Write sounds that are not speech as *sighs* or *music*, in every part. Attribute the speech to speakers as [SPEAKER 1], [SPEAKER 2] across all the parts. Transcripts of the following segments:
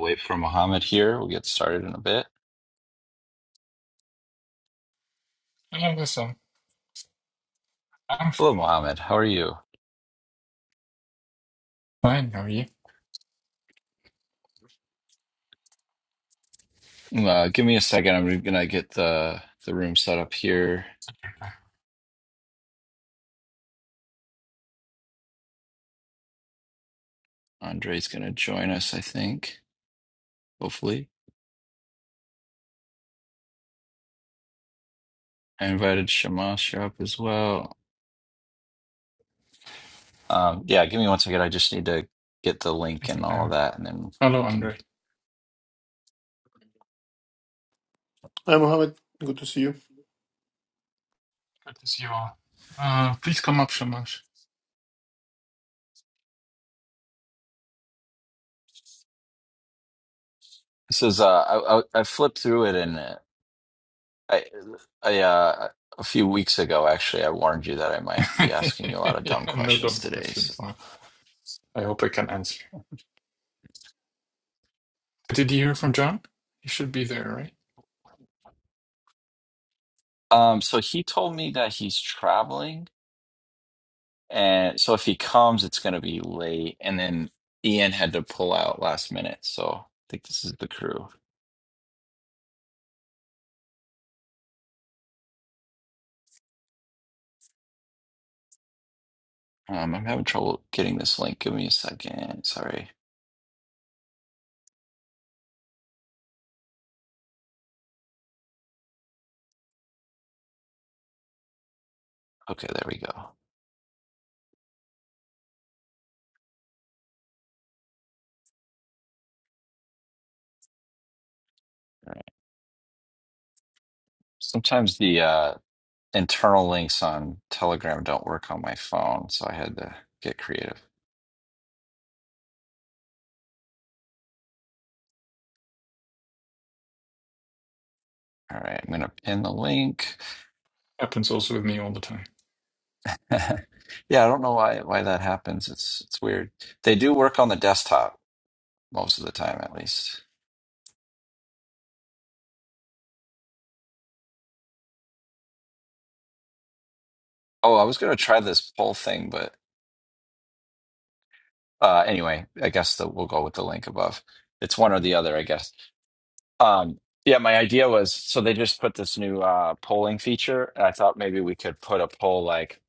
[SPEAKER 1] wait for Mohammed here. We'll get started in a bit.
[SPEAKER 2] Hello, Lisa. I'm
[SPEAKER 1] Hello, Mohammed. How are you?
[SPEAKER 2] fine. How are you?
[SPEAKER 1] Uh, give me a second. I'm gonna get the the room set up
[SPEAKER 2] Oh,
[SPEAKER 1] here.
[SPEAKER 2] it's okay, bye.
[SPEAKER 1] Andre's gonna join us, I think. Hopefully, I invited Shamash up as well. Um, yeah, give me one second. I just need to get the link and
[SPEAKER 2] Taking
[SPEAKER 1] all of
[SPEAKER 2] time.
[SPEAKER 1] that, and then
[SPEAKER 2] Hello,
[SPEAKER 1] we can.
[SPEAKER 2] Andre.
[SPEAKER 3] Hi, Mohammed. Good to see you.
[SPEAKER 2] Good to see you all. Uh, please come up, Shamash.
[SPEAKER 1] This is uh, I, I I flipped through it, and uh, I I uh, a few weeks ago actually I warned you that I might be
[SPEAKER 2] *laughs*
[SPEAKER 1] asking you a lot of
[SPEAKER 2] yeah,
[SPEAKER 1] dumb
[SPEAKER 2] no
[SPEAKER 1] questions
[SPEAKER 2] dumb
[SPEAKER 1] today. So.
[SPEAKER 2] questions. No. I hope I can answer. Did you hear from John? He should be there, right?
[SPEAKER 1] Um, so he told me that he's traveling, and so if he comes, it's gonna be late. And then Ian had to pull out last minute, so I think this is the crew. Um, I'm having trouble getting this link. Give me a second. Sorry. Okay, there we go. All right. Sometimes the uh, internal links on Telegram don't work on my phone, so I had to get creative. All right, I'm gonna pin the link.
[SPEAKER 2] Happens also with me all the time.
[SPEAKER 1] *laughs* Yeah, I don't know why why that happens. It's it's weird. They do work on the desktop most of the time, at least. Oh, I was going to try this poll thing, but uh, anyway, I guess that we'll go with the link above. It's one or the other, I guess. Um, yeah, my idea was so they just put this new uh, polling feature, and I thought maybe we could put a poll like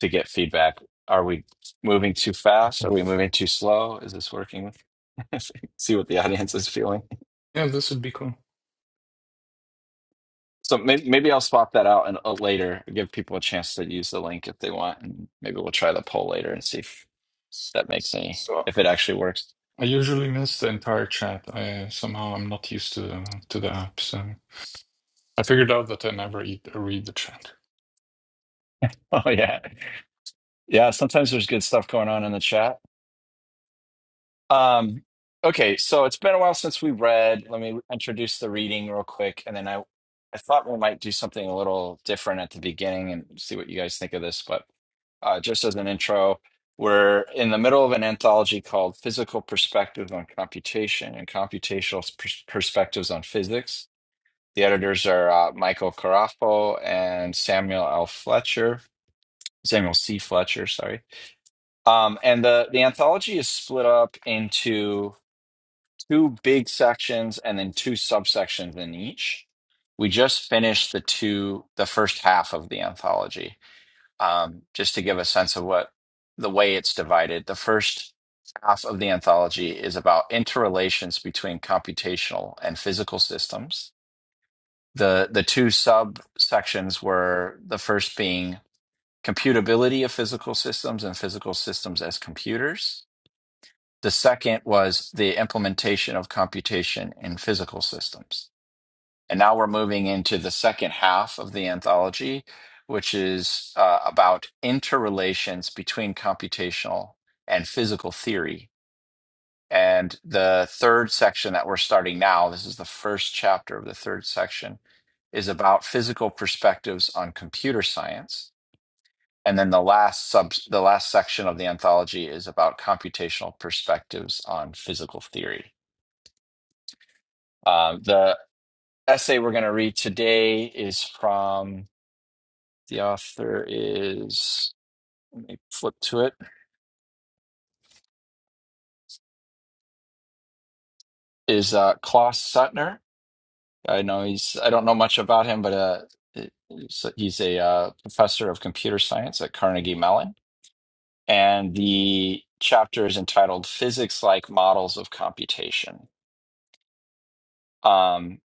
[SPEAKER 1] to get feedback. Are we moving too fast?
[SPEAKER 2] So,
[SPEAKER 1] Are we moving too slow? Is this working? *laughs* See what the audience is feeling.
[SPEAKER 2] yeah, this would be cool.
[SPEAKER 1] So maybe, maybe I'll swap that out and uh, later give people a chance to use the link if they want, and maybe we'll try the poll later and see if
[SPEAKER 2] S-
[SPEAKER 1] that makes
[SPEAKER 2] s-
[SPEAKER 1] any
[SPEAKER 2] So
[SPEAKER 1] if it actually works. *laughs*
[SPEAKER 2] I usually miss the entire chat. I somehow I'm not used to to the app. So I figured out that I never eat or read the chat.
[SPEAKER 1] Oh yeah. Yeah, sometimes there's good stuff going on in the chat. Um, okay, so it's been a while since we read. Let me introduce the reading real quick, and then I I thought we might do something a little different at the beginning and see what you guys think of this. But uh, just as an intro, we're in the middle of an anthology called Physical Perspectives on Computation and Computational Pers- Perspectives on Physics. The editors are uh, Michael Carafo and Samuel L. Fletcher, Samuel C. Fletcher, sorry. Um, and the the anthology is split up into two big sections and then two subsections in each. We just finished the two the first half of the anthology, um, just to give a sense of what the way it's divided. The first half of the anthology is about interrelations between computational and physical systems. The the two subsections were the first being computability of physical systems and physical systems as computers the second was the implementation of computation in physical systems. And now we're moving into the second half of the anthology, which is uh, about interrelations between computational and physical theory. And the third section that we're starting now, this is the first chapter of the third section, is about physical perspectives on computer science. And then the last sub the last section of the anthology is about computational perspectives on physical theory. Um, the essay we're going to read today is from the author is let me flip to it is uh, Klaus Suttner. I know he's I don't know much about him, but uh, he's he's a uh, professor of computer science at Carnegie Mellon, and the chapter is entitled "Physics-like Models of Computation." Um,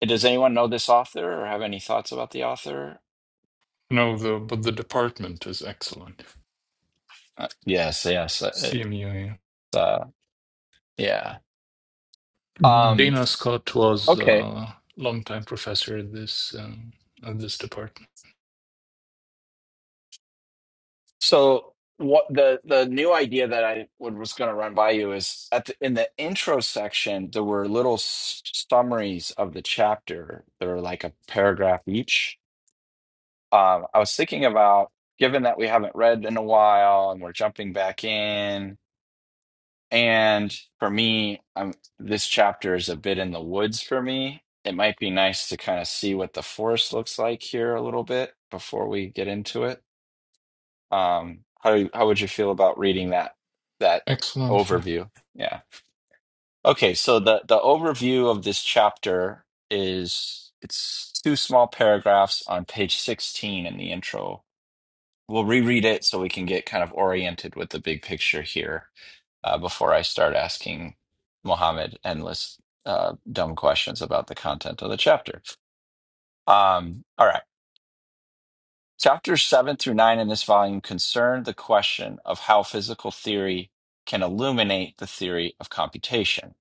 [SPEAKER 1] does anyone know this author or have any thoughts about the author?
[SPEAKER 2] No, the but the department is excellent.
[SPEAKER 1] Uh, yes, yes, uh, it's,
[SPEAKER 2] CMU.
[SPEAKER 1] uh, yeah.
[SPEAKER 2] yeah.
[SPEAKER 1] Um,
[SPEAKER 2] Dana Scott was
[SPEAKER 1] okay.
[SPEAKER 2] a longtime professor at this um, at this department.
[SPEAKER 1] So what the the new idea that I would, was going to run by you is at the, in the intro section there were little s- summaries of the chapter. There were like a paragraph each. Um, I was thinking about given that we haven't read in a while and we're jumping back in, and for me, i this chapter is a bit in the woods for me. It might be nice to kind of see what the forest looks like here a little bit before we get into it. Um, how how would you feel about reading that that
[SPEAKER 2] Excellent, yeah,
[SPEAKER 1] overview? Yeah. Okay, so the the overview of this chapter is it's two small paragraphs on page 16 in the intro. We'll reread it so we can get kind of oriented with the big picture here uh, before I start asking Mohammed endless uh, dumb questions about the content of the chapter. Um, all right. Chapters 7 through 9 in this volume concern the question of how physical theory can illuminate the theory of computation.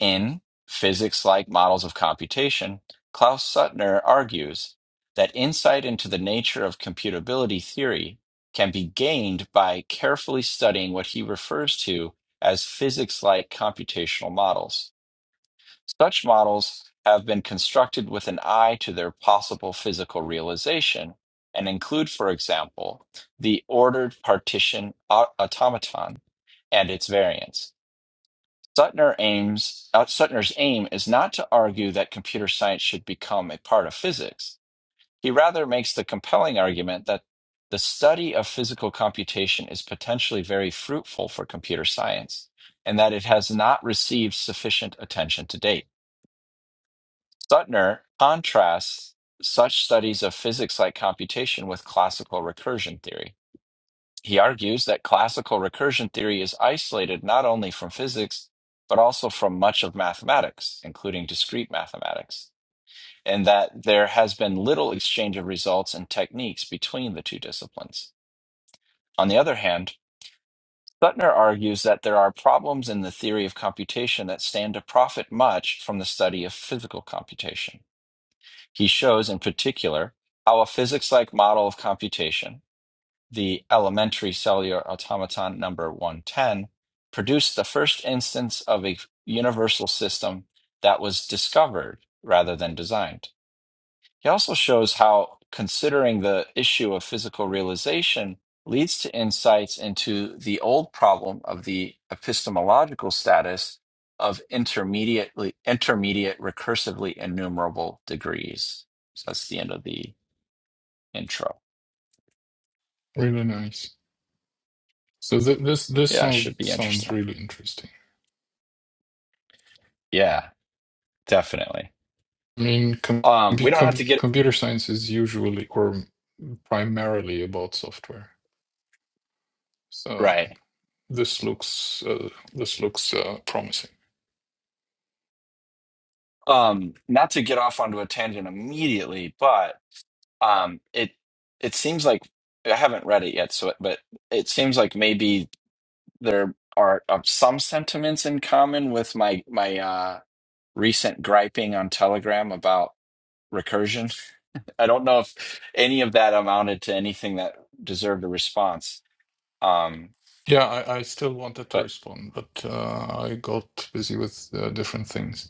[SPEAKER 1] In Physics Like Models of Computation, Klaus Suttner argues that insight into the nature of computability theory can be gained by carefully studying what he refers to as physics like computational models. Such models have been constructed with an eye to their possible physical realization and include, for example, the ordered partition au- automaton and its variants. Suttner aims, uh, Suttner's aim is not to argue that computer science should become a part of physics. He rather makes the compelling argument that the study of physical computation is potentially very fruitful for computer science and that it has not received sufficient attention to date. Suttner contrasts such studies of physics like computation with classical recursion theory. He argues that classical recursion theory is isolated not only from physics, but also from much of mathematics, including discrete mathematics, and that there has been little exchange of results and techniques between the two disciplines. On the other hand, Suttner argues that there are problems in the theory of computation that stand to profit much from the study of physical computation. He shows, in particular, how a physics like model of computation, the elementary cellular automaton number 110, produced the first instance of a universal system that was discovered rather than designed. He also shows how considering the issue of physical realization leads to insights into the old problem of the epistemological status of intermediately intermediate recursively enumerable degrees. So that's the end of the intro.
[SPEAKER 2] really nice. So th- this this
[SPEAKER 1] Yeah, it
[SPEAKER 2] sounds
[SPEAKER 1] should be
[SPEAKER 2] sounds
[SPEAKER 1] interesting.
[SPEAKER 2] really interesting.
[SPEAKER 1] Yeah, definitely.
[SPEAKER 2] I mean, com-
[SPEAKER 1] Um, we don't have
[SPEAKER 2] com-
[SPEAKER 1] to get
[SPEAKER 2] computer science is usually or primarily about software. So
[SPEAKER 1] right.
[SPEAKER 2] this looks uh, this looks uh, promising.
[SPEAKER 1] Um, not to get off onto a tangent immediately, but Um, it it seems like I haven't read it yet, so but it seems like maybe there are uh, some sentiments in common with my my uh, recent griping on Telegram about recursion. *laughs* I don't know if any of that amounted to anything that deserved a response. Um,
[SPEAKER 2] Yeah, I, I still wanted to
[SPEAKER 1] but
[SPEAKER 2] respond, but uh, I got busy with uh, different things.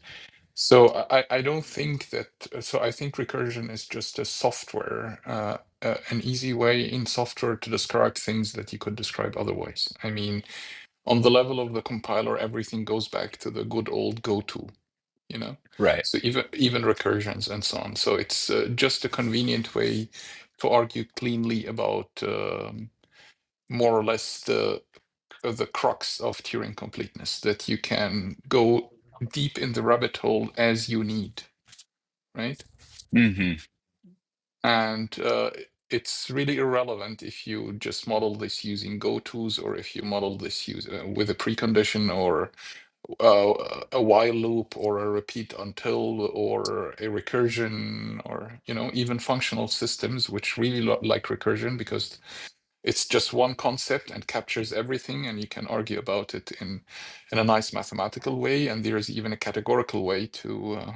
[SPEAKER 2] So I, I don't think that, so I think recursion is just a software, uh, uh, an easy way in software to describe things that you could describe otherwise. I mean, on the level of the compiler, everything goes back to the good old goto, you know?
[SPEAKER 1] right.
[SPEAKER 2] So even even recursions and so on. So it's uh, just a convenient way to argue cleanly about um, more or less the uh, the crux of Turing completeness, that you can go deep in the rabbit hole as you need right?
[SPEAKER 1] hmm
[SPEAKER 2] And uh, it's really irrelevant if you just model this using go-tos or if you model this use, uh, with a precondition or uh, a while loop or a repeat until or a recursion or you know even functional systems which really lo- like recursion because it's just one concept and captures everything, and you can argue about it in in a nice mathematical way. And there is even a categorical way to uh,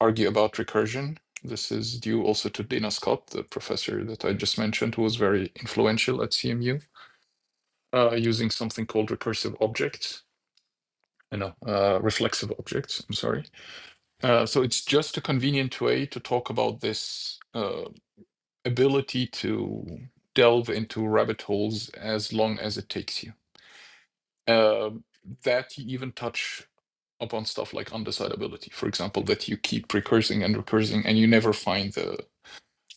[SPEAKER 2] argue about recursion. This is due also to Dana Scott, the professor that I just mentioned, who was very influential at CMU, uh, using something called recursive objects. You know, uh, reflexive objects. I'm sorry. Uh, so it's just a convenient way to talk about this uh, ability to delve into rabbit holes as long as it takes you. Um that you even touch upon stuff like undecidability, for example, that you keep recursing and recursing and you never find the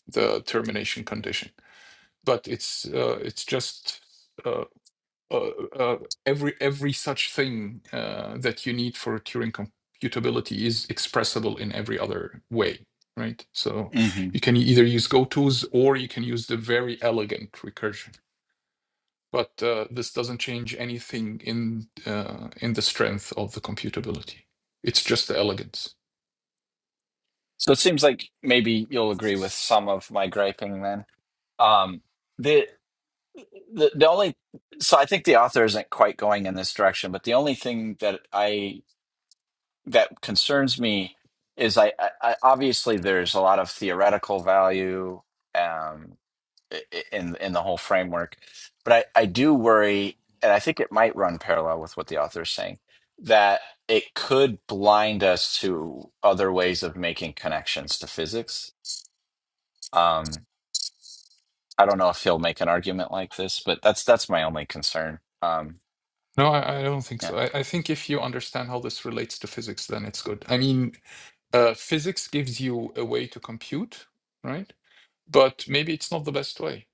[SPEAKER 2] the termination condition. But it's uh, it's just uh, uh, uh, every every such thing uh, that you need for Turing computability is expressible in every other way, right? So
[SPEAKER 1] hmm
[SPEAKER 2] you can either use GoTo's or you can use the very elegant recursion but uh, this doesn't change anything in uh, in the strength of the computability. It's just the elegance.
[SPEAKER 1] So it seems like maybe you'll agree with some of my griping then. Um, the, the only so I think the author isn't quite going in this direction, but the only thing that I that concerns me is I, I, I obviously there's a lot of theoretical value um, i- i- in in the whole framework, but I, I do worry, and I think it might run parallel with what the author is saying that it could blind us to other ways of making connections to physics. Um, I don't know if he'll make an argument like this, but that's that's my only concern. Um,
[SPEAKER 2] No, I, I don't think
[SPEAKER 1] yeah.
[SPEAKER 2] so. I, I think if you understand how this relates to physics, then it's good. I mean, uh, physics gives you a way to compute, right? But maybe it's not the best way,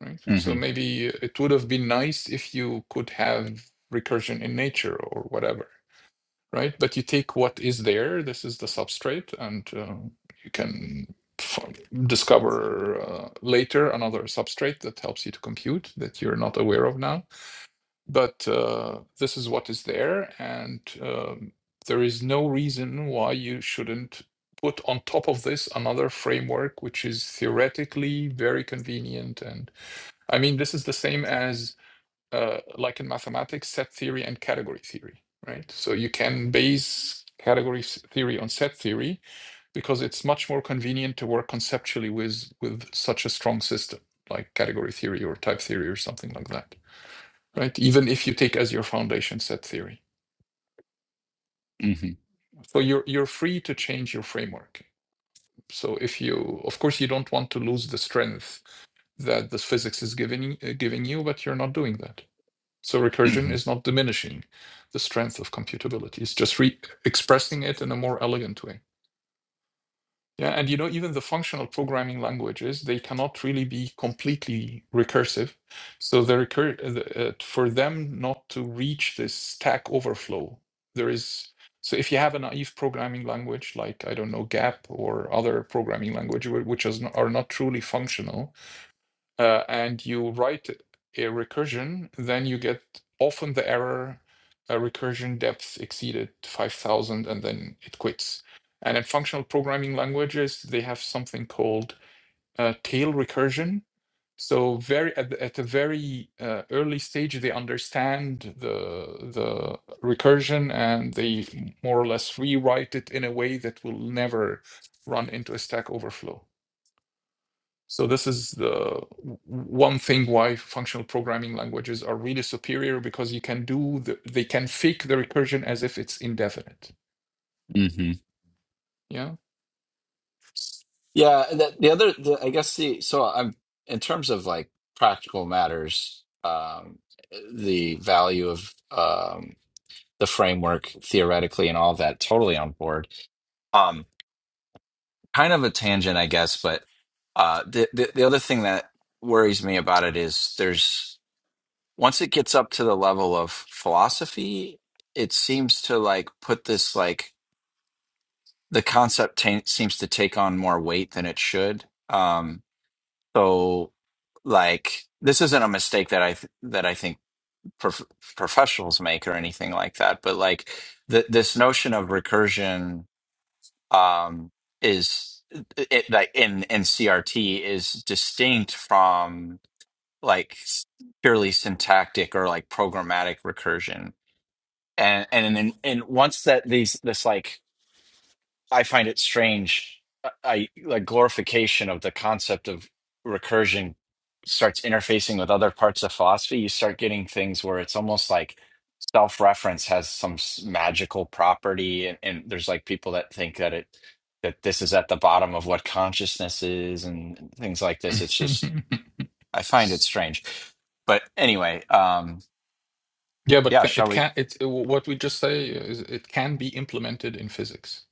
[SPEAKER 2] right? So
[SPEAKER 1] hmm
[SPEAKER 2] maybe it would have been nice if you could have recursion in nature or whatever. right? But you take what is there, this is the substrate, and uh, you can discover uh, later another substrate that helps you to compute that you're not aware of now. But uh, this is what is there, and um, there is no reason why you shouldn't put on top of this another framework which is theoretically very convenient and i mean this is the same as uh, like in mathematics, set theory and category theory, right? So you can base category s- theory on set theory because it's much more convenient to work conceptually with with such a strong system like category theory or type theory or something like that, right? Even if you take as your foundation set theory,
[SPEAKER 1] hmm
[SPEAKER 2] so you're you're free to change your framework. So if you, of course, you don't want to lose the strength that this physics is giving uh, giving you, but you're not doing that. So recursion
[SPEAKER 1] hmm
[SPEAKER 2] is not diminishing the strength of computability. It's just re- expressing it in a more elegant way. Yeah, and you know, even the functional programming languages, they cannot really be completely recursive. So the recur- uh, the- uh, for them not to reach this stack overflow, there is. So if you have a naive programming language like I don't know Gap or other programming language whi- which is, n- are not truly functional, uh, and you write a recursion, then you get often the error uh, recursion depth exceeded 5000 and then it quits. And in functional programming languages, they have something called uh, tail recursion. So very at, the, at a very uh, early stage, they understand the the recursion and they more or less rewrite it in a way that will never run into a stack overflow. So this is the one thing why functional programming languages are really superior because you can do the, they can fake the recursion as if it's indefinite.
[SPEAKER 1] hmm
[SPEAKER 2] Yeah.
[SPEAKER 1] Yeah. and The, the other, the, I guess the, so I'm, in terms of like practical matters, um, the value of, um, the framework theoretically and all that, totally on board. Um, kind of a tangent, I guess, but, uh, the, the, the other thing that worries me about it is there's, once it gets up to the level of philosophy, it seems to like put this like the concept ta seems to take on more weight than it should. Um, so, like, this isn't a mistake that I th- that I think prof- professionals make or anything like that. But like, th- this notion of recursion um, is it, like in in CRT is distinct from like s- purely syntactic or like programmatic recursion. And and then and once that these this like I find it strange. I I- like glorification of the concept of recursion starts interfacing with other parts of philosophy. You start getting things where it's almost like self-reference has some s- magical property, and, and there's like people that think that it that this is at the bottom of what consciousness is and things like this. It's
[SPEAKER 2] *laughs*
[SPEAKER 1] just
[SPEAKER 2] yeah,
[SPEAKER 1] I find it strange. But anyway, um,
[SPEAKER 2] but
[SPEAKER 1] yeah,
[SPEAKER 2] ca- it
[SPEAKER 1] shall we?
[SPEAKER 2] can it what we just say is it can be implemented in physics.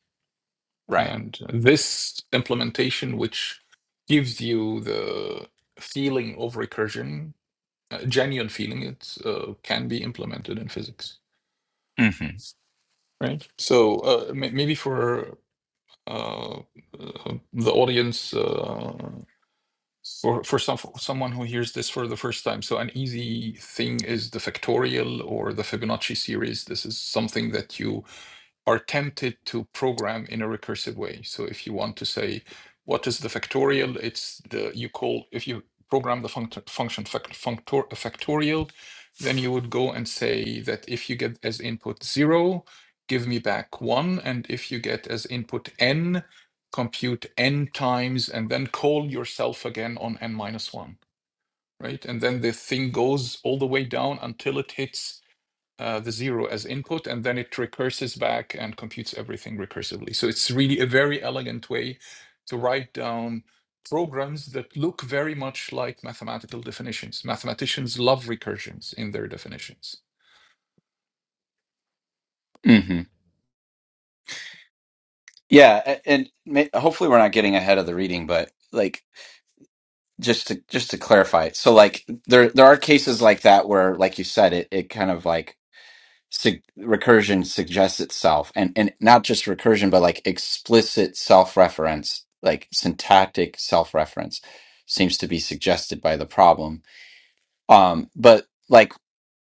[SPEAKER 1] Right.
[SPEAKER 2] And this implementation which gives you the feeling of recursion, uh, genuine feeling, it uh, can be implemented in physics.
[SPEAKER 1] hmm
[SPEAKER 2] Right. So uh, may- maybe for uh, uh, the audience uh, for for some for someone who hears this for the first time. So an easy thing is the factorial or the Fibonacci series. This is something that you are tempted to program in a recursive way. So if you want to say, what is the factorial? It's the you call if you program the funct- function fac- functor- factorial, then you would go and say that if you get as input zero, give me back one, and if you get as input n, compute n times, and then call yourself again on n minus one, right? And then the thing goes all the way down until it hits uh, the zero as input, and then it recurses back and computes everything recursively. So it's really a very elegant way to write down programs that look very much like mathematical definitions. Mathematicians love recursions in their definitions.
[SPEAKER 1] hmm Yeah, a- and ma- hopefully we're not getting ahead of the reading, but like. just to just to clarify so like there there are cases like that where like you said it it kind of like sug- recursion suggests itself and and not just recursion but like explicit self-reference like syntactic self-reference seems to be suggested by the problem um but like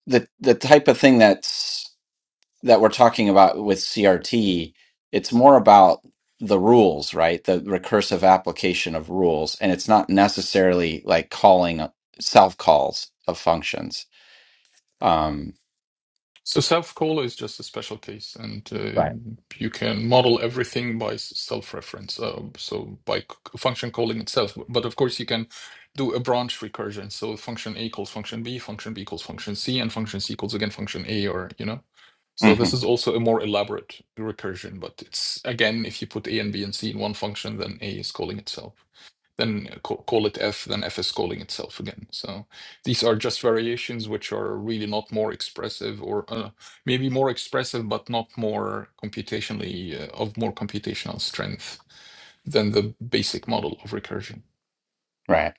[SPEAKER 1] the the type of thing that's that we're talking about with CRT, it's more about the rules, right? The recursive application of rules, and it's not necessarily like calling self calls of functions. Um,
[SPEAKER 2] So self-caller is just a special case, and
[SPEAKER 1] Right.
[SPEAKER 2] uh, you can model everything by s- self-reference, uh, so by c- function calling itself. But of course, you can do a branch recursion. So function A calls function B, function B calls function C, and function C calls again function A, or you know. So this
[SPEAKER 1] mhm,
[SPEAKER 2] is also a more elaborate recursion, but it's again, if you put A and B and C in one function, then A is calling itself then uh, call it f, then f is calling itself again. So these are just variations which are really not more expressive, or uh, maybe more expressive, but not more computationally uh, of more computational strength than the basic model of recursion.
[SPEAKER 1] right.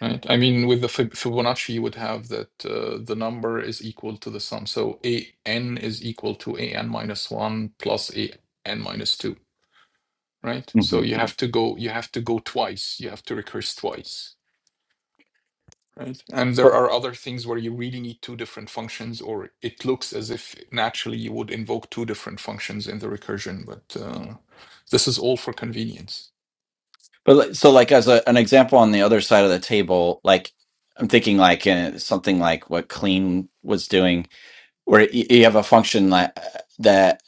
[SPEAKER 2] Right. I mean, with the Fib- Fibonacci, you would have that uh, the number is equal to the sum. So a n is equal to a n minus one plus a n minus two. Right. So
[SPEAKER 1] hmm
[SPEAKER 2] you have to go. You have to go twice. You have to recurse twice Right. And there are other things where you really need two different functions, or it looks as if naturally you would invoke two different functions in the recursion, but uh, this is all for convenience.
[SPEAKER 1] But like- so, like as a, an example on the other side of the table, like I'm thinking like uh, something like what clean was doing, where y- you have a function that that.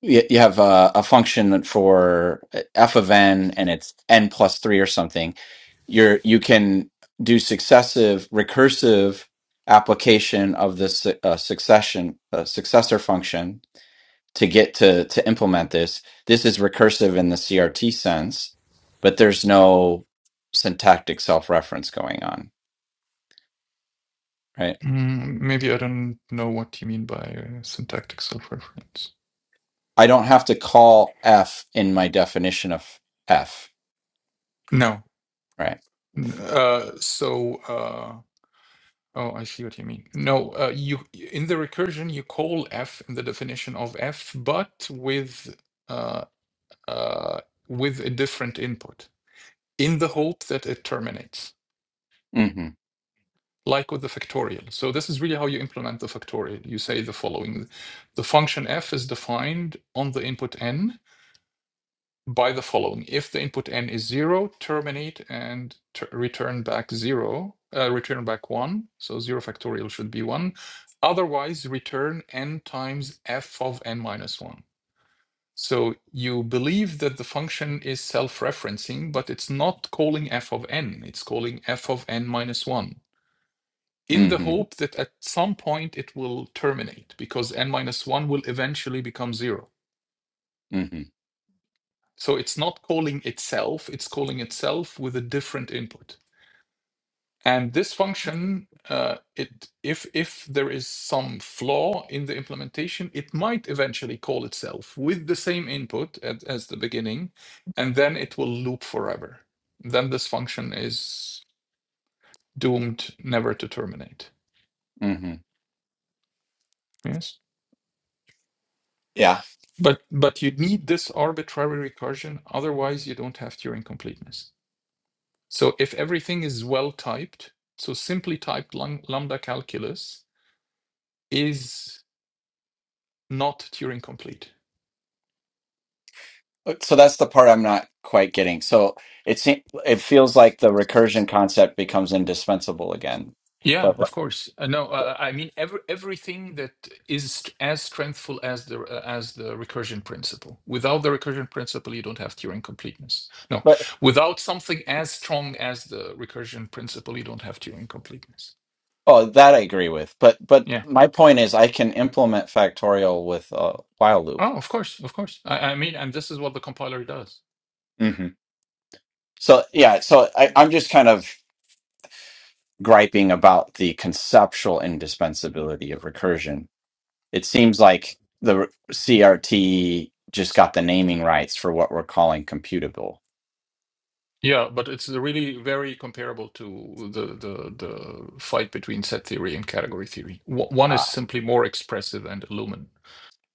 [SPEAKER 1] You, you have a, a function for uh, f of n, and it's n plus three or something. You're you can do successive recursive application of this uh, succession uh, successor function to get to to implement this. This is recursive in the CRT sense, but there's no syntactic self reference going on, right?
[SPEAKER 2] Mm, maybe I don't know what you mean by uh, syntactic self-reference.
[SPEAKER 1] I don't have to call f in my definition of f,
[SPEAKER 2] No.
[SPEAKER 1] right?
[SPEAKER 2] N- Uh, so, uh, oh, I see what you mean. No, uh, you in the recursion you call f in the definition of f, but with uh, uh, with a different input in the hope that it terminates.
[SPEAKER 1] Mm-hmm.
[SPEAKER 2] like with the factorial. So this is really how you implement the factorial. You say the following. The function f is defined on the input n by the following. If the input n is 0, terminate and t- return back 0, uh, return back 1. So 0 factorial should be 1. Otherwise, return n times f of n minus 1. So you believe that the function is self-referencing, but it's not calling f of n. It's calling f of n minus 1 in the
[SPEAKER 1] Mm-hmm.
[SPEAKER 2] hope that at some point it will terminate because n minus 1 will eventually become 0.
[SPEAKER 1] Mm-hmm.
[SPEAKER 2] So it's not calling itself, it's calling itself with a different input. And this function, uh, it if if there is some flaw in the implementation, it might eventually call itself with the same input at, as the beginning, and then it will loop forever. Then this function is doomed never to terminate.
[SPEAKER 1] Mm-hmm.
[SPEAKER 2] Yes.
[SPEAKER 1] Yeah.
[SPEAKER 2] But but you need this arbitrary recursion, otherwise you don't have Turing completeness. So if everything is well typed, so simply typed lum- lambda calculus is not Turing complete.
[SPEAKER 1] So that's the part I'm not quite getting. So it seems it feels like the recursion concept becomes indispensable again.
[SPEAKER 2] Yeah,
[SPEAKER 1] But
[SPEAKER 2] of course. Uh, no, uh, uh, I mean every, everything that is st- as strengthful as the uh, as the recursion principle. Without the recursion principle, you don't have Turing completeness. No,
[SPEAKER 1] but
[SPEAKER 2] without something as strong as the recursion principle, you don't have Turing completeness.
[SPEAKER 1] oh, that I agree with. But but
[SPEAKER 2] Yeah.
[SPEAKER 1] my point is I can implement factorial with a while loop.
[SPEAKER 2] Oh, of course, of course. I, I mean, and this is what the compiler does.
[SPEAKER 1] hmm So yeah, so I, I'm just kind of griping about the conceptual indispensability of recursion. It seems like the re-
[SPEAKER 2] Mhm.
[SPEAKER 1] CRT just got the naming rights for what we're calling computable.
[SPEAKER 2] Yeah, but it's really very comparable to the the the fight between set theory and category theory. Wh- One is
[SPEAKER 1] Ah.
[SPEAKER 2] simply more expressive and illumin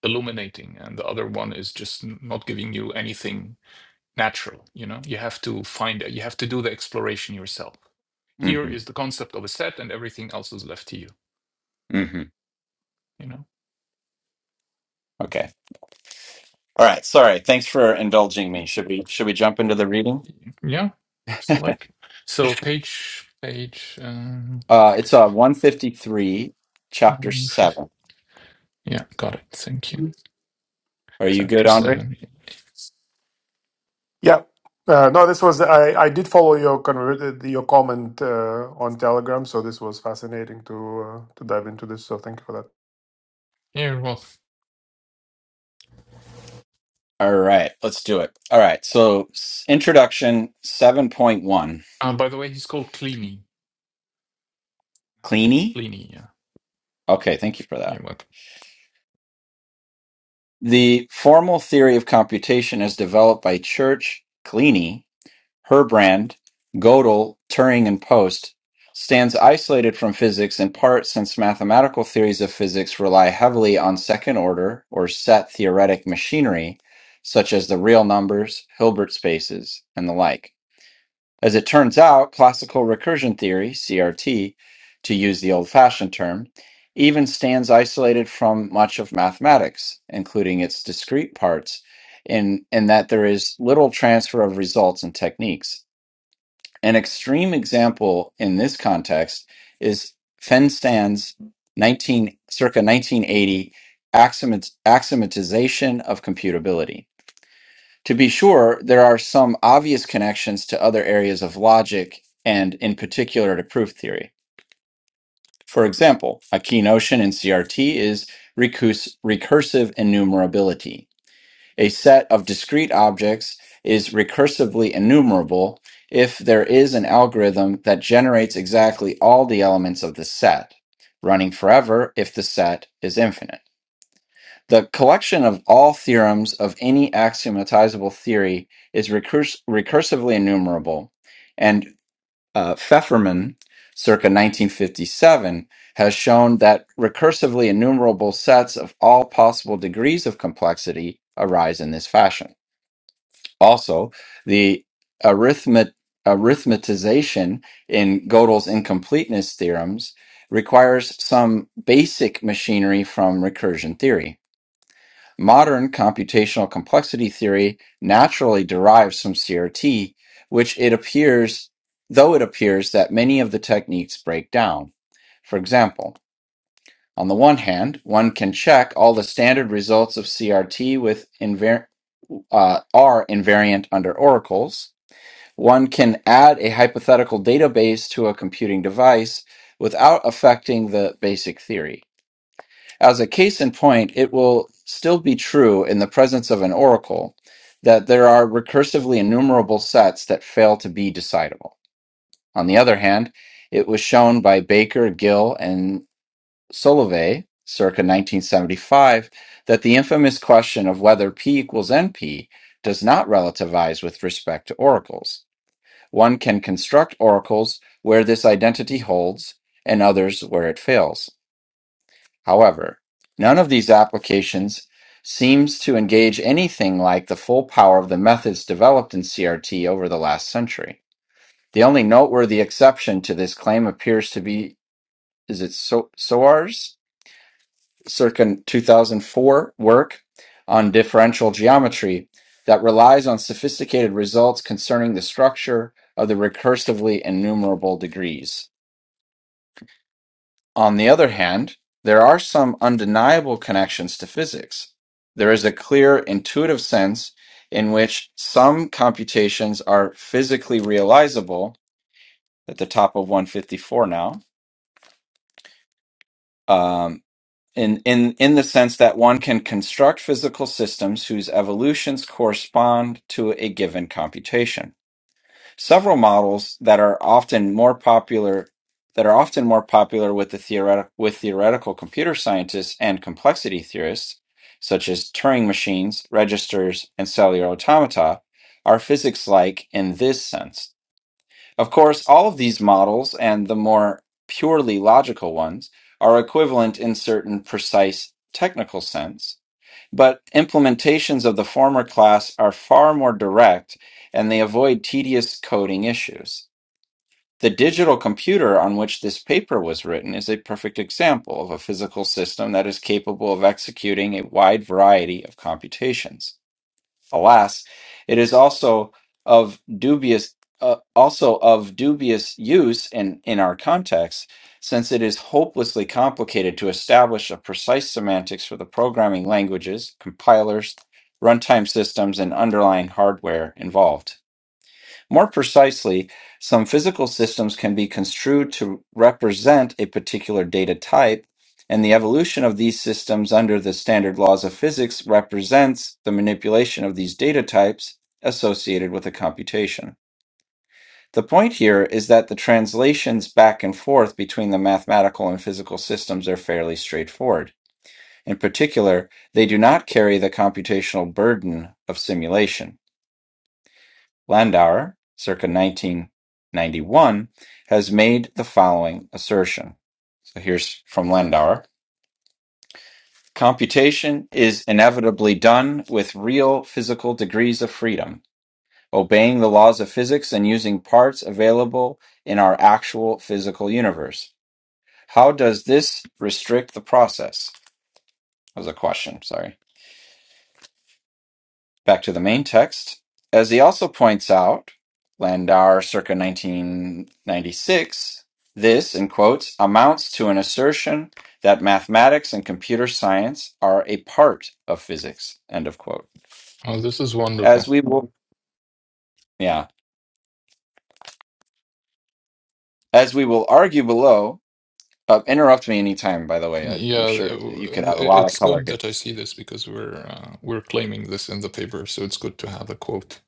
[SPEAKER 2] illuminating, and the other one is just n- not giving you anything natural. You know, you have to find it. You have to do the exploration yourself.
[SPEAKER 1] hmm
[SPEAKER 2] Here is the concept of a set, and everything else is left to you.
[SPEAKER 1] hmm
[SPEAKER 2] You know,
[SPEAKER 1] Okay. All right, sorry. Thanks for indulging me. Should we should we jump into the reading?
[SPEAKER 2] yeah. So like, so page page um,
[SPEAKER 1] Uh, it's uh 153, chapter
[SPEAKER 2] 150.
[SPEAKER 1] 7.
[SPEAKER 2] Yeah, got it. Thank you. Mm.
[SPEAKER 1] Are you good,
[SPEAKER 2] Chapter
[SPEAKER 1] Andre?
[SPEAKER 2] seven.
[SPEAKER 3] Yeah. Uh, no, this was I, I did follow your conver- your comment uh, on Telegram, so this was fascinating to uh, to dive into this. So thank you for that.
[SPEAKER 2] Yeah, well,
[SPEAKER 1] All right, let's do it. All right, so s- introduction 7.1.
[SPEAKER 2] uh, by the way, he's called Cleany.
[SPEAKER 1] Cleany?
[SPEAKER 2] Cleany. Yeah,
[SPEAKER 1] Okay, thank you for that.
[SPEAKER 2] you're welcome.
[SPEAKER 1] The formal theory of computation is developed by Church Cleany Herbrand, Gödel, Turing and Post stands isolated from physics in part since mathematical theories of physics rely heavily on second-order or set theoretic machinery such as the real numbers, Hilbert spaces, and the like. As it turns out, classical recursion theory, CRT, to use the old-fashioned term, even stands isolated from much of mathematics, including its discrete parts, in, in that there is little transfer of results and techniques. An extreme example in this context is Fenstan's 19, circa 1980 axiomat- axiomatization of computability. To be sure, there are some obvious connections to other areas of logic and, in particular, to proof theory. For example, a key notion in CRT is recus- recursive enumerability a set of discrete objects is recursively enumerable if there is an algorithm that generates exactly all the elements of the set, running forever if the set is infinite. The collection of all theorems of any axiomatizable theory is recurs- recursively enumerable, and uh, Pfefferman, circa 1957, has shown that recursively enumerable sets of all possible degrees of complexity arise in this fashion. Also, the arithmet- arithmetization in Gödel's incompleteness theorems requires some basic machinery from recursion theory. Modern computational complexity theory naturally derives from CRT, which it appears, though it appears that many of the techniques break down. For example, on the one hand, one can check all the standard results of CRT with invar- uh, are invariant under oracles, one can add a hypothetical database to a computing device without affecting the basic theory. As a case in point, it will still be true in the presence of an oracle that there are recursively enumerable sets that fail to be decidable. On the other hand, it was shown by Baker, Gill, and Solovey circa 1975 that the infamous question of whether P equals NP does not relativize with respect to oracles. One can construct oracles where this identity holds, and others where it fails. However, none of these applications seems to engage anything like the full power of the methods developed in CRT over the last century. The only noteworthy exception to this claim appears to be is it so- SOARs? circa 2004 work on differential geometry that relies on sophisticated results concerning the structure of the recursively enumerable degrees. On the other hand, there are some undeniable connections to physics. There is a clear intuitive sense in which some computations are physically realizable at the top of 154 now um, in in in the sense that one can construct physical systems whose evolutions correspond to a given computation. Several models that are often more popular that are often more popular with the theoretic with theoretical computer scientists and complexity theorists, such as Turing machines, registers, and cellular automata, are physics-like in this sense. Of course, all of these models and the more purely logical ones are equivalent in certain precise technical sense, but implementations of the former class are far more direct and they avoid tedious coding issues. The digital computer on which this paper was written is a perfect example of a physical system that is capable of executing a wide variety of computations. Alas, it is also of dubious uh, also of dubious use in, in our context, since it is hopelessly complicated to establish a precise semantics for the programming languages, compilers, runtime systems, and underlying hardware involved. More precisely, some physical systems can be construed to represent a particular data type, and the evolution of these systems under the standard laws of physics represents the manipulation of these data types associated with a computation. The point here is that the translations back and forth between the mathematical and physical systems are fairly straightforward. In particular, they do not carry the computational burden of simulation. Landauer, circa nineteen ninety-one, has made the following assertion. So here's from Landauer. Computation is inevitably done with real physical degrees of freedom, obeying the laws of physics and using parts available in our actual physical universe. How does this restrict the process? That was a question, sorry. Back to the main text. As he also points out, Landauer circa 1996, this, in quotes, amounts to an assertion that mathematics and computer science are a part of physics, end of quote.
[SPEAKER 2] Oh, this is
[SPEAKER 1] As
[SPEAKER 2] wonderful.
[SPEAKER 1] we will, yeah, as we will argue below, uh, interrupt me anytime, by the way. I,
[SPEAKER 2] Yeah,
[SPEAKER 1] I'm
[SPEAKER 2] uh,
[SPEAKER 1] sure you could
[SPEAKER 2] w-
[SPEAKER 1] add a
[SPEAKER 2] i-
[SPEAKER 1] lot of
[SPEAKER 2] it's
[SPEAKER 1] color
[SPEAKER 2] good
[SPEAKER 1] here.
[SPEAKER 2] that I see this because we're uh, we're claiming this in the paper, so it's good to have a quote.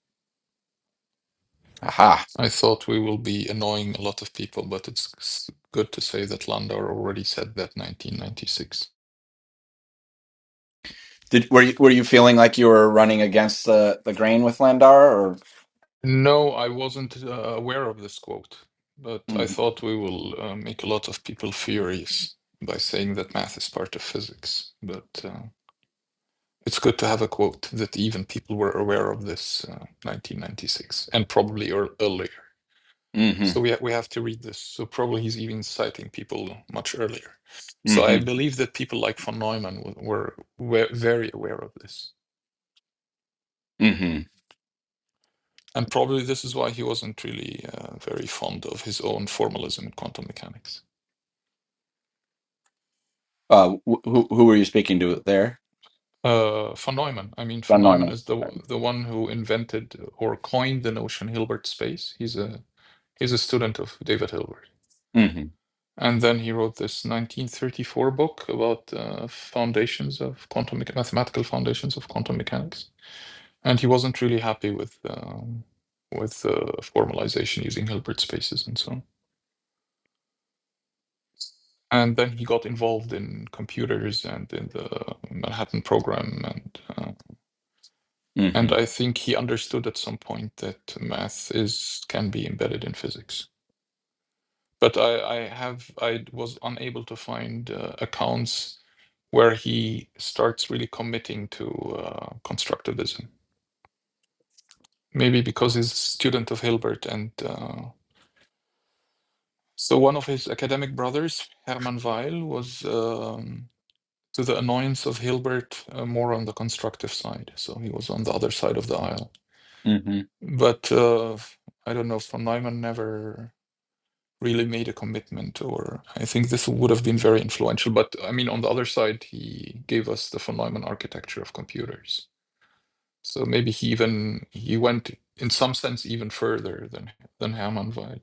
[SPEAKER 1] Aha.
[SPEAKER 2] I thought we will be annoying a lot of people, but it's s- good to say that Landau already said that 1996.
[SPEAKER 1] Did, were you were you feeling like you were running against the, the grain with Landauer or
[SPEAKER 2] No, I wasn't uh, aware of this quote, but
[SPEAKER 1] mm-hmm.
[SPEAKER 2] I thought we will uh, make a lot of people furious by saying that math is part of physics. But uh, it's good to have a quote that even people were aware of this uh, 1996 and probably ear earlier. So
[SPEAKER 1] Mm-hmm.
[SPEAKER 2] we ha we have to read this. So probably he's even citing people much earlier. So I
[SPEAKER 1] Mm-hmm.
[SPEAKER 2] believe that people like von Neumann w- were were very aware of this.
[SPEAKER 1] Mm-hmm.
[SPEAKER 2] And probably this is why he wasn't really uh, very fond of his own formalism in quantum mechanics.
[SPEAKER 1] Uh, wh- who who were you speaking to there?
[SPEAKER 2] Uh, von Neumann. I mean, von
[SPEAKER 1] John
[SPEAKER 2] Neumann
[SPEAKER 1] Norman.
[SPEAKER 2] is the the one who invented or coined the notion Hilbert space. He's a he's a student of David Hilbert,
[SPEAKER 1] Mm-hmm.
[SPEAKER 2] and then he wrote this 1934 book about uh, foundations of quantum mecha- mathematical foundations of quantum mechanics. And he wasn't really happy with um, with uh, formalization using Hilbert spaces and so on. And then he got involved in computers and in the Manhattan program and uh, And I
[SPEAKER 1] Mm-hmm.
[SPEAKER 2] think he understood at some point that math is can be embedded in physics. But I, I have I was unable to find uh, accounts where he starts really committing to uh, constructivism. Maybe because he's a student of Hilbert, and uh, so one of his academic brothers, Hermann Weil, was um, to the annoyance of Hilbert uh, more on the constructive side. So he was on the other side of the aisle.
[SPEAKER 1] Mm-hmm.
[SPEAKER 2] But uh, I don't know. Von Neumann never really made a commitment or i think this would have been very influential but i mean on the other side he gave us the von neumann architecture of computers so maybe he even he went in some sense even further than than hermann weil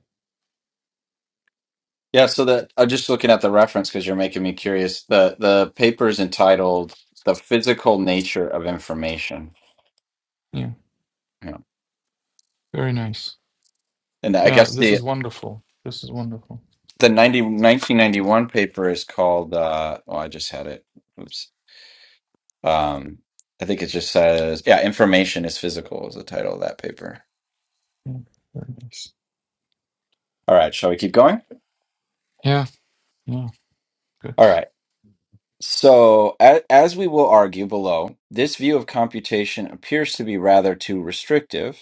[SPEAKER 1] Yeah. So that I'm just looking at the reference because you're making me curious. The the paper is entitled "The Physical Nature of Information,"
[SPEAKER 2] yeah
[SPEAKER 1] yeah.
[SPEAKER 2] very nice
[SPEAKER 1] and I
[SPEAKER 2] yeah
[SPEAKER 1] guess
[SPEAKER 2] this
[SPEAKER 1] the
[SPEAKER 2] is wonderful this is wonderful
[SPEAKER 1] the 90 1991 paper is called. Uh, oh, I just had it. Oops. Um, I think it just says, "Yeah, information is physical" is the title of that paper.
[SPEAKER 2] yeah very nice
[SPEAKER 1] All right. Shall we keep going?
[SPEAKER 2] yeah yeah good
[SPEAKER 1] All right. So, a- as we will argue below, this view of computation appears to be rather too restrictive.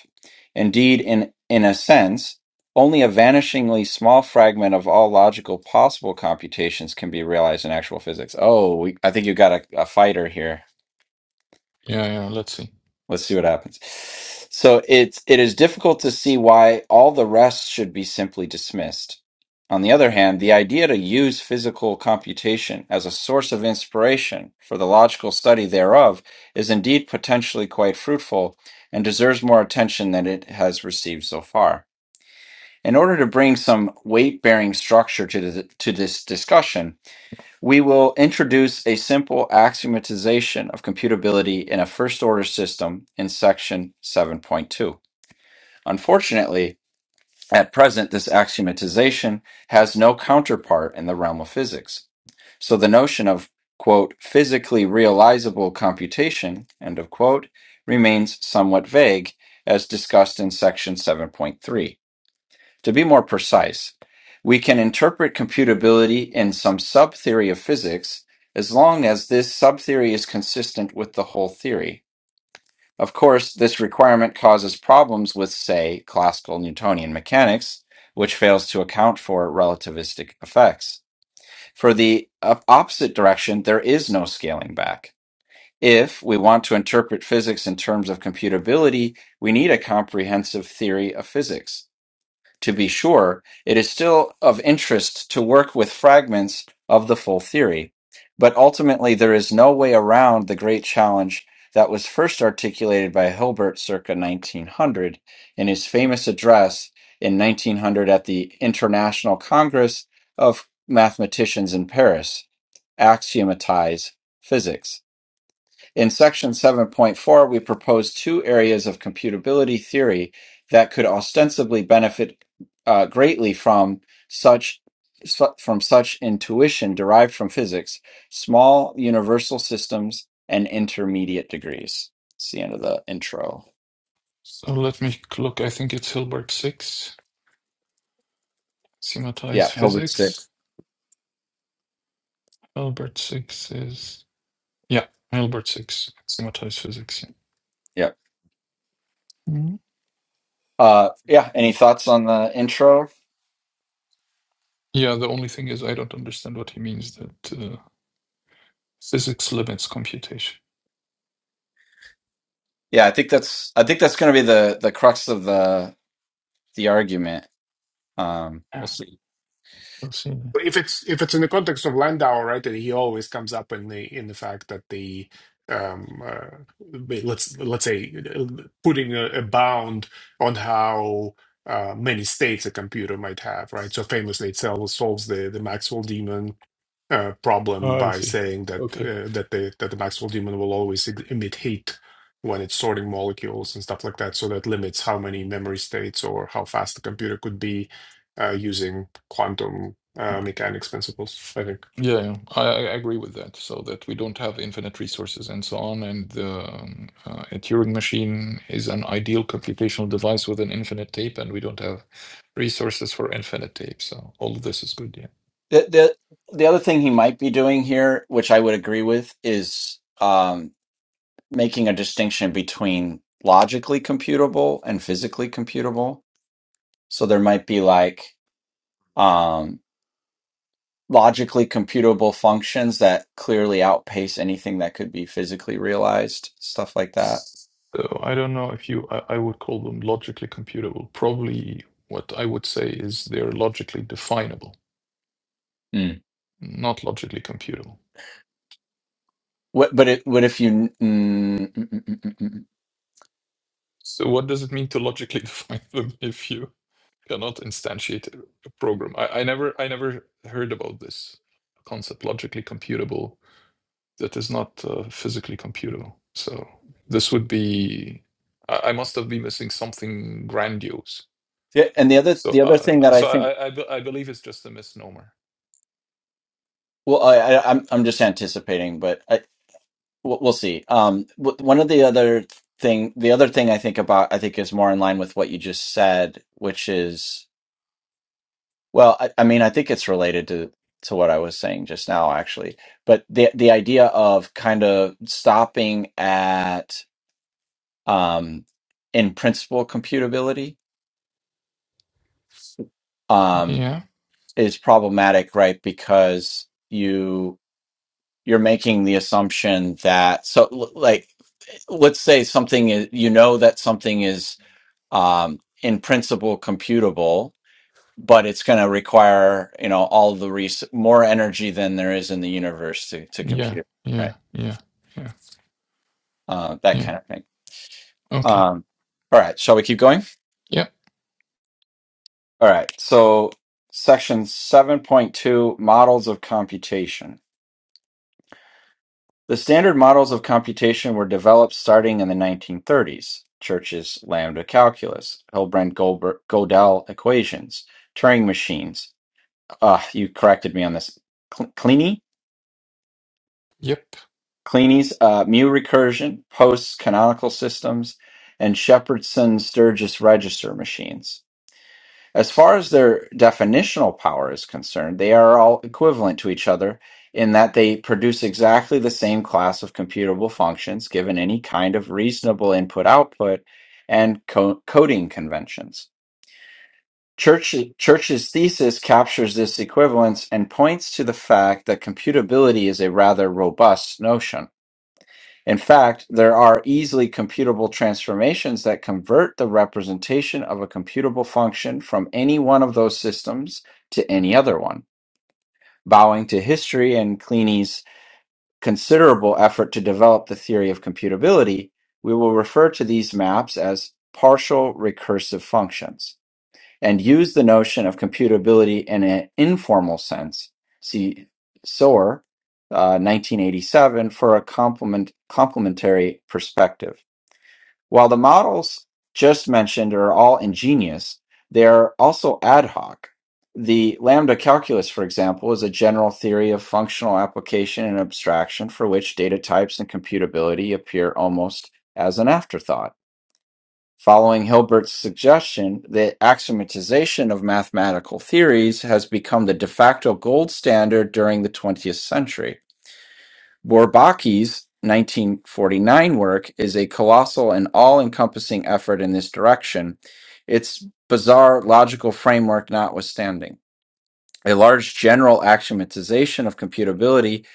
[SPEAKER 1] Indeed, in, in a sense, only a vanishingly small fragment of all logical possible computations can be realized in actual physics. Oh, we, I think you got a, a fighter here.
[SPEAKER 2] yeah yeah let's see
[SPEAKER 1] Let's see what happens. So it's it is difficult to see why all the rest should be simply dismissed. On the other hand, the idea to use physical computation as a source of inspiration for the logical study thereof is indeed potentially quite fruitful and deserves more attention than it has received so far. In order to bring some weight-bearing structure to, the, to this discussion, we will introduce a simple axiomatization of computability in a first order system in section 7.2. Unfortunately, at present, this axiomatization has no counterpart in the realm of physics. So the notion of, quote, physically realizable computation, end of quote, remains somewhat vague, as discussed in section 7.3. To be more precise, we can interpret computability in some subtheory of physics as long as this subtheory is consistent with the whole theory. Of course, this requirement causes problems with, say, classical Newtonian mechanics, which fails to account for relativistic effects. For the op- opposite direction, there is no scaling back. If we want to interpret physics in terms of computability, we need a comprehensive theory of physics. To be sure, it is still of interest to work with fragments of the full theory, but ultimately there is no way around the great challenge that was first articulated by Hilbert circa 1900 in his famous address in 1900 at the International Congress of Mathematicians in Paris, Axiomatize Physics. In section 7.4, we propose two areas of computability theory that could ostensibly benefit uh, greatly from such su- from such intuition derived from physics: small universal systems and intermediate degrees. It's the end of the intro.
[SPEAKER 2] so let me look i think it's hilbert 6
[SPEAKER 1] Yeah,
[SPEAKER 2] schematized
[SPEAKER 1] Hilbert
[SPEAKER 2] physics
[SPEAKER 1] Sixth.
[SPEAKER 2] hilbert 6 is Yeah, Hilbert six, axiomatized physics. Yeah.
[SPEAKER 1] Yeah.
[SPEAKER 2] Mhm.
[SPEAKER 1] Uh, yeah. Any thoughts on the intro?
[SPEAKER 2] Yeah, the only thing is I don't understand what he means that uh, physics limits computation.
[SPEAKER 1] Yeah, I think that's I think that's going to be the the crux of the the argument. Um, we'll
[SPEAKER 2] Yeah,
[SPEAKER 1] see.
[SPEAKER 2] we'll see. then.
[SPEAKER 3] if it's if it's in the context of Landau, right, and he always comes up in the in the fact that the um uh, let's let's say uh, putting a, a bound on how uh, many states a computer might have, right? So famously, it sol- solves the the Maxwell demon uh, problem
[SPEAKER 2] Oh, I
[SPEAKER 3] by
[SPEAKER 2] see.
[SPEAKER 3] saying that
[SPEAKER 2] Okay.
[SPEAKER 3] uh, that the that the Maxwell demon will always e- emit heat when it's sorting molecules and stuff like that. So that limits how many memory states or how fast the computer could be uh, using quantum uh, mechanics principles. I think
[SPEAKER 2] Yeah, yeah. I, I agree with that. So that we don't have infinite resources and so on, and the um, uh, a Turing machine is an ideal computational device with an infinite tape, and we don't have resources for infinite tape. So all of this is good. Yeah.
[SPEAKER 1] The, the the other thing he might be doing here, which I would agree with, is um, making a distinction between logically computable and physically computable. So there might be like um, logically computable functions that clearly outpace anything that could be physically realized, stuff like that.
[SPEAKER 2] So I don't know if you, I, I would call them logically computable. Probably what I would say is they're logically definable,
[SPEAKER 1] Mm.
[SPEAKER 2] not logically computable.
[SPEAKER 1] What, but it, what if you? Mm, mm, mm, mm, mm, mm. mm.
[SPEAKER 2] So what does it mean to logically *laughs* define them if you cannot instantiate a program? I, I never, I never heard about this concept, logically computable. that is not uh, physically computable. So this would be, I, I must have been missing something grandiose.
[SPEAKER 1] Yeah, and the other
[SPEAKER 2] So,
[SPEAKER 1] the other thing
[SPEAKER 2] uh,
[SPEAKER 1] that I
[SPEAKER 2] so I,
[SPEAKER 1] think,
[SPEAKER 2] I, be- I believe it's just a misnomer.
[SPEAKER 1] well, I, I, I'm I'm just anticipating, but I, we'll we'll see. Um, w- one of the other thing, the other thing I think about, I think is more in line with what you just said, which is, well, I, I mean, I think it's related to to what I was saying just now, actually. But the the idea of kind of stopping at, um, in principle, computability, um,
[SPEAKER 2] Yeah,
[SPEAKER 1] is problematic, right? Because you you're making the assumption that so l- like let's say something is you know that something is um, in principle computable, but it's going to require you know all the res- more energy than there is in the universe to to
[SPEAKER 2] yeah,
[SPEAKER 1] compute, right?
[SPEAKER 2] yeah, yeah, yeah,
[SPEAKER 1] Uh, that
[SPEAKER 2] yeah.
[SPEAKER 1] kind of thing.
[SPEAKER 2] Okay.
[SPEAKER 1] Um, all right, shall we keep going?
[SPEAKER 2] Yep.
[SPEAKER 1] All right, so section seven point two: models of computation. The standard models of computation were developed starting in the 1930s. Church's lambda calculus, Hilbrand Goldber- Godel equations, Turing machines. Uh, you corrected me on this. Cl-
[SPEAKER 2] Yep.
[SPEAKER 1] Cleany's uh, mu recursion, Post's canonical systems, and Shepherdson Sturgis register machines. As far as their definitional power is concerned, they are all equivalent to each other in that they produce exactly the same class of computable functions given any kind of reasonable input output and co- coding conventions. Church, Church's thesis captures this equivalence and points to the fact that computability is a rather robust notion in fact, there are easily computable transformations that convert the representation of a computable function from any one of those systems to any other one. Bowing to history and Kleeni's considerable effort to develop the theory of computability, we will refer to these maps as partial recursive functions and used the notion of computability in an informal sense. See Soar, uh, 1987, for a complement, complementary perspective. While the models just mentioned are all ingenious, they are also ad hoc. The lambda calculus, for example, is a general theory of functional application and abstraction for which data types and computability appear almost as an afterthought. Following Hilbert's suggestion, the axiomatization of mathematical theories has become the de facto gold standard during the 20th century. Bourbaki's 1949 work is a colossal and all encompassing effort in this direction, its bizarre logical framework notwithstanding. A large general axiomatization of computability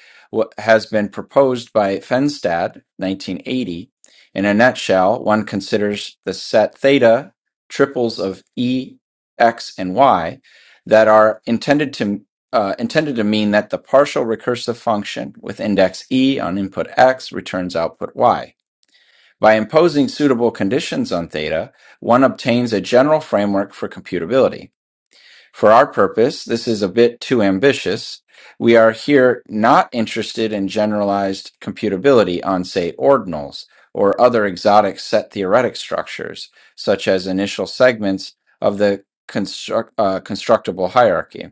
[SPEAKER 1] has been proposed by Fenstad, 1980. In a nutshell, one considers the set theta triples of E, X, and Y that are intended to uh, intended to mean that the partial recursive function with index E on input X returns output Y. By imposing suitable conditions on theta, one obtains a general framework for computability. For our purpose, this is a bit too ambitious. We are here not interested in generalized computability on, say, ordinals or other exotic set theoretic structures, such as initial segments of the construct, uh, constructible hierarchy.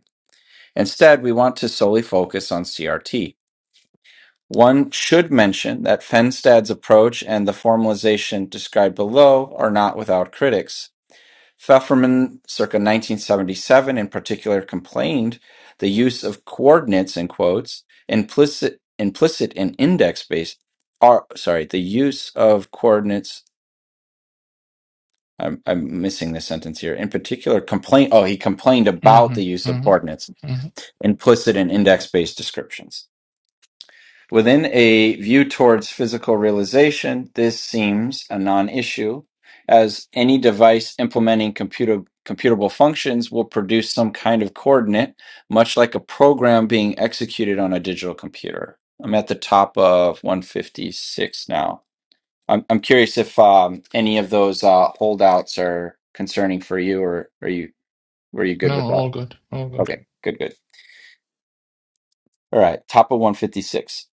[SPEAKER 1] Instead, we want to solely focus on CRT. One should mention that Fenstad's approach and the formalization described below are not without critics. Pfefferman, circa 1977, in particular, complained the use of coordinates in quotes implicit implicit in index based are sorry the use of coordinates. I'm, I'm missing this sentence here. In particular, complain. Oh, he complained about
[SPEAKER 2] Mm-hmm.
[SPEAKER 1] the use of
[SPEAKER 2] Mm-hmm.
[SPEAKER 1] coordinates
[SPEAKER 2] hmm
[SPEAKER 1] implicit in index based descriptions. Within a view towards physical realization, this seems a non issue, as any device implementing computer, computable functions will produce some kind of coordinate, much like a program being executed on a digital computer. I'm at the top of 156 now. I'm, I'm curious if um, any of those uh, holdouts are concerning for you, or are you were you good
[SPEAKER 2] No,
[SPEAKER 1] with
[SPEAKER 2] all
[SPEAKER 1] that?
[SPEAKER 2] good. All good.
[SPEAKER 1] Okay, good, good. All right, top of 156.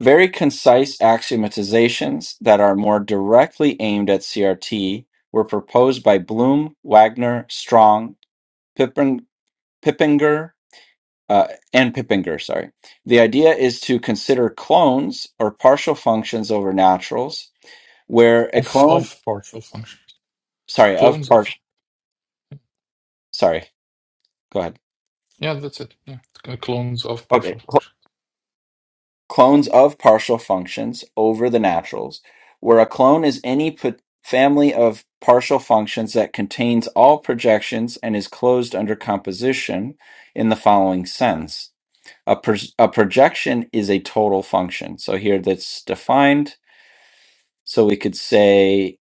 [SPEAKER 1] Very concise axiomatizations that are more directly aimed at CRT were proposed by Bloom, Wagner, Strong, Pippen, Pippinger, uh, and Pippinger. Sorry. The idea is to consider clones or partial functions over naturals, where a
[SPEAKER 2] Of
[SPEAKER 1] clone,
[SPEAKER 2] of partial functions,
[SPEAKER 1] sorry, of
[SPEAKER 2] clones of.
[SPEAKER 1] part, sorry, go ahead.
[SPEAKER 2] Yeah, that's it. Yeah, c- clones of
[SPEAKER 1] Okay,
[SPEAKER 2] partial functions.
[SPEAKER 1] Clones of partial functions over the naturals, where a clone is any family of partial functions that contains all projections and is closed under composition in the following sense. A, pro- a projection is a total function. So here that's defined. So we could say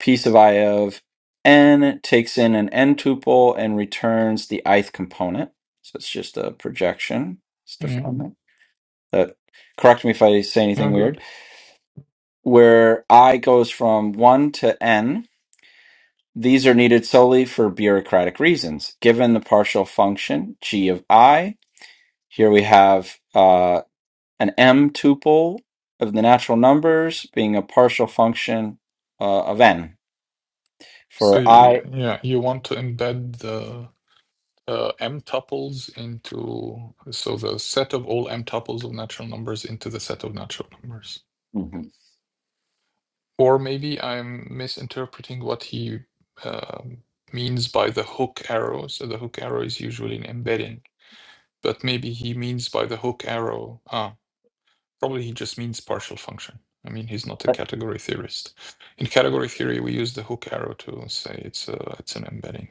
[SPEAKER 1] piece of I of n takes in an n tuple and returns the ith component. So it's just a projection. It's
[SPEAKER 2] Yeah.
[SPEAKER 1] defined. That correct me if I say anything
[SPEAKER 2] No
[SPEAKER 1] weird.
[SPEAKER 2] good.
[SPEAKER 1] where i goes from 1 to n these are needed solely for bureaucratic reasons given the partial function g of i here we have uh, an m tuple of the natural numbers being a partial function uh, of n
[SPEAKER 2] So
[SPEAKER 1] for
[SPEAKER 2] y-
[SPEAKER 1] i
[SPEAKER 2] yeah, you want to embed the uh, m tuples into so the set of all m tuples of natural numbers into the set of natural numbers
[SPEAKER 1] Mhm.
[SPEAKER 2] or maybe i'm misinterpreting what he um means by the hook arrow so the hook arrow is usually an embedding but maybe he means by the hook arrow ah probably he just means partial function i mean he's not a category theorist in category theory we use the hook arrow to say it's a it's an embedding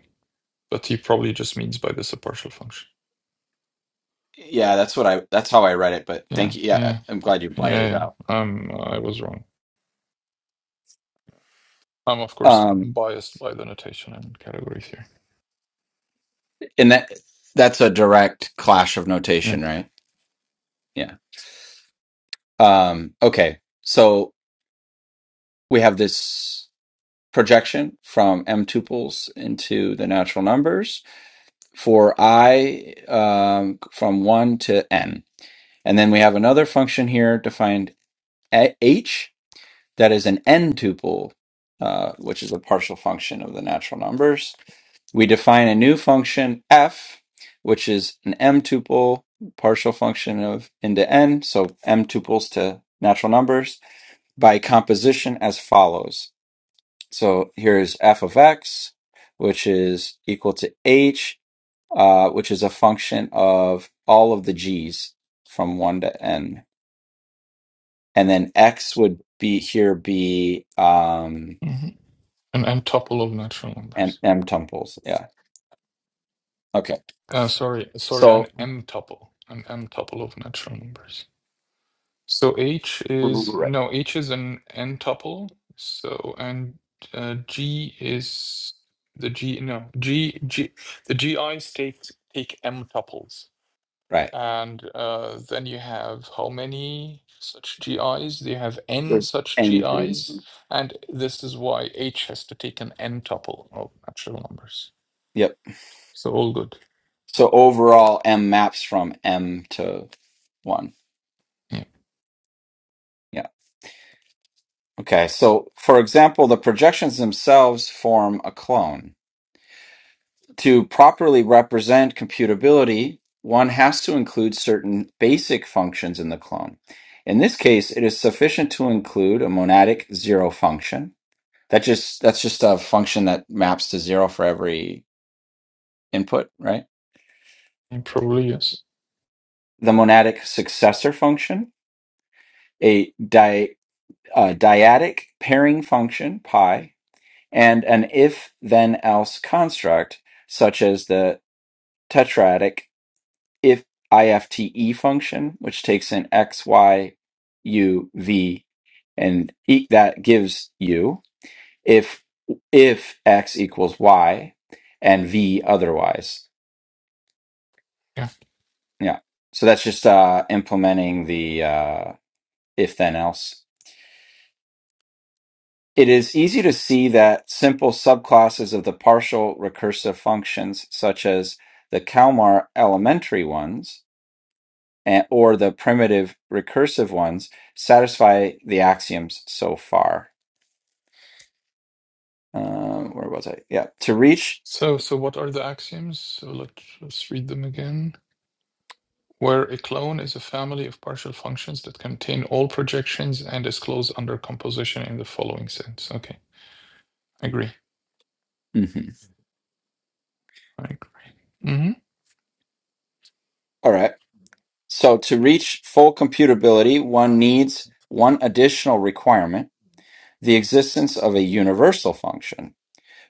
[SPEAKER 2] but he probably just means by this a partial function
[SPEAKER 1] yeah that's what i that's how i read it but
[SPEAKER 2] yeah
[SPEAKER 1] thank you
[SPEAKER 2] yeah
[SPEAKER 1] yeah i'm glad you
[SPEAKER 2] Yeah,
[SPEAKER 1] pointed it
[SPEAKER 2] yeah.
[SPEAKER 1] out
[SPEAKER 2] Um, I was wrong. I'm of course
[SPEAKER 1] um
[SPEAKER 2] biased by the notation and categories here.
[SPEAKER 1] and that that's a direct clash of
[SPEAKER 2] Yeah.
[SPEAKER 1] notation right yeah um okay so we have this. projection from m tuples into the natural numbers for i um, from 1 to n. And then we have another function here defined a- h that is an n tuple, uh, which is a partial function of the natural numbers. We define a new function f, which is an m tuple partial function of into n, so m tuples to natural numbers by composition as follows. So here's f of x, which is equal to h, uh, which is a function of all of the g's from 1 to n. And then x would be here be um,
[SPEAKER 2] hmm An m tuple of natural
[SPEAKER 1] m,
[SPEAKER 2] numbers.
[SPEAKER 1] m tuples. Yeah. Okay.
[SPEAKER 2] Uh, sorry, sorry, an
[SPEAKER 1] So,
[SPEAKER 2] m tuple, an m tuple of natural numbers. So h is
[SPEAKER 1] right.
[SPEAKER 2] no, h is an n tuple. So and uh, g is the g no g g the gi's take take m tuples.
[SPEAKER 1] right.
[SPEAKER 2] And uh, then you have how many such GIs? You have n
[SPEAKER 1] There's
[SPEAKER 2] such
[SPEAKER 1] n g's.
[SPEAKER 2] GIs, and this is why H has to take an n tuple of natural numbers.
[SPEAKER 1] Yep.
[SPEAKER 2] So all good.
[SPEAKER 1] So overall, m maps from m to 1.
[SPEAKER 2] Yeah,
[SPEAKER 1] Yeah. Okay. So, for example, the projections themselves form a clone. to properly represent computability, one has to include certain basic functions in the clone. In this case, it is sufficient to include a monadic zero function. That just that's just a function that maps to zero for every input, right?
[SPEAKER 2] it probably yes.
[SPEAKER 1] The monadic successor function, a di, uh, dyadic pairing function pi, and an if then else construct such as the tetradic if IFTE function, which takes in x, y, u, v, and e- that gives u if if x equals y and v otherwise.
[SPEAKER 2] Yeah.
[SPEAKER 1] Yeah. So that's just uh, implementing the uh, if then else. It is easy to see that simple subclasses of the partial recursive functions, such as the Kalmar elementary ones, and, or the primitive recursive ones satisfy the axioms so far. Um, where was I? Yeah, to reach.
[SPEAKER 2] So so what are the axioms? So let, let's read them again. Where a clone is a family of partial functions that contain all projections and is closed under composition in the following sense. Okay, I agree.
[SPEAKER 1] mhm.
[SPEAKER 2] I agree. hmm
[SPEAKER 1] All right. So to reach full computability, one needs one additional requirement: the existence of a universal function,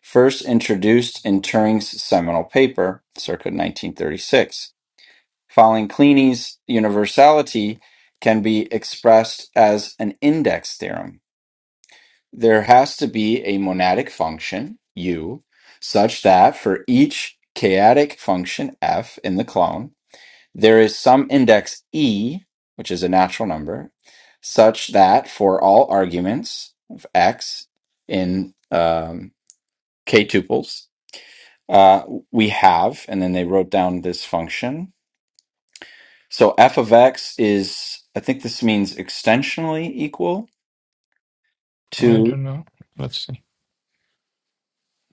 [SPEAKER 1] first introduced in Turing's seminal paper, circa 1936. Following Kleine's universality can be expressed as an index theorem there has to be a monadic function u such that for each chaotic function f in the clone there is some index e which is a natural number such that for all arguments of x in um, k tuples uh, we have and then they wrote down this function so f of x is i think this means extensionally equal
[SPEAKER 2] I
[SPEAKER 1] to
[SPEAKER 2] don't know. Let's see.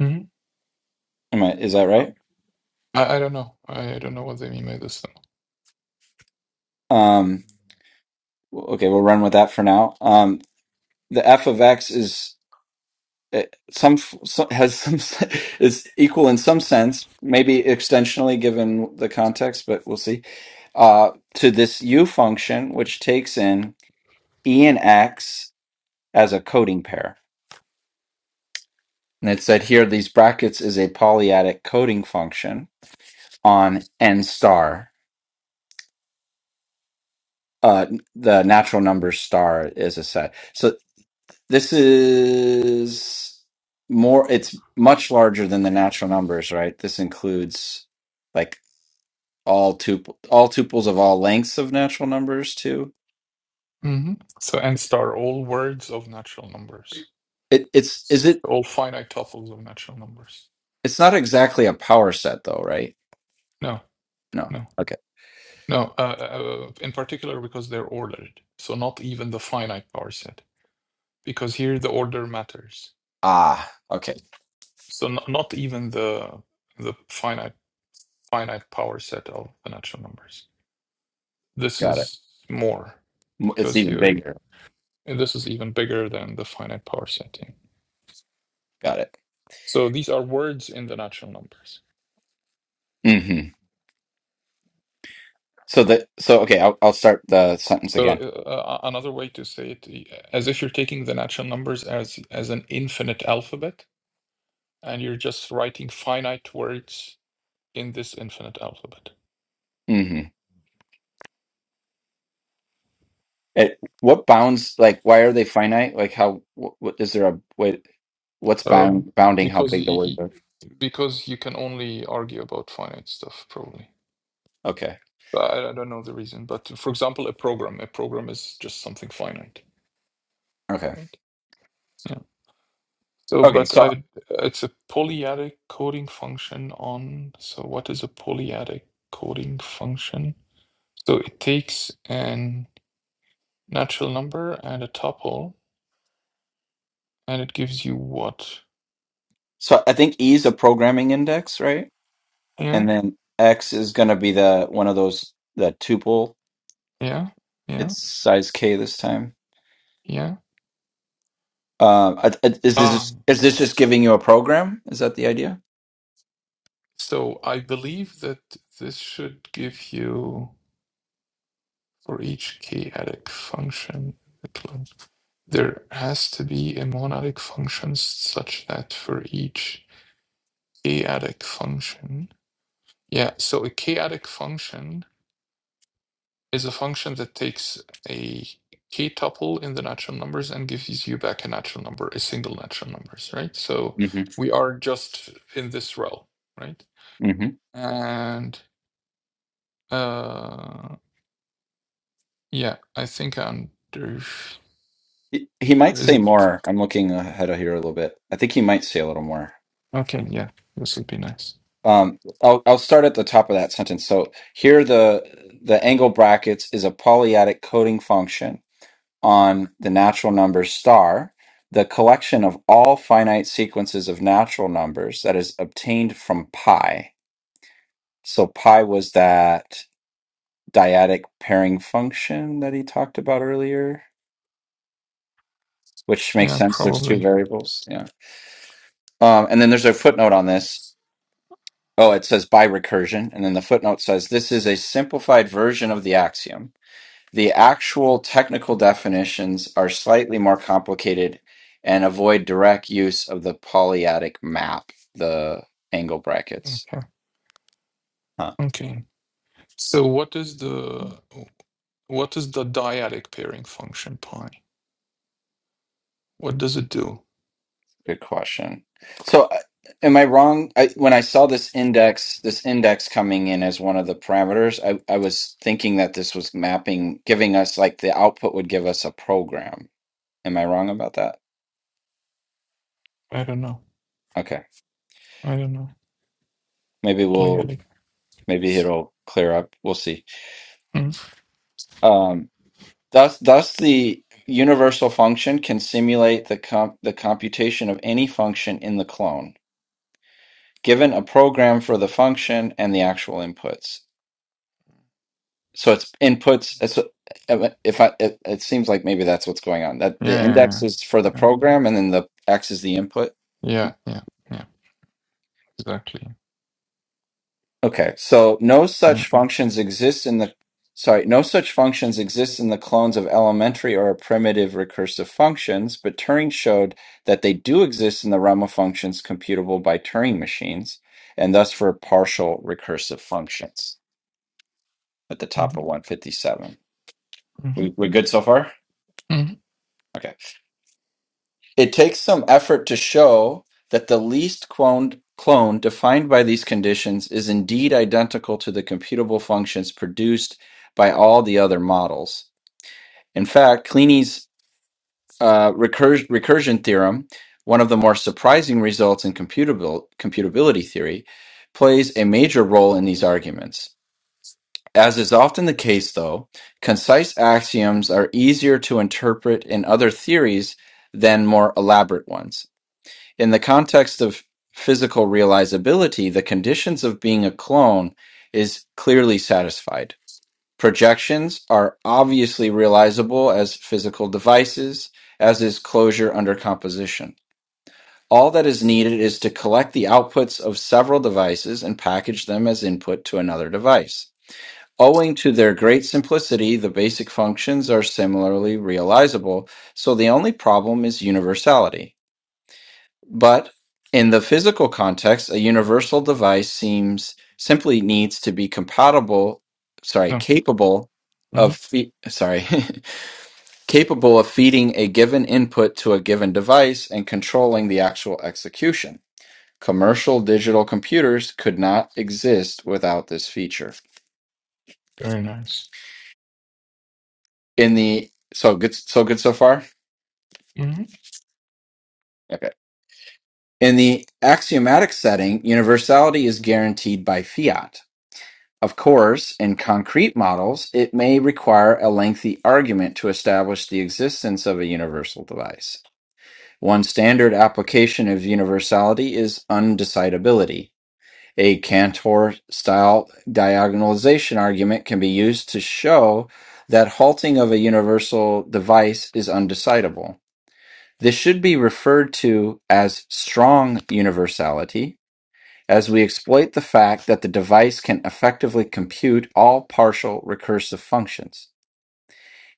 [SPEAKER 2] Mhm.
[SPEAKER 1] am I, is that right
[SPEAKER 2] I, I don't know. I, I don't know what they mean by this.
[SPEAKER 1] Um, Okay, we'll run with that for now. Um, the f of x is eh, some, some has some *laughs* is equal in some sense, maybe extensionally given the context, but we'll see. Uh, to this u function, which takes in e and x as a coding pair, and it said here these brackets is a polyadic coding function on n star. Uh, the natural number star is a set. So This is more, it's much larger than the natural numbers, right? This includes like all tuple, all tuples of all lengths of natural numbers too.
[SPEAKER 2] Mm-hmm. So nth are all words of natural numbers,
[SPEAKER 1] It it's is it
[SPEAKER 2] all finite tuples of natural numbers.
[SPEAKER 1] it's not exactly a power set though, right?
[SPEAKER 2] No,
[SPEAKER 1] No.
[SPEAKER 2] no,
[SPEAKER 1] Okay.
[SPEAKER 2] no. Uh, uh, in particular, because they're ordered. So not even the finite power set, because here the order matters.
[SPEAKER 1] Ah, okay.
[SPEAKER 2] So not, not even the the finite finite power set of the natural numbers. This
[SPEAKER 1] Got it.
[SPEAKER 2] is more,
[SPEAKER 1] M- It's
[SPEAKER 2] because
[SPEAKER 1] even
[SPEAKER 2] you.
[SPEAKER 1] bigger.
[SPEAKER 2] This is even bigger than the finite power set.
[SPEAKER 1] Got it.
[SPEAKER 2] So these are words in the natural numbers.
[SPEAKER 1] hmm So the so okay, I'll I'll start the sentence
[SPEAKER 2] So
[SPEAKER 1] again.
[SPEAKER 2] uh, uh, a- another way to say it, i- as if you're taking the natural numbers as as an infinite alphabet, and you're just writing finite words in this infinite alphabet.
[SPEAKER 1] Mm-hmm. At what bounds, like, why are they finite? Like, how, what, what is there a, what, what's
[SPEAKER 2] Um,
[SPEAKER 1] bound, bounding how
[SPEAKER 2] because
[SPEAKER 1] big the
[SPEAKER 2] y-
[SPEAKER 1] words
[SPEAKER 2] y-
[SPEAKER 1] are?
[SPEAKER 2] because you can only argue about finite stuff, probably.
[SPEAKER 1] Okay.
[SPEAKER 2] So I, I don't know the reason, but for example, a program, a program is just something finite,
[SPEAKER 1] Okay.
[SPEAKER 2] right? So,
[SPEAKER 1] Okay.
[SPEAKER 2] but
[SPEAKER 1] So,
[SPEAKER 2] I, it's a polyadic coding function on. So, what is a polyadic coding function? So, it takes an natural number and a tuple, and it gives you what?
[SPEAKER 1] so I think E is a programming index, right?
[SPEAKER 2] Yeah,
[SPEAKER 1] And then X is going to be the, one of those, the tuple.
[SPEAKER 2] yeah, yeah,
[SPEAKER 1] It's size K this time.
[SPEAKER 2] yeah.
[SPEAKER 1] Uh, I- I- is this
[SPEAKER 2] Um,
[SPEAKER 1] is this just giving you a program? Is that the idea?
[SPEAKER 2] so I believe that this should give you for each k-adic function. There has to be a monadic function such that for each k-adic function. Yeah, so a chaotic function is a function that takes a k tuple in the natural numbers and gives you back a natural number, a single natural numbers, right? So
[SPEAKER 1] hmm
[SPEAKER 2] we are just in this row, right?
[SPEAKER 1] hmm
[SPEAKER 2] And uh yeah, I think I'm there-
[SPEAKER 1] He, he might
[SPEAKER 2] Is
[SPEAKER 1] say
[SPEAKER 2] it?
[SPEAKER 1] more. I'm looking ahead of here a little bit. I think he might say a little more.
[SPEAKER 2] Okay, yeah, this would be nice.
[SPEAKER 1] Um, I'll I'll start at the top of that sentence. So here, the the angle brackets is a polyadic coding function on the natural number star, the collection of all finite sequences of natural numbers that is obtained from pi. So pi was that dyadic pairing function that he talked about earlier, which makes
[SPEAKER 2] Yeah,
[SPEAKER 1] sense. There's two
[SPEAKER 2] probably.
[SPEAKER 1] variables. Yeah. Um, and then there's a footnote on this. Oh, it says by recursion, and then the footnote says this is a simplified version of the axiom The actual technical definitions are slightly more complicated and avoid direct use of the polyadic map, the angle brackets.
[SPEAKER 2] Okay.
[SPEAKER 1] Huh,
[SPEAKER 2] Okay. So what is the what is the dyadic pairing function pi? What does it do?
[SPEAKER 1] good question. So, uh, am I wrong? I, when I saw this index, this index coming in as one of the parameters, I, I was thinking that this was mapping, giving us like the output would give us a program. Am I wrong about that?
[SPEAKER 2] I don't know.
[SPEAKER 1] Okay,
[SPEAKER 2] I don't know.
[SPEAKER 1] maybe we'll
[SPEAKER 2] Polyadic.
[SPEAKER 1] maybe it'll clear up. We'll see.
[SPEAKER 2] Mm.
[SPEAKER 1] Um. Thus, thus the universal function can simulate the comp the computation of any function in the clone, given a program for the function and the actual inputs. So it's inputs. It's, uh, if I, it, it seems like maybe that's what's going on. That the
[SPEAKER 2] Yeah,
[SPEAKER 1] index is for
[SPEAKER 2] yeah,
[SPEAKER 1] the
[SPEAKER 2] yeah,
[SPEAKER 1] program, and then the x is the input.
[SPEAKER 2] yeah, yeah, yeah, exactly.
[SPEAKER 1] Okay, so no
[SPEAKER 2] Yeah.
[SPEAKER 1] such functions exist in the sorry, no such functions exist in the clones of elementary or primitive recursive functions, but Turing showed that they do exist in the realm of functions computable by Turing machines, and thus for partial recursive functions at the top of
[SPEAKER 2] Mm-hmm.
[SPEAKER 1] 157. We we good so far?
[SPEAKER 2] hmm
[SPEAKER 1] Okay. It takes some effort to show that the least cloned clone defined by these conditions is indeed identical to the computable functions produced by all the other models. In fact, Kleene uh, recurs- recursion theorem, one of the more surprising results in computabil- computability theory, plays a major role in these arguments. As is often the case, though, concise axioms are easier to interpret in other theories than more elaborate ones in the context of physical realizability, the conditions of being a clone is clearly satisfied. Projections are obviously realizable as physical devices, as is closure under composition. All that is needed is to collect the outputs of several devices and package them as input to another device. Owing to their great simplicity, the basic functions are similarly realizable, so the only problem is universality. But in the physical context, a universal device seems simply needs to be compatible, sorry,
[SPEAKER 2] Oh,
[SPEAKER 1] capable
[SPEAKER 2] hmm
[SPEAKER 1] of fe- sorry, *laughs* capable of feeding a given input to a given device and controlling the actual execution. Commercial digital computers could not exist without this feature.
[SPEAKER 2] Very nice.
[SPEAKER 1] In the so good so good so far?
[SPEAKER 2] hmm
[SPEAKER 1] Okay. In the axiomatic setting, universality is guaranteed by fiat Of course, in concrete models, it may require a lengthy argument to establish the existence of a universal device. One standard application of universality is undecidability. A Cantor style diagonalization argument can be used to show that halting of a universal device is undecidable. This should be referred to as strong universality as we exploit the fact that the device can effectively compute all partial recursive functions.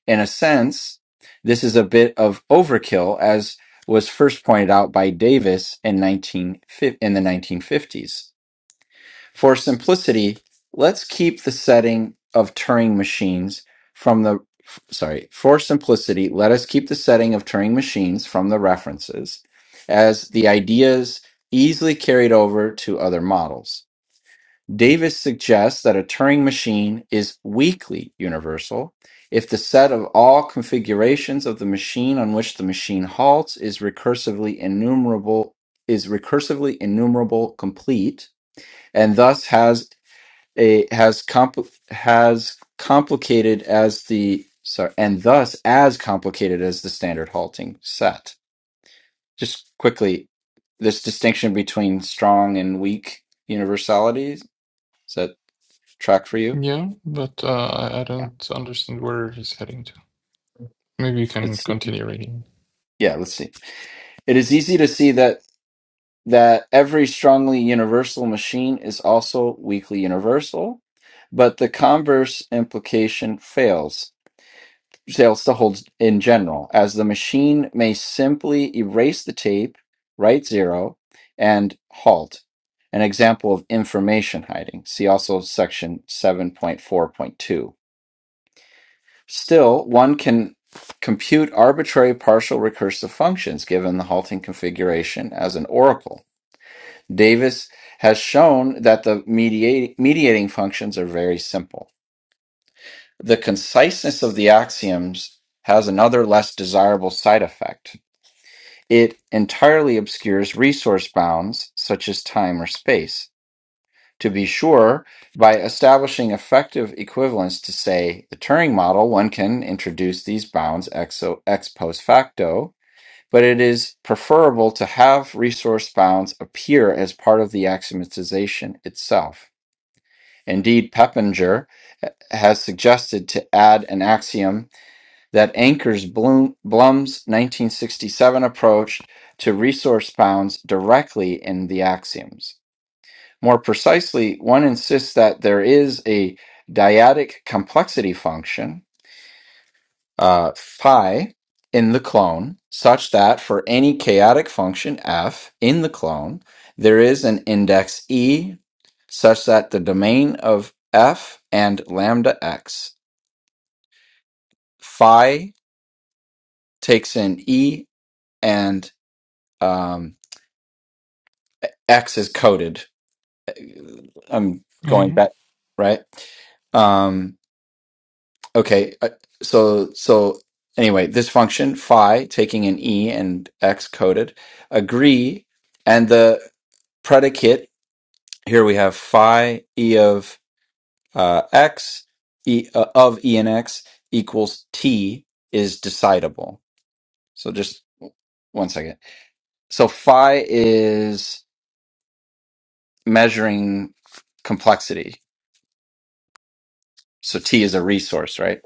[SPEAKER 1] In a sense, this is a bit of overkill, as was first pointed out by Davis in, 19, in the 1950s. For simplicity, let's keep the setting of Turing machines from the sorry for simplicity let us keep the setting of turing machines from the references as the ideas easily carried over to other models Davis suggests that a Turing machine is weakly universal if the set of all configurations of the machine on which the machine halts is recursively enumerable is recursively enumerable complete and thus has a has compl- has complicated as the sorry and thus as complicated as the standard halting set. Just quickly, this distinction between strong and weak universalities is that track for you?
[SPEAKER 2] Yeah, but uh, I I don't understand where he's heading to. Maybe you can
[SPEAKER 1] It's
[SPEAKER 2] continue reading.
[SPEAKER 1] yeah, let's see. It is easy to see that that every strongly universal machine is also weakly universal, but the converse implication fails fails to hold in general, as the machine may simply erase the tape, write zero, and halt. An example of information hiding. See also section 7.4.2. Still, one can compute arbitrary partial recursive functions given the halting configuration as an oracle. Davis has shown that the mediati- mediating functions are very simple. The conciseness of the axioms has another less desirable side effect. It entirely obscures resource bounds such as time or space To be sure, by establishing effective equivalence to, say, the Turing model, one can introduce these bounds ex, ex post facto, but it is preferable to have resource bounds appear as part of the axiomatization itself. Indeed, Peppinger eh, has suggested to add an axiom that anchors Bloom, Blum's 1967 approach to resource bounds directly in the axioms. More precisely, one insists that there is a dyadic complexity function, uh, phi, in the clone, such that for any chaotic function f in the clone, there is an index e such that the domain of f and lambda x, phi takes in e and um, x is coded. I'm going
[SPEAKER 2] hmm
[SPEAKER 1] back, right? Um, Okay, uh, so so anyway, this function phi taking an e and x coded agree, and the predicate here we have phi e of uh, x e uh, of e and x equals t is decidable. So just one second. So phi is measuring complexity. So t is a resource, right?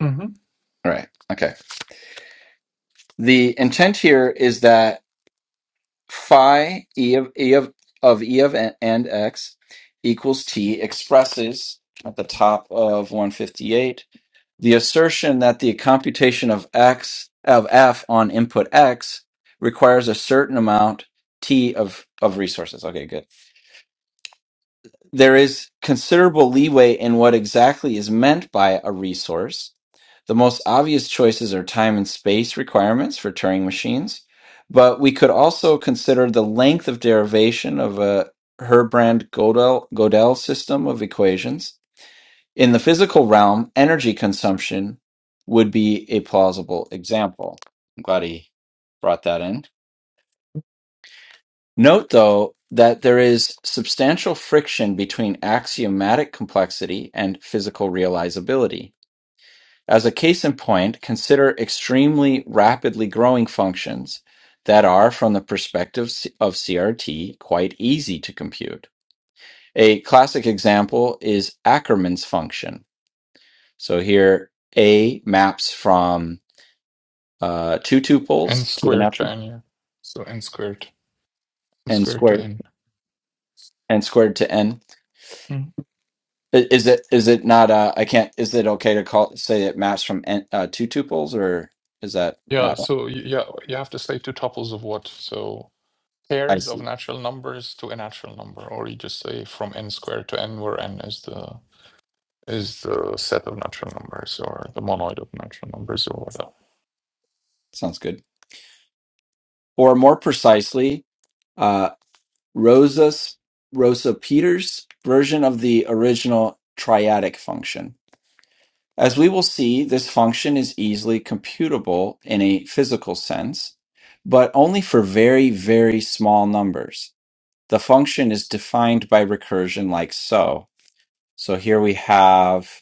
[SPEAKER 2] hmm
[SPEAKER 1] Right. Okay. The intent here is that phi e of e of of e of n, and x equals t expresses at the top of 158 the assertion that the computation of x of f on input x requires a certain amount t of of resources. Okay, good there is considerable leeway in what exactly is meant by a resource. The most obvious choices are time and space requirements for Turing machines, but we could also consider the length of derivation of a Herbrand Gödel, Gödel system of equations. In the physical realm, energy consumption would be a plausible example. I'm glad he brought that in. Note, though, that there is substantial friction between axiomatic complexity and physical realizability. As a case in point, consider extremely rapidly growing functions that are, from the perspective of CRT, quite easy to compute. A classic example is Ackermann's function. So here, A maps from uh, two
[SPEAKER 2] N
[SPEAKER 1] tuples to the
[SPEAKER 2] squared to
[SPEAKER 1] natural
[SPEAKER 2] N, yeah. So N squared, N
[SPEAKER 1] and
[SPEAKER 2] squared to
[SPEAKER 1] squared
[SPEAKER 2] N.
[SPEAKER 1] and squared to n
[SPEAKER 2] Mhm.
[SPEAKER 1] I- Is it is it not? Uh, I can't. Is it okay to call say it maps from n, uh, two tuples, or is that?
[SPEAKER 2] Yeah,
[SPEAKER 1] Uh,
[SPEAKER 2] so y- yeah, you have to slave two tuples of what? So
[SPEAKER 1] I
[SPEAKER 2] pairs of
[SPEAKER 1] see.
[SPEAKER 2] natural numbers to a natural number, or you just say from n squared to n, where n is the is the set of natural numbers or the monoid of natural numbers or whatever.
[SPEAKER 1] Sounds good. Or more precisely, uh, Rosa's Rosa Peters' version of the original triadic function. As we will see, this function is easily computable in a physical sense, but only for very very small numbers. The function is defined by recursion like so. So here we have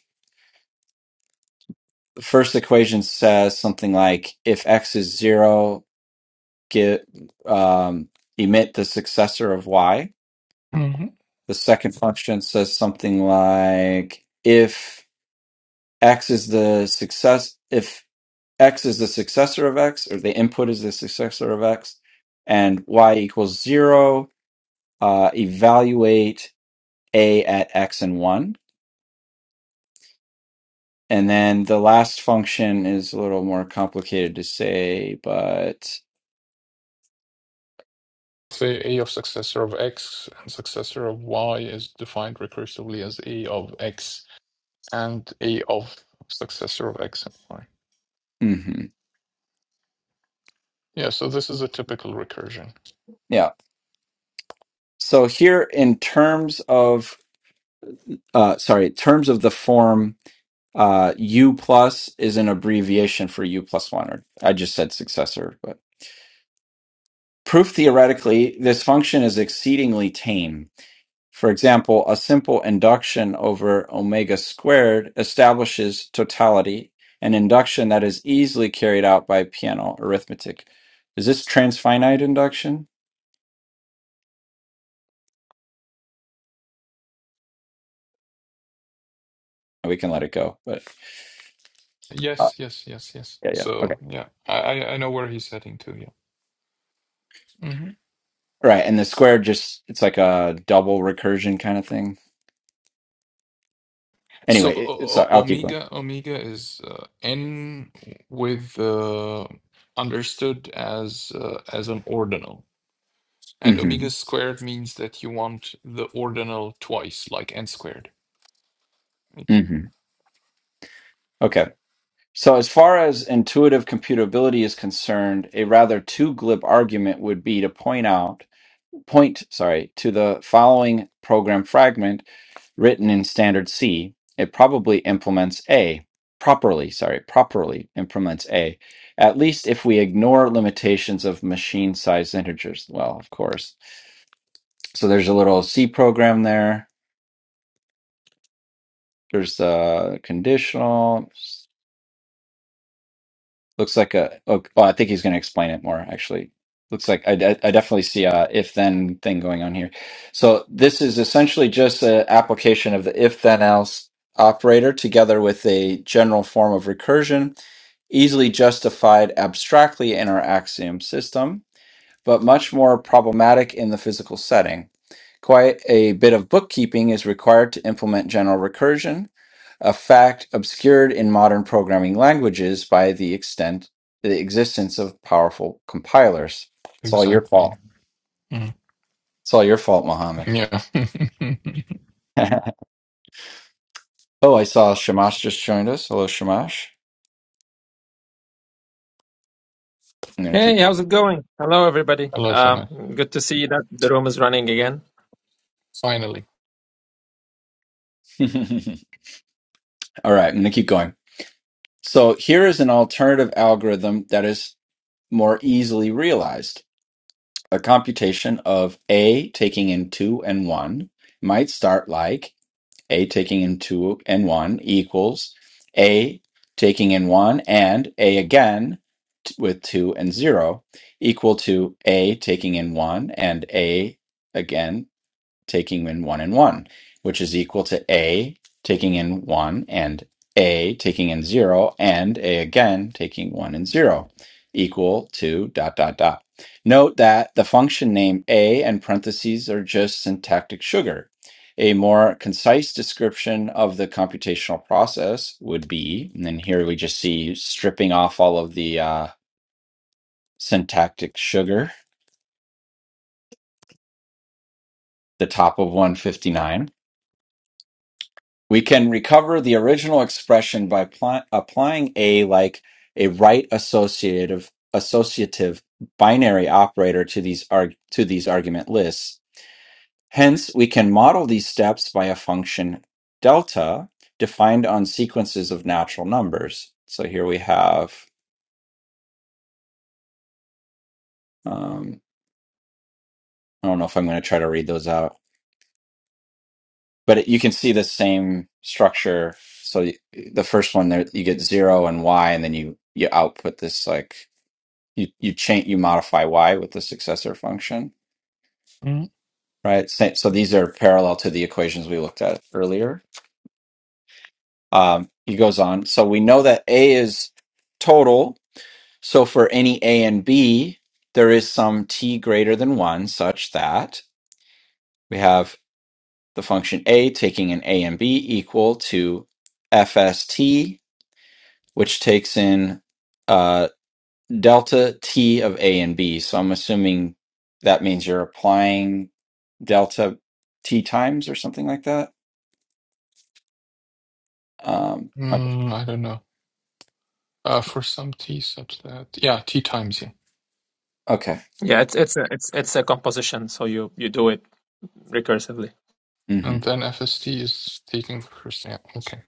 [SPEAKER 1] the first equation says something like if x is zero, get um, emit the successor of y.
[SPEAKER 2] hmm
[SPEAKER 1] The second function says something like if x is the success if x is the successor of x or the input is the successor of x and y equals zero, uh, evaluate a at x and one. And then the last function is a little more complicated to say, but
[SPEAKER 2] Say a of successor of x and successor of y is defined recursively as a of x and a of successor of x and y.
[SPEAKER 1] mhm.
[SPEAKER 2] Yeah, so this is a typical recursion.
[SPEAKER 1] yeah, So here, in terms of uh, sorry, in terms of the form, uh, U plus is an abbreviation for U plus one, or I just said successor. But proof theoretically, this function is exceedingly tame. For example, a simple induction over omega squared establishes totality, an induction that is easily carried out by piano arithmetic. Is this transfinite induction? We can let it go, but uh,
[SPEAKER 2] Yes, yes, yes, yes.
[SPEAKER 1] yeah, yeah, okay.
[SPEAKER 2] So yeah, I I know where he's heading to. Yeah. Mm-hmm.
[SPEAKER 1] Right, and the square just it's like a double recursion kind of thing.
[SPEAKER 2] So
[SPEAKER 1] Anyway, it,
[SPEAKER 2] o-
[SPEAKER 1] so
[SPEAKER 2] o-
[SPEAKER 1] I'll keep going.
[SPEAKER 2] omega omega is uh, n with uh, understood as uh, as an ordinal, and
[SPEAKER 1] hmm
[SPEAKER 2] omega squared means that you want the ordinal twice, like n squared. Right?
[SPEAKER 1] hmm Okay. So as far as intuitive computability is concerned, a rather too glib argument would be to point out point sorry to the following program fragment written in standard C. It probably implements A properly. Sorry, properly implements A. At least if we ignore limitations of machine sized integers. Well, of course So there's a little C program there. There's the conditional. Looks like a. Oh, oh, I think he's going to explain it more. Actually, looks like I, de- I definitely see a if then thing going on here. So this is essentially just an application of the if then else operator together with a general form of recursion, easily justified abstractly in our axiom system. but much more problematic in the physical setting. Quite a bit of bookkeeping is required to implement general recursion, a fact obscured in modern programming languages by the extent the existence of powerful compilers. It's all your
[SPEAKER 2] Exactly.
[SPEAKER 1] fault.
[SPEAKER 2] Mm.
[SPEAKER 1] It's all your fault, Mohammed.
[SPEAKER 2] Yeah. *laughs*
[SPEAKER 1] *laughs* oh, I saw Shamash just joined us. Hello, Shamash. I'm gonna
[SPEAKER 4] Hey,
[SPEAKER 1] keep.
[SPEAKER 4] how's it going? Hello, everybody.
[SPEAKER 2] Hello,
[SPEAKER 4] Uh,
[SPEAKER 2] Shana.
[SPEAKER 4] good to see that the room is running again.
[SPEAKER 2] Finally.
[SPEAKER 1] *laughs* all right, I'm gonna keep going. So here is an alternative algorithm that is more easily realized. A computation of A taking in 2 and 1 might start like A taking in 2 and 1 equals A taking in 1 and A again t- with 2 and 0 equal to A taking in 1 and A again taking in 1 and 1, which is equal to A taking in 1 and A taking in 0 and A again taking 1 and 0 equal to dot dot dot. Note that the function name A and parentheses are just syntactic sugar. A more concise description of the computational process would be, and then here we just see stripping off all of the uh, syntactic sugar, the top of 159 We can recover the original expression by apply, applying a like a right associative associative binary operator to these arg, to these argument lists. Hence, we can model these steps by a function delta defined on sequences of natural numbers. So here we have um, I don't know if I'm going to try to read those out, but it, you can see the same structure. So y- the first one there, you get zero and y, and then you you output this like you you change you modify y with the successor function
[SPEAKER 2] Mm.
[SPEAKER 1] right Sa- so these are parallel to the equations we looked at earlier um, he goes on so we know that a is total so for any a and b there is some t greater than 1 such that we have the function a taking an a and b equal to fst which takes in uh, delta t of a and b so i'm assuming that means you're applying Delta t times or something like that. Um, okay.
[SPEAKER 2] Mm, I don't know. Uh, for some t such that yeah, t times yeah,
[SPEAKER 1] okay.
[SPEAKER 4] Yeah, it's it's a it's it's a composition, so you you do it recursively.
[SPEAKER 1] hmm
[SPEAKER 2] and then fst is taking the first yeah. Okay,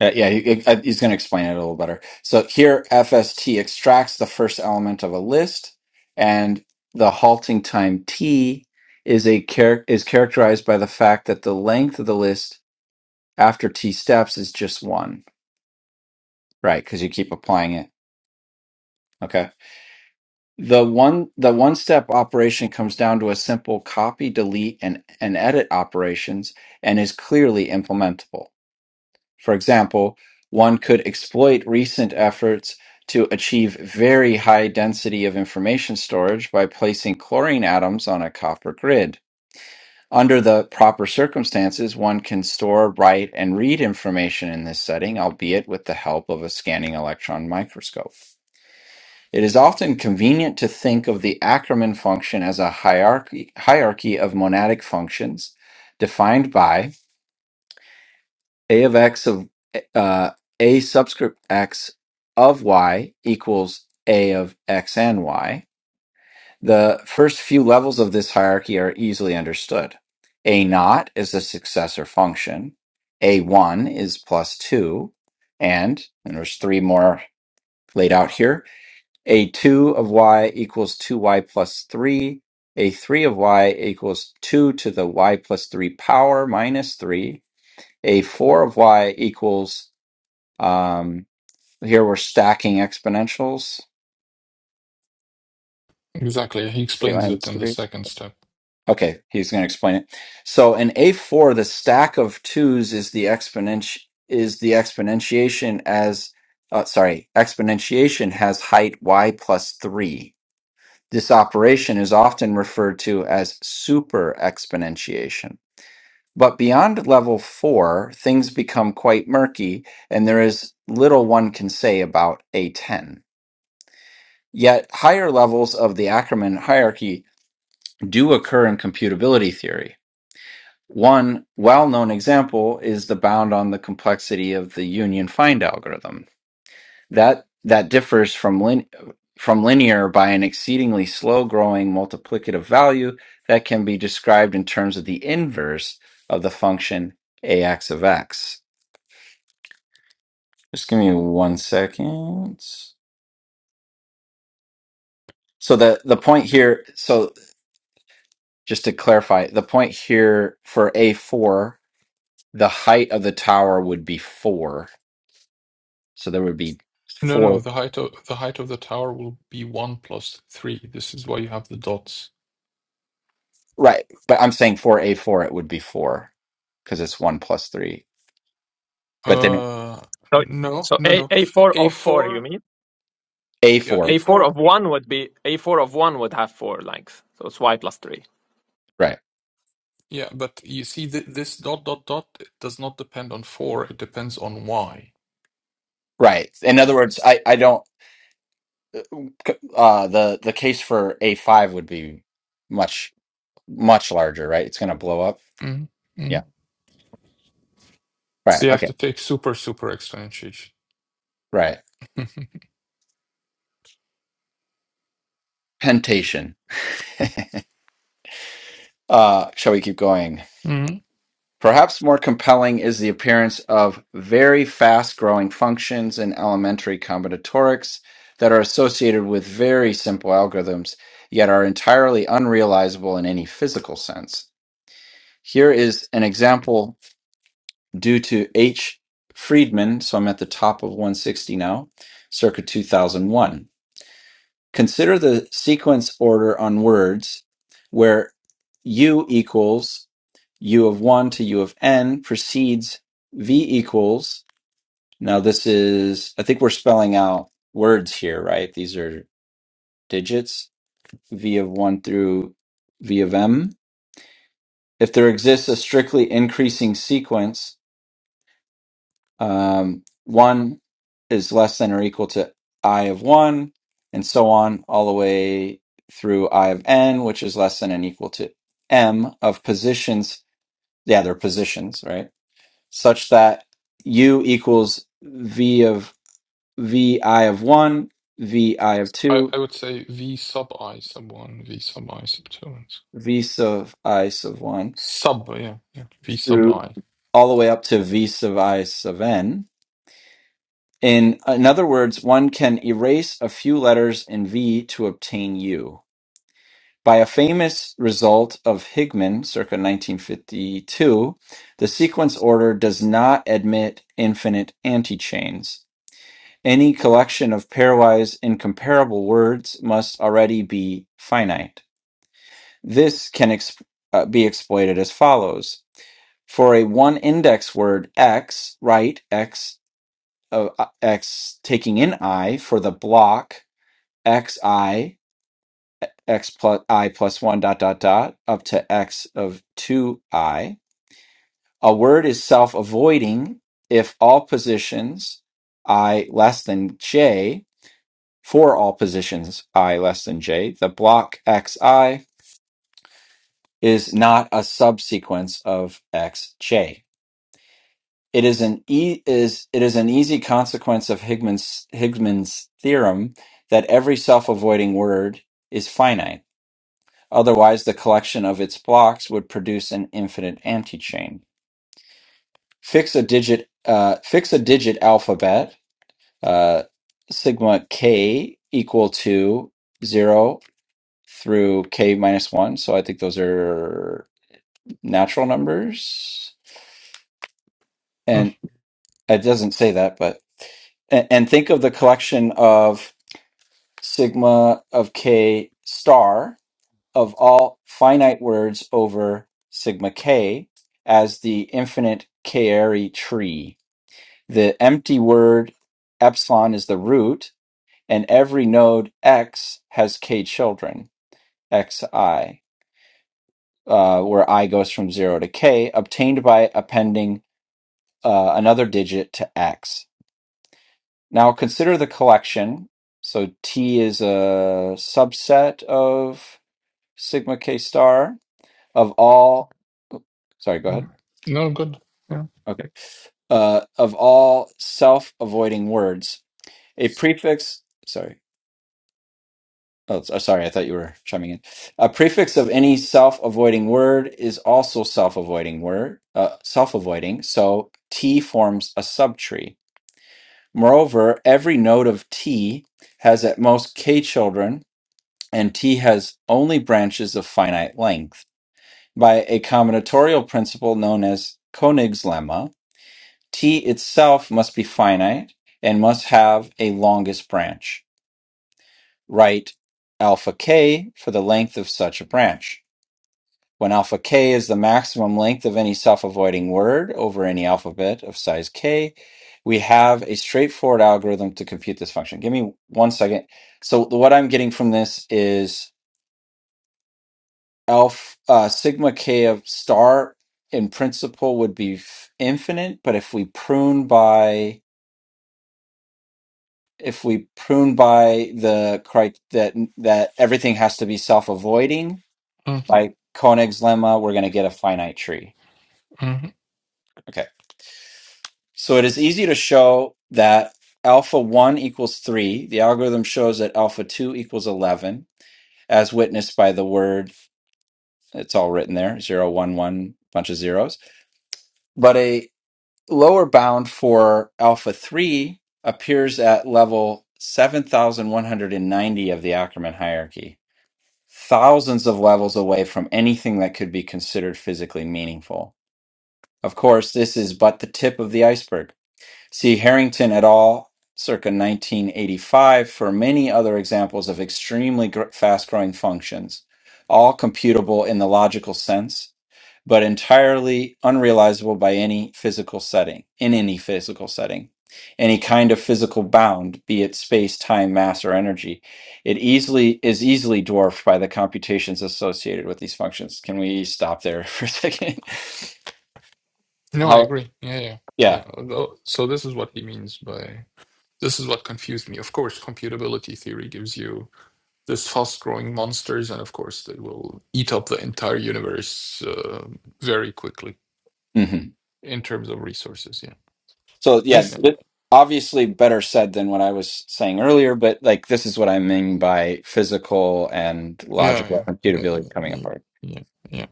[SPEAKER 1] Uh, yeah, he- uh, he's going to explain it a little better. So here, FST extracts the first element of a list, and the halting time t is a char- is characterized by the fact that the length of the list after t steps is just one, right? Because you keep applying it. Okay. The one the one step operation comes down to a simple copy, delete, and, and edit operations and is clearly implementable. For example, one could exploit recent efforts to achieve very high density of information storage by placing chlorine atoms on a copper grid. Under the proper circumstances, one can store, write, and read information in this setting, albeit with the help of a scanning electron microscope. It is often convenient to think of the Ackermann function as a hierarchy, hierarchy of monadic functions defined by a of x of uh, a subscript x of y equals a of x and y. The first few levels of this hierarchy are easily understood. A naught is a successor function. A1 is plus 2. And, and there's three more laid out here. a 2 of y equals 2y plus 3, a 3 of y equals 2 to the y plus 3 power minus 3, a 4 of y equals, um, here we're stacking exponentials.
[SPEAKER 2] exactly. He
[SPEAKER 1] Eight
[SPEAKER 2] explains it
[SPEAKER 1] minus
[SPEAKER 2] in the
[SPEAKER 1] three.
[SPEAKER 2] second step.
[SPEAKER 1] Okay, he's going to explain it. So in A4, the stack of twos is the exponent is the exponentiation as, uh, sorry, exponentiation has height y plus 3 This operation is often referred to as superexponentiation. But beyond level four, things become quite murky, and there is little one can say about A10. Yet, higher levels of the Ackermann hierarchy do occur in computability theory. One well known example is the bound on the complexity of the union find algorithm. That that differs from lin from linear by an exceedingly slow-growing multiplicative value that can be described in terms of the inverse of the function ax of x. Just give me one second. So the the point here, so just to clarify, the point here for A4, the height of the tower would be 4. So there would be
[SPEAKER 2] No, no,
[SPEAKER 1] 4
[SPEAKER 2] the height of the height of the tower will be one plus three. This is why you have the dots.
[SPEAKER 1] right, but I'm saying for A4 it would be 4 because it's 1 plus 3. But then
[SPEAKER 2] Uh,
[SPEAKER 4] So
[SPEAKER 2] no,
[SPEAKER 4] so
[SPEAKER 2] no,
[SPEAKER 4] a
[SPEAKER 2] no.
[SPEAKER 4] a four of four, you
[SPEAKER 2] A4,
[SPEAKER 4] mean?
[SPEAKER 1] A
[SPEAKER 2] yeah,
[SPEAKER 1] four.
[SPEAKER 4] A four of
[SPEAKER 2] A4,
[SPEAKER 4] one would be a four of one would have four lengths, so it's y plus three.
[SPEAKER 1] Right.
[SPEAKER 2] yeah, but you see th this dot dot dot it does not depend on four, it depends on Y,
[SPEAKER 1] Right. In other
[SPEAKER 2] right?
[SPEAKER 1] words, I I don't. Uh, the the case for A five would be much much larger, right? It's going to blow up.
[SPEAKER 2] mm mm
[SPEAKER 1] Yeah. Right.
[SPEAKER 2] So you have
[SPEAKER 1] Okay.
[SPEAKER 2] to take super super exponentiation.
[SPEAKER 1] Right.
[SPEAKER 2] *laughs*
[SPEAKER 1] Pentation. Uh, shall we keep going?
[SPEAKER 2] Mhm.
[SPEAKER 1] Perhaps more compelling is the appearance of very fast growing functions in elementary combinatorics that are associated with very simple algorithms, yet are entirely unrealizable in any physical sense. Here is an example due to H. Friedman, so I'm at the top of 160 now, circa 2001. Consider the sequence order on words where U equals U of 1 to U of n precedes V equals. Now, this is, I think we're spelling out words here, right? These are digits, V of 1 through V of m. If there exists a strictly increasing sequence, Um, one is less than or equal to i of one, and so on, all the way through i of n, which is less than and equal to m of positions. Yeah, they're positions, right? Such that u equals v of v i of one, v i of
[SPEAKER 2] I,
[SPEAKER 1] two,
[SPEAKER 2] I would say V sub I sub one, V sub I sub two, and so-
[SPEAKER 1] v sub i sub one,
[SPEAKER 2] sub, yeah, yeah, V sub
[SPEAKER 1] through
[SPEAKER 2] I.
[SPEAKER 1] all the way up to v sub i sub n. In, in other words, one can erase a few letters in V to obtain U. By a famous result of Higman circa 1952, the sequence order does not admit infinite antichains. Any collection of pairwise incomparable words must already be finite. This can ex- uh, be exploited as follows. For a one index word x, write x of uh, x taking in i for the block xi x plus i plus 1 dot dot dot up to x of 2i. A word is self avoiding if all positions i less than j, for all positions i less than j, the block xi is not a subsequence of xj. It is an e is it is an easy consequence of Higgman's Higgman's theorem that every self-avoiding word is finite. Otherwise, the collection of its blocks would produce an infinite antichain. Fix a digit, uh, fix a digit alphabet, uh, sigma k equal to zero through k minus one. So I think those are natural numbers,
[SPEAKER 2] Mm,
[SPEAKER 1] and it doesn't say that, but and, and think of the collection of sigma of k star of all finite words over sigma k as the infinite Kari tree. The empty word epsilon is the root, and every node x has k children, xi, uh, where i goes from 0 to k, obtained by appending uh, another digit to x. Now consider the collection. So t is a subset of sigma k star of all. Sorry, go
[SPEAKER 2] mm.
[SPEAKER 1] ahead.
[SPEAKER 2] No, good. Yeah.
[SPEAKER 1] Okay. uh, of all self-avoiding words. A prefix, sorry. Oh, s- uh, sorry, I thought you were chiming in. A prefix of any self-avoiding word is also self-avoiding word, uh, self-avoiding, so T forms a subtree. Moreover, every node of T has at most K children, and T has only branches of finite length. By a combinatorial principle known as Koenig's lemma, T itself must be finite and must have a longest branch. Write alpha k for the length of such a branch. When alpha k is the maximum length of any self avoiding word over any alphabet of size k, we have a straightforward algorithm to compute this function. Give me one second. So, what I'm getting from this is alpha, uh, sigma k of star in principle would be f- infinite, but if we prune by if we prune by the crit that that everything has to be self-avoiding
[SPEAKER 2] Mhm.
[SPEAKER 1] by Koenig's lemma, we're going to get a finite tree.
[SPEAKER 2] Mhm.
[SPEAKER 1] Okay. So it is easy to show that alpha 1 equals 3. The algorithm shows that alpha 2 equals 11 as witnessed by the word it's all written there, zero one one bunch of zeros. But a lower bound for alpha 3 appears at level 7190 of the Ackermann hierarchy thousands of levels away from anything that could be considered physically meaningful. Of course, this is but the tip of the iceberg. See Harrington et al. circa 1985 for many other examples of extremely gr- fast growing functions, all computable in the logical sense but entirely unrealizable by any physical setting, in any physical setting. Any kind of physical bound, be it space, time, mass, or energy, it easily is easily dwarfed by the computations associated with these functions. Can we stop there *laughs* for a second?
[SPEAKER 2] No, I
[SPEAKER 1] How?
[SPEAKER 2] agree. Yeah, yeah.
[SPEAKER 1] Yeah.
[SPEAKER 2] Yeah, although- So this is what he means by this is what confused me. Of course, computability theory gives you this fast-growing monsters, and of course, they will eat up the entire universe uh, very quickly
[SPEAKER 1] hmm
[SPEAKER 2] in terms of resources. Yeah,
[SPEAKER 1] So yeah,
[SPEAKER 3] this
[SPEAKER 2] yeah,
[SPEAKER 1] th- obviously better said than what I was saying earlier, but like this is what I mean by physical and logical
[SPEAKER 2] yeah, yeah, yeah,
[SPEAKER 1] computability coming
[SPEAKER 2] yeah,
[SPEAKER 1] apart.
[SPEAKER 2] yeah. yeah,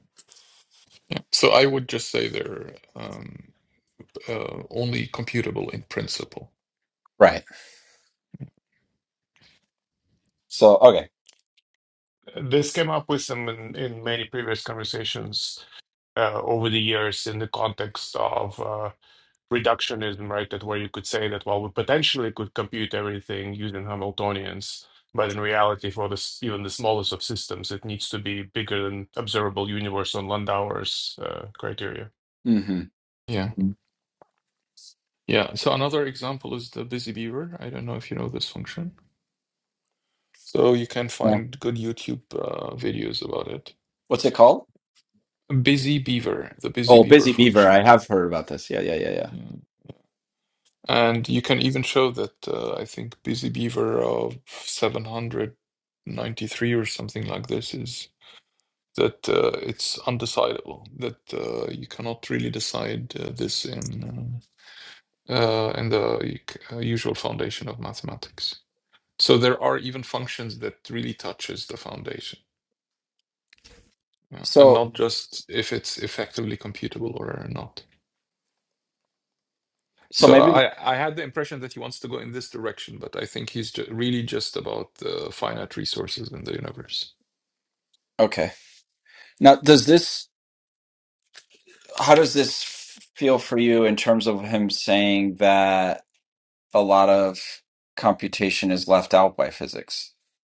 [SPEAKER 2] yeah. So I would just say they're um, uh, only computable in principle.
[SPEAKER 1] Right. So okay.
[SPEAKER 3] this came up with some in, in many previous conversations uh, over the years in the context of. uh, reductionism, right? That where you could say that, well, we potentially could compute everything using Hamiltonians, but in reality, for this even the smallest of systems, it needs to be bigger than observable universe on Landauer's uh, criteria.
[SPEAKER 1] hmm
[SPEAKER 2] Yeah, yeah. So another example is the busy beaver. I don't know if you know this function So you can find good YouTube uh, videos about it.
[SPEAKER 1] What's it called?
[SPEAKER 2] Busy Beaver, the Busy
[SPEAKER 1] Oh,
[SPEAKER 2] Beaver
[SPEAKER 1] Busy Beaver.
[SPEAKER 2] function.
[SPEAKER 1] I have heard about this. Yeah, yeah, yeah, yeah.
[SPEAKER 2] Yeah. And you can even show that uh, I think Busy Beaver of 793 or something like this is that uh, it's undecidable, that uh, you cannot really decide uh, this in uh, uh, in the uh, usual foundation of mathematics. So there are even functions that really touches the foundation. Yeah, and
[SPEAKER 1] So,
[SPEAKER 2] not just if it's effectively computable or not.
[SPEAKER 1] so
[SPEAKER 2] So
[SPEAKER 1] maybe
[SPEAKER 2] I, I had the impression that he wants to go in this direction, but I think he's ju- really just about the finite resources in the universe.
[SPEAKER 1] okay. Now, does this? How does this feel for you in terms of him saying that a lot of computation is left out by physics?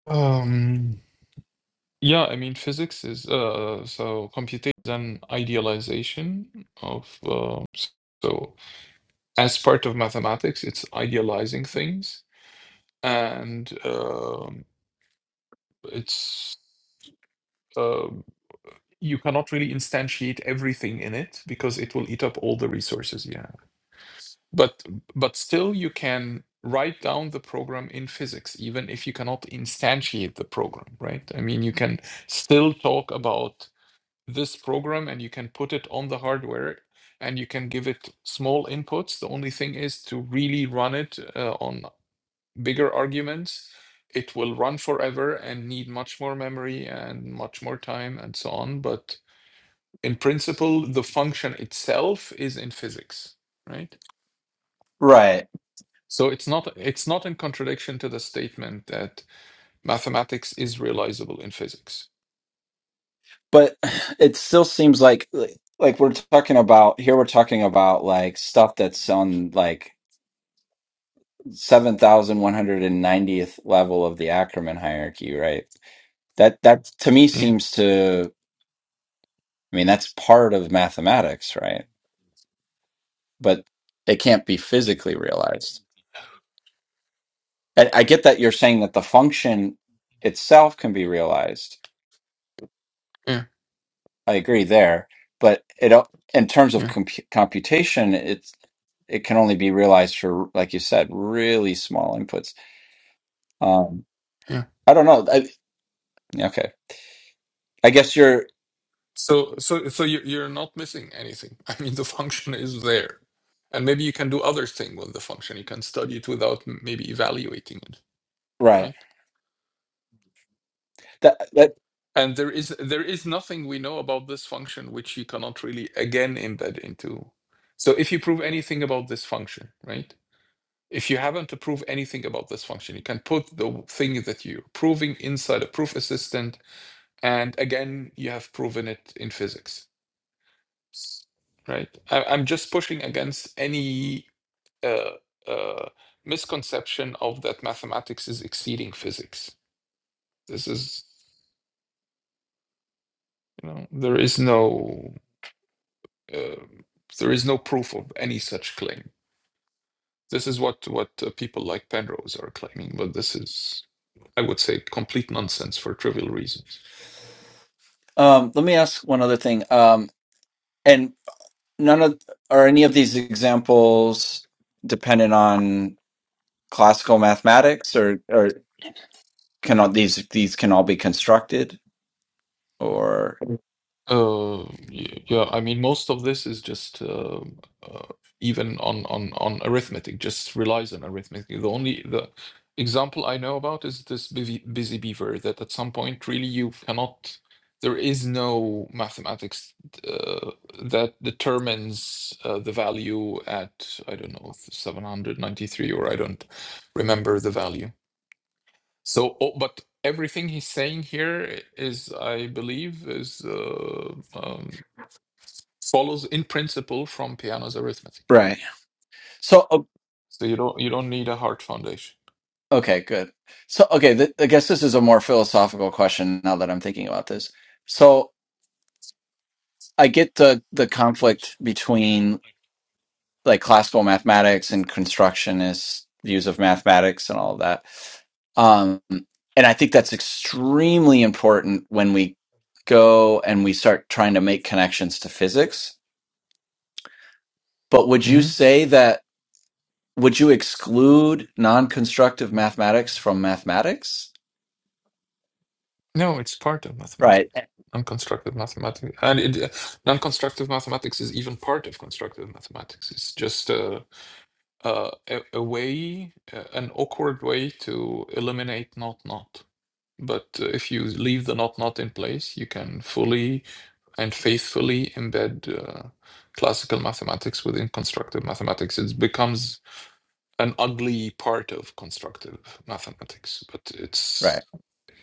[SPEAKER 2] Um, yeah, I mean, physics is uh, so computation is an idealization of um, s- so as part of mathematics, it's idealizing things, and um, it's um, you cannot really instantiate everything in it because it will eat up all the resources you have but but still you can write down the program in physics even if you cannot instantiate the program right i mean you can still talk about this program and you can put it on the hardware and you can give it small inputs the only thing is to really run it uh, on bigger arguments it will run forever and need much more memory and much more time and so on but in principle the function itself is in physics right
[SPEAKER 1] Right,
[SPEAKER 2] so it's not it's not in contradiction to the statement that mathematics is realizable in physics
[SPEAKER 1] but it still seems like like we're talking about here. We're talking about like stuff that's on like seven thousand one hundred and ninetieth level of the Ackermann hierarchy, right? That that to me
[SPEAKER 2] yeah
[SPEAKER 1] seems to I mean, that's part of mathematics, right? But it can't be physically realized. And I get that you're saying that the function itself can be realized.
[SPEAKER 2] yeah
[SPEAKER 1] I agree there, but it o- in terms of
[SPEAKER 2] yeah
[SPEAKER 1] compu computation, it's it can only be realized for, like you said, really small inputs. Um,
[SPEAKER 2] yeah
[SPEAKER 1] I don't know. I, okay, I guess you're
[SPEAKER 2] so so so you you're not missing anything *laughs* i mean the function is there and maybe you can do other thing with the function you can study it without m- maybe evaluating it
[SPEAKER 1] right.
[SPEAKER 2] right
[SPEAKER 1] That that.
[SPEAKER 2] and there is there is nothing we know about this function which you cannot really again embed into so if you prove anything about this function right if you haven't to prove anything about this function, you can put the thing that you're proving inside a proof assistant, and again, you have proven it in physics, right? I, I'm just pushing against any uh, uh, misconception of that mathematics is exceeding physics. This is, you know, there is no uh, there is no proof of any such claim. This is what what uh, people like Penrose are claiming, but this is I would say complete nonsense for trivial reasons.
[SPEAKER 1] Um, let me ask one other thing. Um, and none of are any of these examples dependent on classical mathematics or or can all, these these can all be constructed or
[SPEAKER 2] Uh, y- yeah, I mean, most of this is just um, uh, even on on on arithmetic, just relies on arithmetic. The only the example I know about is this busy, busy beaver that at some point really you cannot. There is no mathematics uh, that determines uh, the value at I don't know 793 or I don't remember the value. So, oh, but everything he's saying here is, I believe, is uh, um, follows in principle from Peano's arithmetic.
[SPEAKER 1] right so o-
[SPEAKER 2] So you don't you don't need a hard foundation.
[SPEAKER 1] okay good so okay th- i guess this is a more philosophical question now that i'm thinking about this so i get the the conflict between like classical mathematics and constructionist views of mathematics and all of that um and i think that's extremely important when we go and we start trying to make connections to physics but would you
[SPEAKER 2] Mhm.
[SPEAKER 1] say that Would you exclude non-constructive mathematics from mathematics?
[SPEAKER 2] No, it's part of
[SPEAKER 1] Right,
[SPEAKER 2] mathematics. Non-constructive mathematics, and it, uh, non-constructive mathematics is even part of constructive mathematics. It's just a a, a a way, uh, an awkward way to eliminate not not. But uh, if you leave the not not in place, you can fully and faithfully embed uh, classical mathematics within constructive mathematics. It becomes an ugly part of constructive mathematics, but
[SPEAKER 1] right.
[SPEAKER 2] it's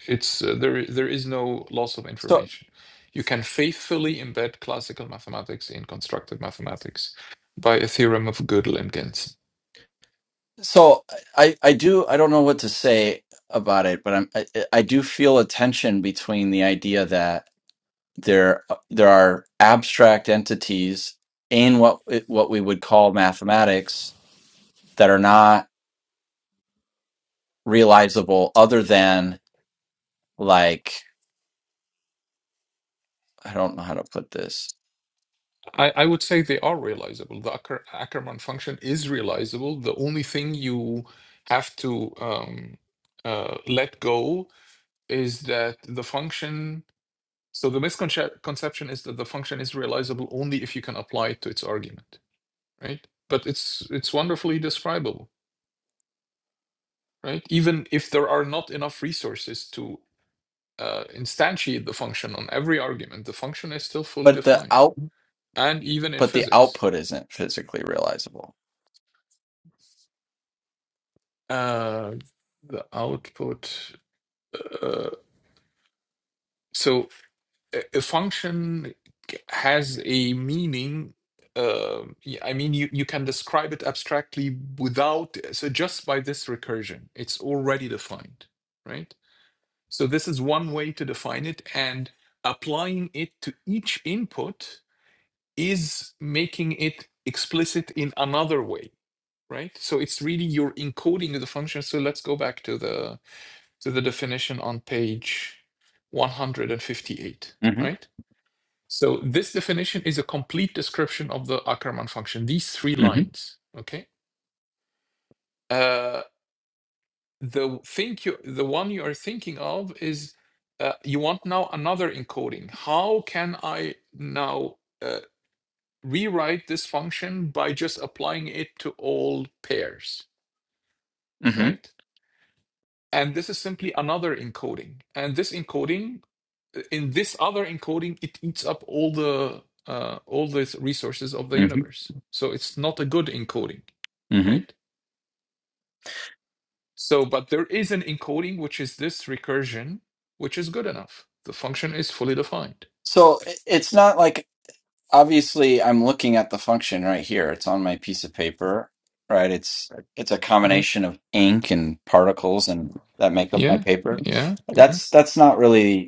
[SPEAKER 2] it's uh, there. There is no loss of
[SPEAKER 1] So,
[SPEAKER 2] information. You can faithfully embed classical mathematics in constructive mathematics by a theorem of Gödel and Gensen.
[SPEAKER 1] so I, I do, I don't know what to say about it, but I'm, I, I do feel a tension between the idea that there, there are abstract entities in what, what we would call mathematics that are not realizable other than like, I don't know how to put this
[SPEAKER 2] I, I would say they are realizable. The Acker, Ackermann function is realizable. The only thing you have to um, uh, let go is that the function so the misconception is that the function is realizable only if you can apply it to its argument right but it's it's wonderfully describable right even if there are not enough resources to uh, instantiate the function on every argument the function is still fully
[SPEAKER 1] But the
[SPEAKER 2] defined
[SPEAKER 1] out
[SPEAKER 2] and even in
[SPEAKER 1] but the
[SPEAKER 2] physics
[SPEAKER 1] output isn't physically realizable.
[SPEAKER 2] uh the output uh, so a a function has a meaning. Uh, y- I mean, you, you can describe it abstractly without, so just by this recursion, it's already defined, right? So this is one way to define it, and applying it to each input is making it explicit in another way, right? So it's really you're encoding of the function. So let's go back to the to the definition on page 158,
[SPEAKER 1] Mm-hmm.
[SPEAKER 2] right? So this definition is a complete description of the Ackermann function. These three
[SPEAKER 1] Mm-hmm.
[SPEAKER 2] lines, okay? Uh, the think you, the one you are thinking of is uh, you want now another encoding. How can I now uh, rewrite this function by just applying it to all pairs,
[SPEAKER 1] Mm-hmm.
[SPEAKER 2] right? And this is simply another encoding. And this encoding in this other encoding, it eats up all the uh, all the resources of the
[SPEAKER 1] Mm-hmm.
[SPEAKER 2] universe. So it's not a good encoding,
[SPEAKER 1] Mm-hmm.
[SPEAKER 2] right? So, but there is an encoding which is this recursion, which is good enough. The function is fully defined.
[SPEAKER 1] So i- it's not like obviously I'm looking at the function right here. It's on my piece of paper, right? It's it's a
[SPEAKER 2] Yeah,
[SPEAKER 1] combination of ink and particles and that make up my
[SPEAKER 2] yeah,
[SPEAKER 1] paper.
[SPEAKER 2] yeah, yeah.
[SPEAKER 1] That's that's not really.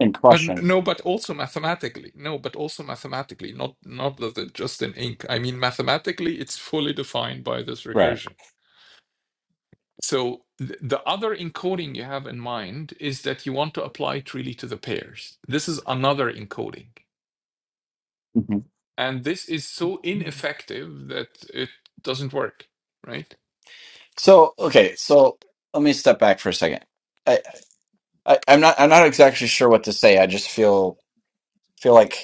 [SPEAKER 1] in
[SPEAKER 2] But
[SPEAKER 1] Prussian.
[SPEAKER 2] no, but also mathematically. No, but also mathematically. Not not just in ink. I mean, mathematically, it's fully defined by this
[SPEAKER 1] Right.
[SPEAKER 2] recursion. So th- the other encoding you have in mind is that you want to apply it really to the pairs. This is another encoding.
[SPEAKER 1] hmm
[SPEAKER 2] And this is so ineffective that it doesn't work, right?
[SPEAKER 1] So okay, so let me step back for a second. I, I I'm not I'm not exactly sure what to say. I just feel feel like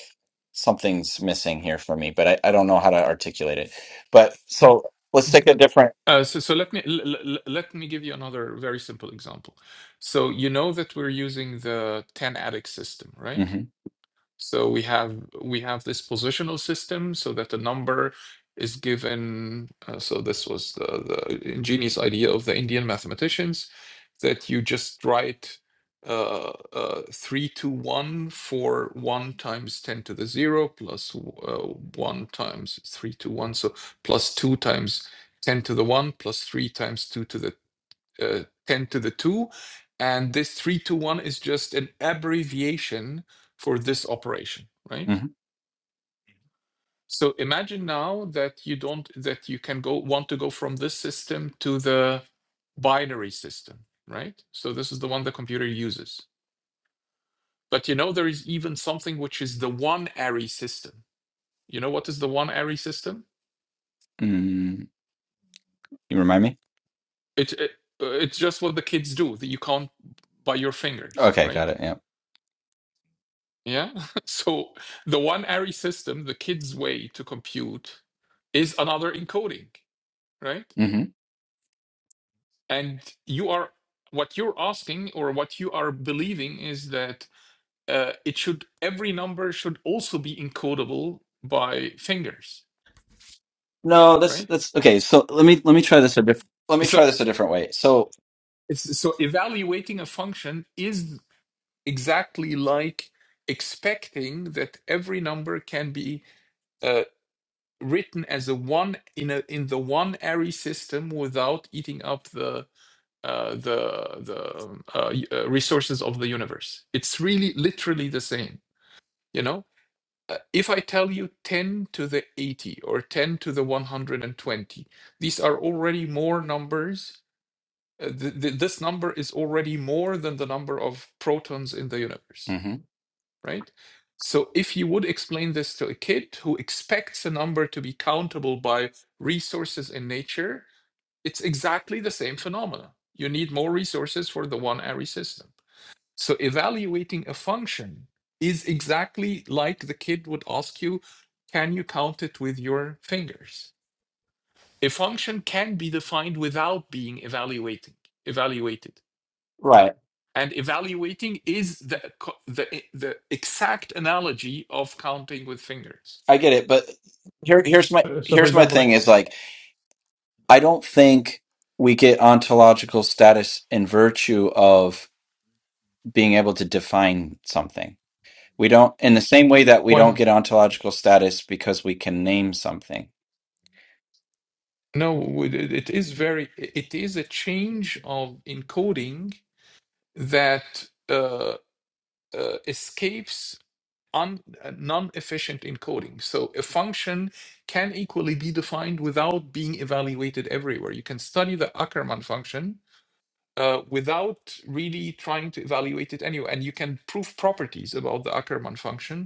[SPEAKER 1] something's missing here for me, but I, I don't know how to articulate it. But so let's take a different.
[SPEAKER 2] Uh, so, so let me l- l- let me give you another very simple example. So you know that we're using the 10 addict system, right?
[SPEAKER 1] hmm
[SPEAKER 2] So we have we have this positional system so that the number is given. Uh, so this was the, the ingenious idea of the Indian mathematicians that you just write uh, uh, three to one for one times ten to the zero plus uh, one times three to one, so plus two times ten to the one plus three times two to the uh, 10 to the 2. And this 3 to 1 is just an abbreviation for this operation, right?
[SPEAKER 1] hmm
[SPEAKER 2] So imagine now that you don't that you can go want to go from this system to the binary system, right? So this is the one the computer uses. But you know there is even something which is the one array system. You know what is the one array system?
[SPEAKER 1] mm You remind me.
[SPEAKER 2] It, it uh, it's just what the kids do that you count by your fingers,
[SPEAKER 1] Okay,
[SPEAKER 2] right?
[SPEAKER 1] got it. Yeah.
[SPEAKER 2] Yeah. *laughs* So the one ARRI system, the kid's way to compute, is another encoding, right?
[SPEAKER 1] hmm
[SPEAKER 2] And you are what you're asking or what you are believing is that uh, it should every number should also be encodable by fingers,
[SPEAKER 1] No, that's
[SPEAKER 2] right?
[SPEAKER 1] that's okay. So let me let me try this a different. Let me try
[SPEAKER 2] So
[SPEAKER 1] this a different way. So
[SPEAKER 2] it's, so evaluating a function is exactly like expecting that every number can be uh, written as a one in a in the one array system without eating up the uh, the the um, uh, uh, resources of the universe. It's really literally the same. You know, Uh, if I tell you ten to the eighty or ten to the one hundred and twenty, these are already more numbers. Uh, th- th- this number is already more than the number of protons in the universe
[SPEAKER 1] Mhm.
[SPEAKER 2] right? So if you would explain this to a kid who expects a number to be countable by resources in nature, it's exactly the same phenomena. You need more resources for the one array system. So evaluating a function is exactly like the kid would ask you, can you count it with your fingers? A function can be defined without being evaluating, evaluated.
[SPEAKER 1] right,
[SPEAKER 2] And evaluating is the, the, the exact analogy of counting with fingers.
[SPEAKER 1] I get it, but here here's my
[SPEAKER 3] Uh, So, for
[SPEAKER 1] here's my
[SPEAKER 3] example,
[SPEAKER 1] thing is like. I don't think we get ontological status in virtue of being able to define something. We don't, in the same way that we
[SPEAKER 2] Why
[SPEAKER 1] don't
[SPEAKER 2] not?
[SPEAKER 1] get ontological status because we can name something.
[SPEAKER 2] No, it it is very, it is a change of encoding that uh, uh, escapes un, uh, non-efficient encoding. So a function can equally be defined without being evaluated everywhere. You can study the Ackermann function uh, without really trying to evaluate it anyway. And you can prove properties about the Ackermann function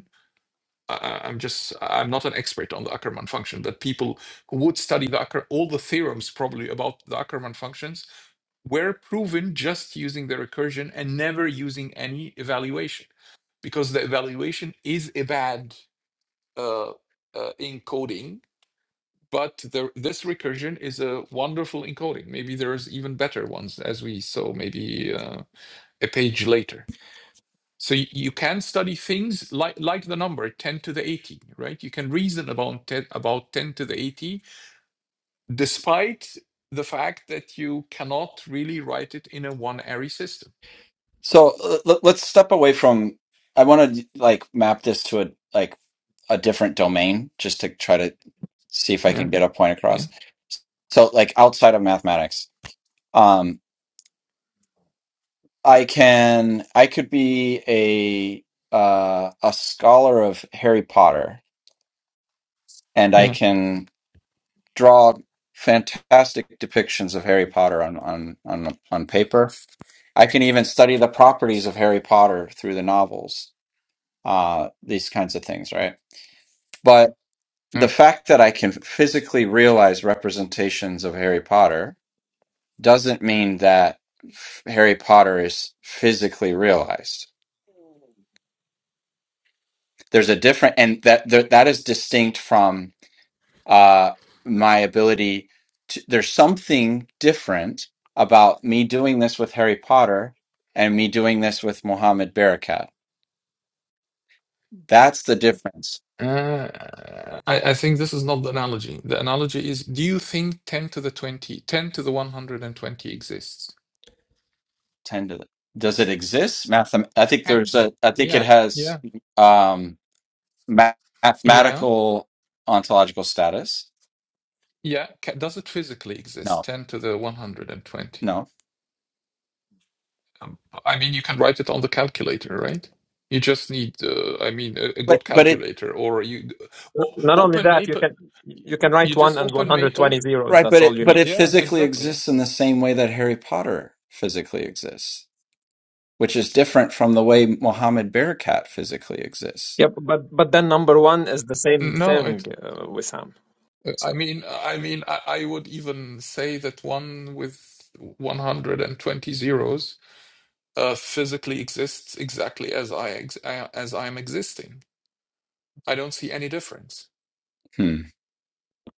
[SPEAKER 2] I, I- am just I'm not an expert on the Ackermann function. That people who would study the Acker, all the theorems probably about the Ackermann functions were proven just using the recursion and never using any evaluation, because the evaluation is a bad uh, uh, encoding. But the, this recursion is a wonderful encoding. Maybe there's even better ones, as we saw maybe uh, a page later. So y- you can study things like like the number 10 to the 80, right? You can reason about 10 about 10 to the 80, despite the fact that you cannot really write it in a one array system.
[SPEAKER 1] So l- l- let's step away from. I want to like map this to a like a different domain just to try to see if I
[SPEAKER 2] Yeah,
[SPEAKER 1] can get a point across.
[SPEAKER 2] yeah,
[SPEAKER 1] so like outside of mathematics um i can i could be a uh a scholar of harry potter and i
[SPEAKER 2] yeah. yeah.
[SPEAKER 1] can draw fantastic depictions of harry potter on on on on paper i can even study the properties of harry potter through the novels uh these kinds of things right but the fact that i can physically realize representations of harry potter doesn't mean that Harry Potter is physically realized. There's a different, and that that that is distinct from uh, my ability. To, there's something different about me doing this with Harry Potter and me doing this with Mohammed Barakat. That's the difference.
[SPEAKER 2] Uh, I, I think this is not the analogy. The analogy is do you think 10 to the 20, 10 to the 120 exists?
[SPEAKER 1] Tend to does it exist? Mathem- I think
[SPEAKER 2] 10?
[SPEAKER 1] there's a. I think it
[SPEAKER 2] Yeah, yeah,
[SPEAKER 1] has um, ma-
[SPEAKER 2] yeah,
[SPEAKER 1] mathematical ontological status.
[SPEAKER 2] yeah. Does it physically exist?
[SPEAKER 1] No,
[SPEAKER 2] 10 to the 120?
[SPEAKER 1] no,
[SPEAKER 2] Um, I mean, you can write it on the calculator, right? You just need, uh, I mean, a, a
[SPEAKER 1] but
[SPEAKER 2] good
[SPEAKER 1] but it
[SPEAKER 2] calculator, or you o-
[SPEAKER 4] Not only
[SPEAKER 2] open
[SPEAKER 4] that, you
[SPEAKER 2] Maple.
[SPEAKER 4] can you can write
[SPEAKER 2] You
[SPEAKER 4] one
[SPEAKER 2] just
[SPEAKER 4] and one
[SPEAKER 2] open
[SPEAKER 4] hundred
[SPEAKER 2] Maple.
[SPEAKER 4] twenty zeros.
[SPEAKER 1] Right,
[SPEAKER 4] That's
[SPEAKER 1] but it
[SPEAKER 4] all you
[SPEAKER 1] but
[SPEAKER 4] need.
[SPEAKER 1] it
[SPEAKER 2] Yeah,
[SPEAKER 1] physically
[SPEAKER 2] exactly. Yeah.
[SPEAKER 1] exists in the same way that Harry Potter physically exists, which is different from the way Mohammed Bearcat physically exists.
[SPEAKER 4] Yep, but but then number one is the same
[SPEAKER 2] No, it.
[SPEAKER 4] thing uh, with Sam. So
[SPEAKER 2] I mean, I mean, I, I would even say that one with 120 zeros uh, physically exists exactly as I ex- I- as I am existing. I don't see any difference.
[SPEAKER 1] Hmm.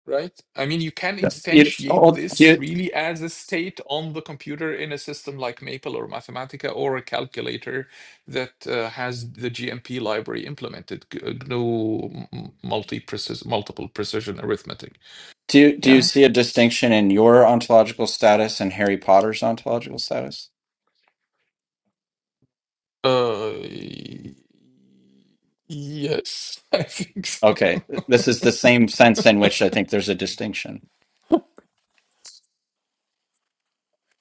[SPEAKER 2] right? I mean, you can
[SPEAKER 1] You-
[SPEAKER 2] instantiate
[SPEAKER 1] oh, do
[SPEAKER 2] this
[SPEAKER 1] you,
[SPEAKER 2] really as a state on the computer in a system like Maple or Mathematica or a calculator that uh, has the GMP library implemented, G- uh, GNU m- multi precision, multiple precision arithmetic.
[SPEAKER 1] do you, do you
[SPEAKER 2] Yeah.
[SPEAKER 1] see a distinction in your ontological status and Harry Potter's ontological status?
[SPEAKER 2] Uh, y- yes, *laughs* I think so.
[SPEAKER 1] Okay, this is the same sense in which I think there's a distinction.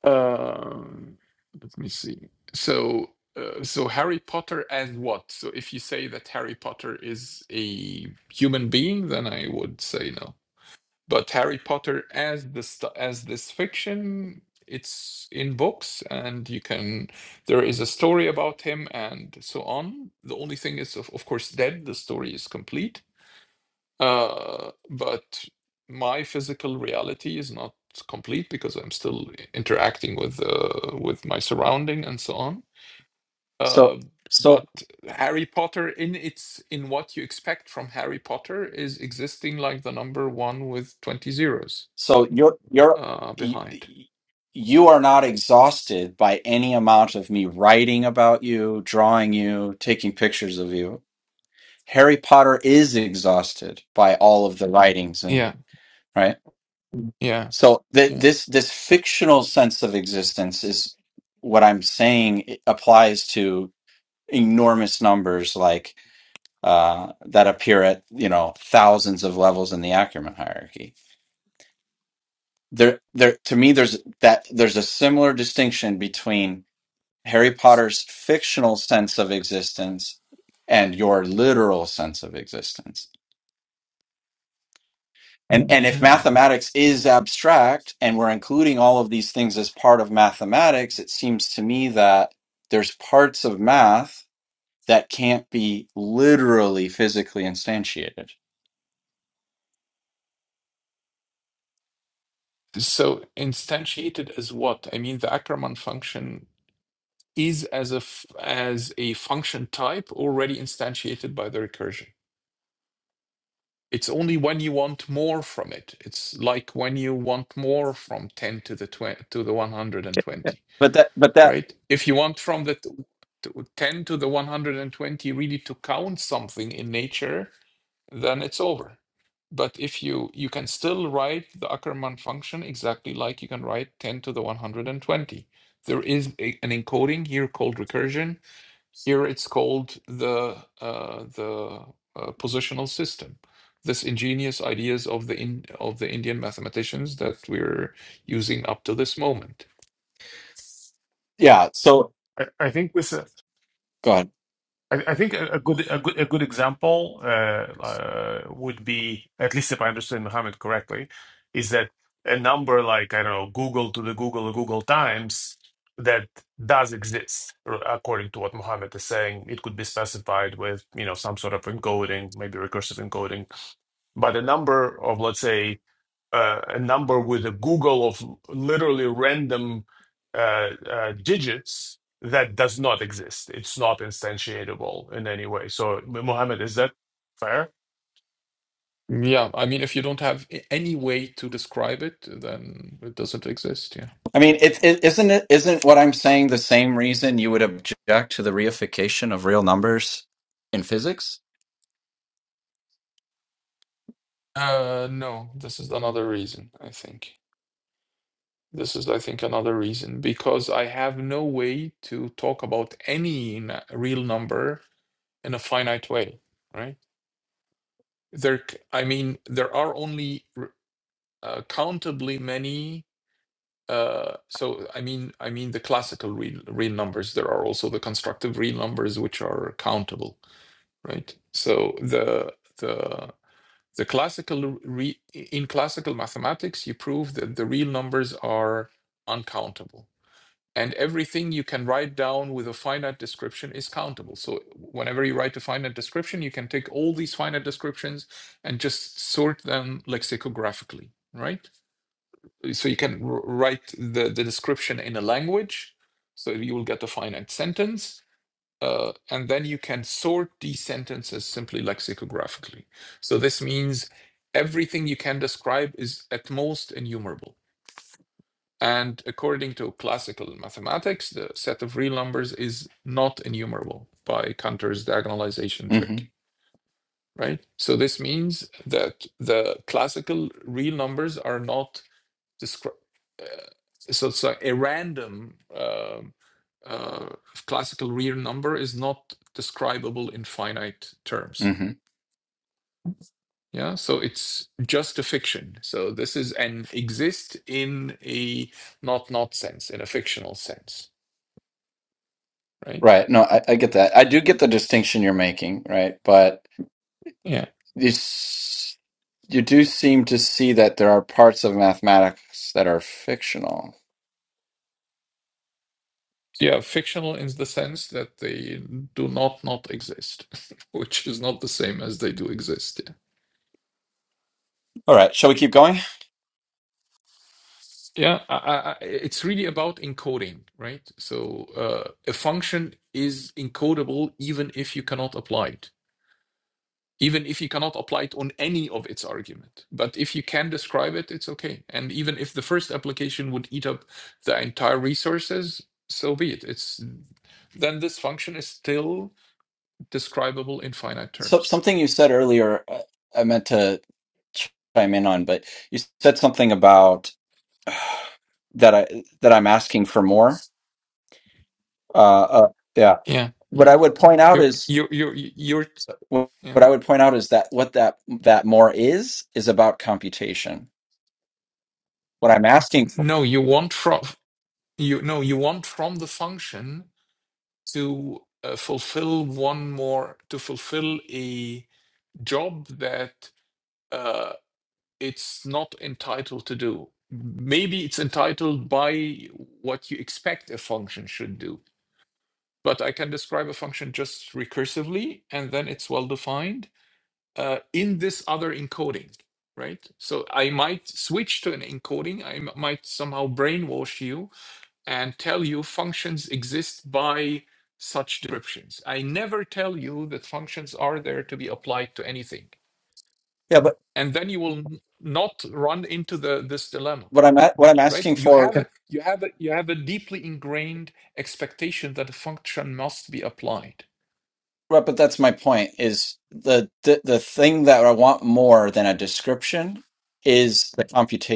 [SPEAKER 2] Um, let me see. So, uh, so Harry Potter as what? So, if you say that Harry Potter is a human being, then I would say no. But Harry Potter as the st- as this fiction, it's in books, and you can there is a story about him and so on. The only thing is, of, of course, dead. The story is complete uh, but my physical reality is not complete because I'm still interacting with uh, with my surrounding and so on. Uh,
[SPEAKER 1] So, so,
[SPEAKER 2] but Harry Potter, in its in what you expect from Harry Potter, is existing like the number one with twenty zeros
[SPEAKER 1] so you're you're
[SPEAKER 2] uh,
[SPEAKER 1] you,
[SPEAKER 2] behind.
[SPEAKER 1] you are not exhausted by any amount of me writing about you, drawing you, taking pictures of you. Harry Potter is exhausted by all of the writings and
[SPEAKER 2] Yeah,
[SPEAKER 1] right.
[SPEAKER 2] yeah,
[SPEAKER 1] So th-
[SPEAKER 2] yeah.
[SPEAKER 1] this this fictional sense of existence is what I'm saying it applies to enormous numbers like uh, that appear at you know thousands of levels in the Ackerman hierarchy. There, there to me, there's that there's a similar distinction between Harry Potter's fictional sense of existence and your literal sense of existence And and if
[SPEAKER 2] Hmm.
[SPEAKER 1] mathematics is abstract and we're including all of these things as part of mathematics, it seems to me that there's parts of math that can't be literally physically instantiated.
[SPEAKER 2] So instantiated as what? I mean, the Ackermann function is as a f- as a function type already instantiated by the recursion. It's only when you want more from it. It's like when you want more from 10 to the 20, to the
[SPEAKER 4] okay, yeah,
[SPEAKER 2] 120,
[SPEAKER 1] But that but that
[SPEAKER 2] right? If you want from the t- to 10 to the 120 really to count something in nature, then it's over. But if you you can still write the Ackermann function exactly like you can write 10 to the 120. There is a, an encoding here called recursion here it's called the uh, the uh, positional system. This ingenious ideas of the in, of the Indian mathematicians that we're using up to this moment.
[SPEAKER 1] yeah, so
[SPEAKER 3] I, I think with.
[SPEAKER 1] go ahead.
[SPEAKER 3] I I think a a good a good a good example uh, uh, would be, at least if I understand Mohammed correctly, is that a number like, I don't know, Google to the Google, Google Times, that does exist, r- according to what Mohammed is saying. It could be specified with, you know, some sort of encoding, maybe recursive encoding. But a number of, let's say, uh, a number with a Google of literally random uh, uh, digits that does not exist. It's not instantiatable in any way. So, Mohammed, is that fair?
[SPEAKER 2] Yeah, I mean, if you don't have a- any way to describe it, then it doesn't exist. Yeah.
[SPEAKER 1] I mean, it, it, isn't it isn't what I'm saying the same reason you would object to the reification of real numbers in physics?
[SPEAKER 2] Uh, no, this is another reason. I think this is, I think, another reason because I have no way to talk about any n- real number in a finite way, right? there c- i mean there are only uh, countably many uh, so i mean i mean the classical real real numbers there are also the constructive real numbers which are countable right so the the the classical re, in classical mathematics you prove that the real numbers are uncountable and everything you can write down with a finite description is countable so whenever you write a finite description you can take all these finite descriptions and just sort them lexicographically right so you can wr- write the, the description in a language so you will get a finite sentence uh, and then you can sort these sentences simply lexicographically so this means everything you can describe is at most enumerable and according to classical mathematics the set of real numbers is not enumerable by cantor's diagonalization
[SPEAKER 1] hmm
[SPEAKER 2] trick right so this means that the classical real numbers are not describe. Uh, so it's like a random um uh, classical real number is not describable in finite terms.
[SPEAKER 1] hmm
[SPEAKER 2] Yeah, so it's just a fiction. So this is an exist in a not not sense, in a fictional sense, right?
[SPEAKER 1] Right. No, I, I get that. I do get the distinction you're making, right? But
[SPEAKER 2] Yeah.
[SPEAKER 1] You s- you do seem to see that there are parts of mathematics that are fictional.
[SPEAKER 2] Yeah, fictional in the sense that they do not not exist, *laughs* which is not the same as they do exist.
[SPEAKER 1] All right, shall we keep going?
[SPEAKER 2] Yeah, I, I, I- it's really about encoding, right? So uh, a function is encodable even if you cannot apply it, even if you cannot apply it on any of its argument. But if you can describe it, it's okay. And even if the first application would eat up the entire resources, so be it. It's then this function is still describable in finite
[SPEAKER 1] So
[SPEAKER 2] terms.
[SPEAKER 1] something you said earlier, uh, I meant to chime in on, but you said something about *sighs* that I that I'm asking for more. Uh, uh, yeah.
[SPEAKER 2] Yeah,
[SPEAKER 1] What
[SPEAKER 2] y-
[SPEAKER 1] I would point out
[SPEAKER 2] you're
[SPEAKER 1] is
[SPEAKER 2] you're you're you're yeah.
[SPEAKER 1] what I would point out is that what that that more is is about computation. What I'm asking for,
[SPEAKER 2] No, you want from you no you want from the function to uh, fulfill one more to fulfill a job that uh, it's not entitled to do. Maybe it's entitled by what you expect a function should do. But I can describe a function just recursively, and then it's well defined uh, in this other encoding, right? So I might switch to an encoding. I m- might somehow brainwash you and tell you functions exist by such descriptions. I never tell you that functions are there to be applied to anything.
[SPEAKER 1] yeah, but
[SPEAKER 2] And then you will n- not run into the this dilemma,
[SPEAKER 1] what I'm at, what I'm
[SPEAKER 2] right?
[SPEAKER 1] asking
[SPEAKER 2] You
[SPEAKER 1] for
[SPEAKER 2] have
[SPEAKER 4] yeah.
[SPEAKER 2] a- you have a, you have a deeply ingrained expectation that a function must be applied.
[SPEAKER 1] Right, but that's my point is the, the the thing that I want more than a description is the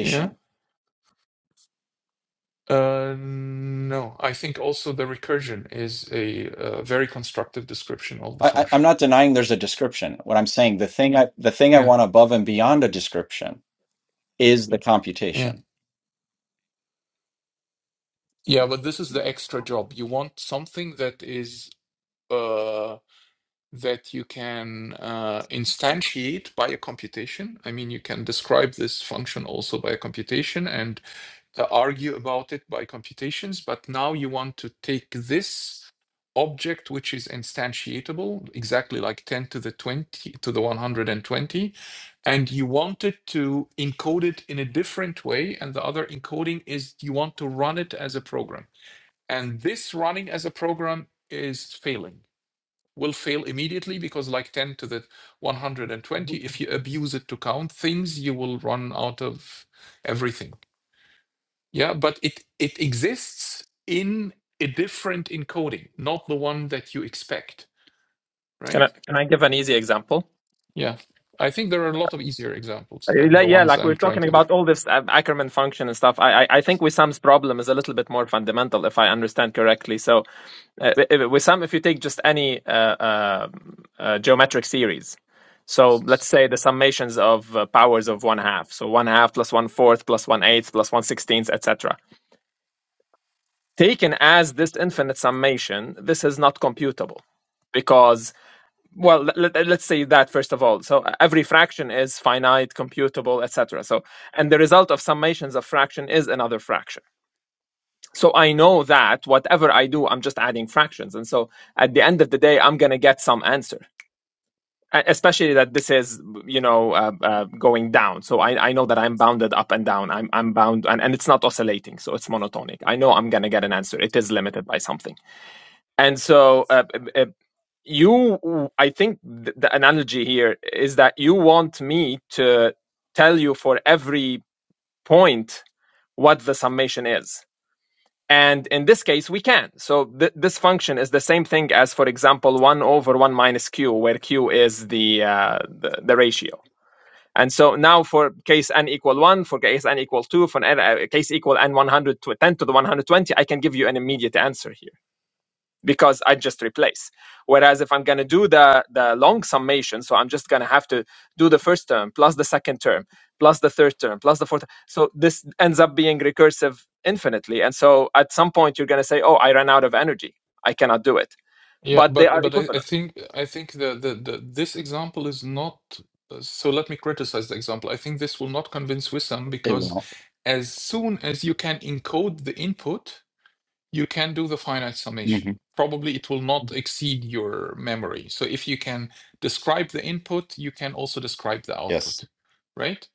[SPEAKER 2] Yeah. Uh, no, I think also the recursion is a, uh very constructive description of the
[SPEAKER 1] I, I, I'm
[SPEAKER 2] function.
[SPEAKER 1] not denying there's a description. What I'm saying, the thing I the thing I
[SPEAKER 2] Yeah.
[SPEAKER 1] want above and beyond a description is the
[SPEAKER 2] Yeah.
[SPEAKER 1] computation.
[SPEAKER 2] Yeah, but this is the extra job. You want something that is uh, that you can uh, instantiate by a computation. I mean, you can describe this function also by a computation and uh, argue about it by computations, but now you want to take this object which is instantiatable exactly like 10 to the 20 to the 120 and you want it to encode it in a different way and the other encoding is you want to run it as a program and this running as a program is failing will fail immediately because like 10 to the 120 if you abuse it to count things you will run out of everything yeah but it it exists in a different encoding not the one that you expect
[SPEAKER 4] Can I
[SPEAKER 2] right
[SPEAKER 4] can I give an easy example?
[SPEAKER 2] yeah i think there are a lot of easier examples
[SPEAKER 4] Uh,
[SPEAKER 2] than the
[SPEAKER 4] like- Yeah,
[SPEAKER 2] ones
[SPEAKER 4] like we we're
[SPEAKER 2] i'm trying
[SPEAKER 4] talking
[SPEAKER 2] to give
[SPEAKER 4] about all this uh, Ackermann function and stuff. I, I, I think Wissam's problem is a little bit more fundamental, if I understand correctly. So, uh, if- Wissam, if you take just any uh, uh, uh, geometric series, so let's say the summations of uh, powers of one half, so one half plus one fourth plus one eighth plus one sixteenth, etc. Taken as this infinite summation, this is not computable because well let, let- let's say that first of all so every fraction is finite computable etc so and the result of summations of fraction is another fraction so i know that whatever i do i'm just adding fractions and so at the end of the day i'm going to get some answer E- especially that this is you know uh, uh, going down so I, I know that i'm bounded up and down i'm, I'm bound and, and it's not oscillating so it's monotonic i know i'm going to get an answer it is limited by something and so uh, uh, you w- i think th- the analogy here is that you want me to tell you for every point what the summation is and in this case we can so th- this function is the same thing as for example 1 over 1 minus q where q is the uh, the, the ratio and so now for case n equal 1 for case n equal 2 for n, uh, case equal n 100 to 10 to the 120 i can give you an immediate answer here because I just replace. Whereas if I'm going to do the, the long summation, so I'm just going to have to do the first term plus the second term plus the third term plus the fourth. So this ends up being recursive infinitely. And so at some point, you're going to say, oh, I ran out of energy. I cannot do it.
[SPEAKER 2] Yeah,
[SPEAKER 4] But they
[SPEAKER 2] but
[SPEAKER 4] are
[SPEAKER 2] but I, I
[SPEAKER 4] equivalent.
[SPEAKER 2] think I think the, the the this example is not uh, so let me criticize the example. I think this will not convince Wissam
[SPEAKER 1] It
[SPEAKER 2] because
[SPEAKER 1] won't.
[SPEAKER 2] as soon as you can encode the input, you can do the finite summation.
[SPEAKER 1] hmm
[SPEAKER 2] Probably it will not exceed your memory. So if you can describe the input, you can also describe the
[SPEAKER 1] Yes.
[SPEAKER 2] output, right?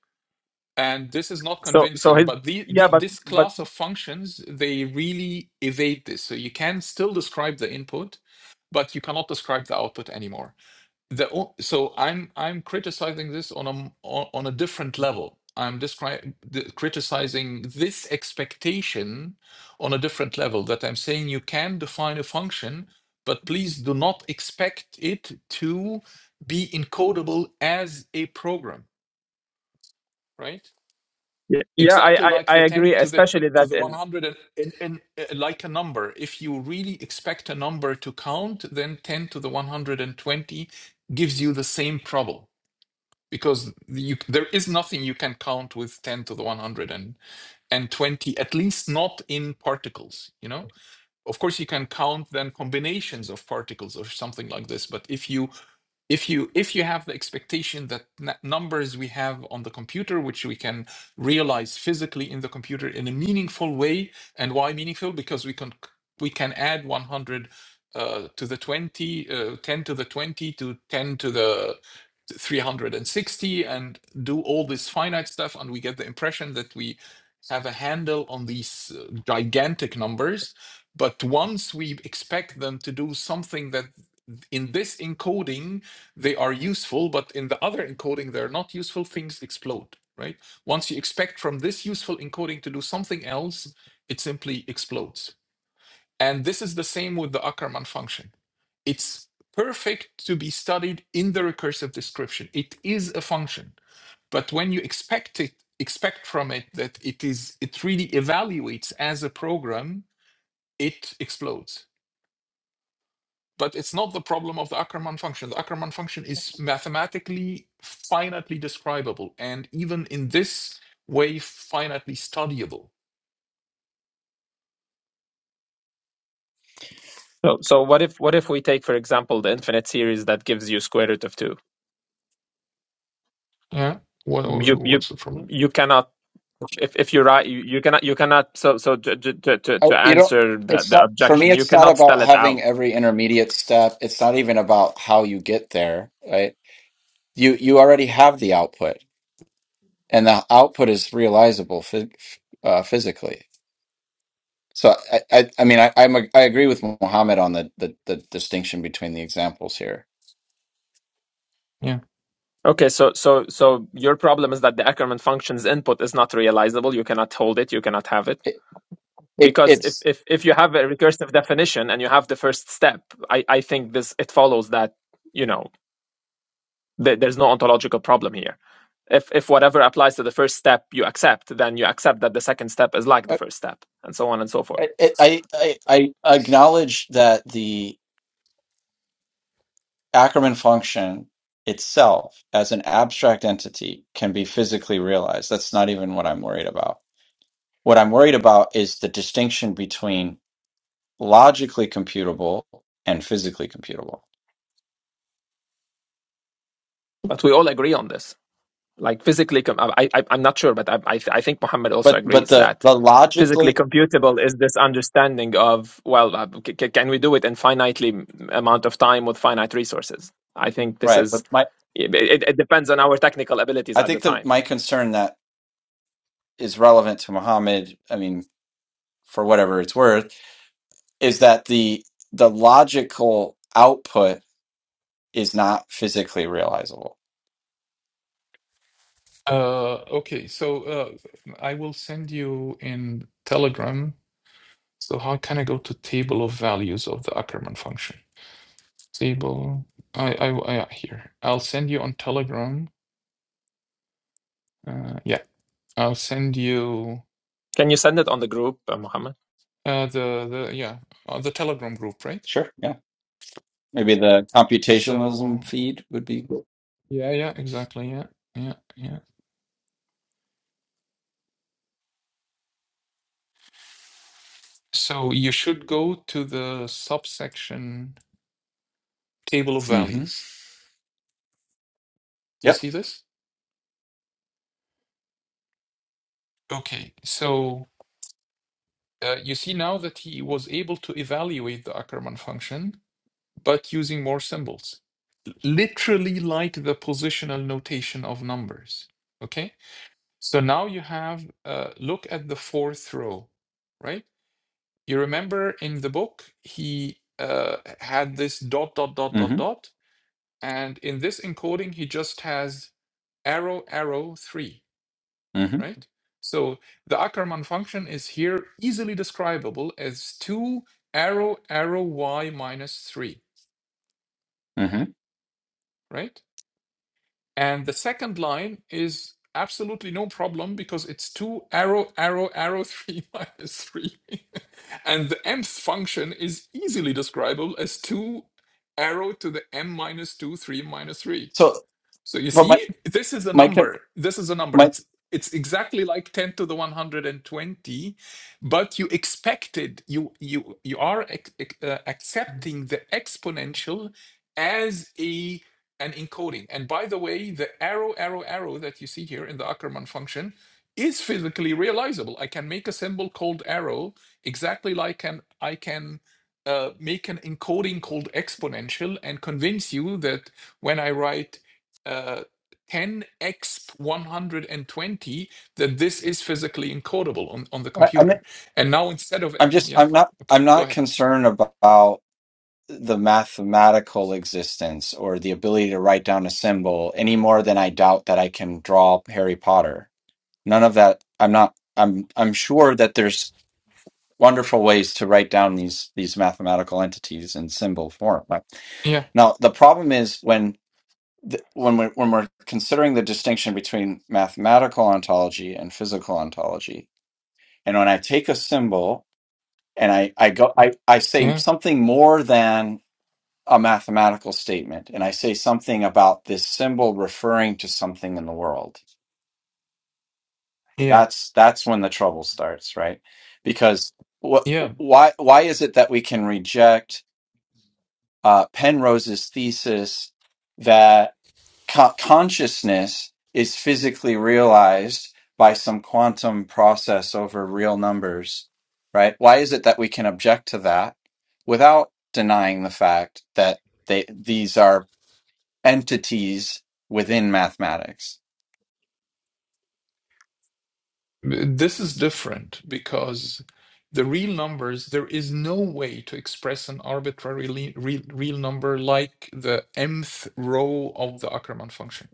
[SPEAKER 2] And this is not
[SPEAKER 4] So, so
[SPEAKER 2] convincing,
[SPEAKER 4] his,
[SPEAKER 2] but the,
[SPEAKER 4] yeah,
[SPEAKER 2] the
[SPEAKER 4] but,
[SPEAKER 2] this
[SPEAKER 4] but
[SPEAKER 2] class of functions, they really evade this. So you can still describe the input but you cannot describe the output anymore. The o- so I'm I'm criticizing this on a m- on, on a different level. I'm describing criticizing this expectation on a different level. That I'm saying you can define a function, but please do not expect it to be encodable as a program, right?
[SPEAKER 4] y- yeah, I,
[SPEAKER 2] exactly
[SPEAKER 4] I,
[SPEAKER 2] like
[SPEAKER 4] I
[SPEAKER 2] the 10
[SPEAKER 4] agree,
[SPEAKER 2] to the
[SPEAKER 4] especially
[SPEAKER 2] to
[SPEAKER 4] that
[SPEAKER 2] the
[SPEAKER 4] in.
[SPEAKER 2] 100 and, and, and uh, like a number if you really expect a number to count then 10 to the 120 gives you the same trouble because you, there is nothing you can count with 10 to the one hundred and and twenty. at least not in particles you know of course you can count then combinations of particles or something like this but if you if you if you have the expectation that n- numbers we have on the computer which we can realize physically in the computer in a meaningful way and why meaningful because we can we can add 100 uh, to the 20 uh, 10 to the 20 to 10 to the 360 and do all this finite stuff and we get the impression that we have a handle on these uh, gigantic numbers but once we expect them to do something that in this encoding they are useful, but in the other encoding, they're not useful, things explode, right? Once you expect from this useful encoding to do something else, it simply explodes. And this is the same with the Ackermann function. It's perfect to be studied in the recursive description. It is a function, but when you expect it, expect from it that it is it really evaluates as a program, it explodes but it's not the problem of the Ackermann function. The Ackermann function is mathematically finitely describable, and even in this way, finitely studyable.
[SPEAKER 4] So, so what if what if we take, for example, the infinite series that gives you square root of two?
[SPEAKER 2] Yeah. What,
[SPEAKER 4] You you
[SPEAKER 2] what's the problem?
[SPEAKER 4] you cannot if if you're right, you, you cannot you cannot so so to to to, to
[SPEAKER 1] I, you know,
[SPEAKER 4] answer the,
[SPEAKER 1] it's
[SPEAKER 4] the
[SPEAKER 1] not for me.
[SPEAKER 4] objection, you
[SPEAKER 1] It's not
[SPEAKER 4] cannot spell
[SPEAKER 1] about
[SPEAKER 4] it
[SPEAKER 1] having
[SPEAKER 4] out.
[SPEAKER 1] every intermediate step. It's not even about how you get there, right? You you already have the output, and the output is realizable phy- uh, physically. So I, I, I mean, I, I'm a, I agree with Mohammed on the, the the distinction between the examples here.
[SPEAKER 2] Yeah.
[SPEAKER 4] Okay, so so so your problem is that the Ackermann function's input is not realizable. You cannot hold it. You cannot have it
[SPEAKER 1] It,
[SPEAKER 4] because if
[SPEAKER 1] it's
[SPEAKER 4] if if you have a recursive definition and you have the first step, I I think this it follows that you know th- there's no ontological problem here. If if whatever applies to the first step you accept, then you accept that the second step is like the
[SPEAKER 1] I,
[SPEAKER 4] first step, and so on and so forth.
[SPEAKER 1] I, I, I acknowledge that the Ackerman function itself, as an abstract entity, can be physically realized. That's not even what I'm worried about. What I'm worried about is the distinction between logically computable and physically computable.
[SPEAKER 4] But we all agree on this. like physically com- I, I i'm not sure but I, I i think muhammad also
[SPEAKER 1] But but
[SPEAKER 4] agrees
[SPEAKER 1] the
[SPEAKER 4] that
[SPEAKER 1] the
[SPEAKER 4] physically
[SPEAKER 1] logically
[SPEAKER 4] computable is this understanding of well uh, c- c- can we do it in finitely m- amount of time with finite resources i think this
[SPEAKER 1] right.
[SPEAKER 4] is
[SPEAKER 1] But my
[SPEAKER 4] it, it it depends on our technical abilities
[SPEAKER 1] I
[SPEAKER 4] at the
[SPEAKER 1] think the
[SPEAKER 4] time
[SPEAKER 1] my concern that is relevant to Muhammad. I mean, for whatever it's worth, is that the the logical output is not physically realizable.
[SPEAKER 2] Uh, okay. So uh, I will send you in Telegram. So how can I go to table of values of the Ackermann function? Table. I I, I here. I'll send you on Telegram. Uh, yeah. I'll send you
[SPEAKER 4] Can you send it on the group, uh, Mohammed?
[SPEAKER 2] uh, the the yeah uh, the Telegram group, right?
[SPEAKER 1] Sure. Yeah. Maybe the computationalism
[SPEAKER 2] So,
[SPEAKER 1] feed would be.
[SPEAKER 2] yeah, yeah, exactly. Yeah, yeah, yeah. So you should go to the subsection table of
[SPEAKER 1] Mm-hmm.
[SPEAKER 2] values. Do you
[SPEAKER 1] Yep.
[SPEAKER 2] see this? Okay. So uh, you see now that he was able to evaluate the Ackermann function, but using more symbols, literally like the positional notation of numbers. Okay. So now you have uh, look at the fourth row, right? You remember in the book, he uh, had this dot, dot, dot, dot,
[SPEAKER 1] Mm-hmm.
[SPEAKER 2] dot And in this encoding, he just has arrow, arrow, three,
[SPEAKER 1] Mm-hmm.
[SPEAKER 2] right? So the Ackermann function is here easily describable as two arrow, arrow, y minus three,
[SPEAKER 1] Mm-hmm.
[SPEAKER 2] right? And the second line is absolutely no problem because it's two arrow, arrow, arrow, three *laughs* minus three. *laughs* and the mth function is easily describable as two arrow to the m minus two, three minus three
[SPEAKER 1] So,
[SPEAKER 2] So you
[SPEAKER 1] but my
[SPEAKER 2] see, this is a
[SPEAKER 1] my co-
[SPEAKER 2] number. This is a number.
[SPEAKER 1] my
[SPEAKER 2] It's it's exactly like 10 to the 120, but you expected you you you are ex- ex- uh, accepting the exponential as a an encoding. And by the way, the arrow arrow arrow that you see here in the Ackermann function is physically realizable. I can make a symbol called arrow exactly like an I can uh, make an encoding called exponential and convince you that when I write uh, 10x 120 that this is physically encodable on, on the
[SPEAKER 1] I, I mean,
[SPEAKER 2] computer. And now instead of
[SPEAKER 1] I'm
[SPEAKER 2] it,
[SPEAKER 1] just
[SPEAKER 2] yeah,
[SPEAKER 1] I'm not I'm
[SPEAKER 2] okay, go
[SPEAKER 1] not
[SPEAKER 2] ahead.
[SPEAKER 1] concerned about. the mathematical existence or the ability to write down a symbol any more than I doubt that I can draw Harry Potter. None of that. I'm not. I'm. I'm sure that there's wonderful ways to write down these these mathematical entities in symbol form. Right?
[SPEAKER 2] Yeah,
[SPEAKER 1] Now, the problem is when the, when we're, when we're considering the distinction between mathematical ontology and physical ontology, and when I take a symbol and I I go I I say
[SPEAKER 2] yeah,
[SPEAKER 1] something more than a mathematical statement and I say something about this symbol referring to something in the world,
[SPEAKER 2] yeah,
[SPEAKER 1] that's that's when the trouble starts, right? Because wh-
[SPEAKER 2] yeah.
[SPEAKER 1] why why is it that we can reject uh, Penrose's thesis that co- consciousness is physically realized by some quantum process over real numbers, right? Why is it that we can object to that without denying the fact that they these are entities within mathematics.
[SPEAKER 2] This is different because the real numbers there is no way to express an arbitrary le- real, real number like the mth row of the Ackermann function.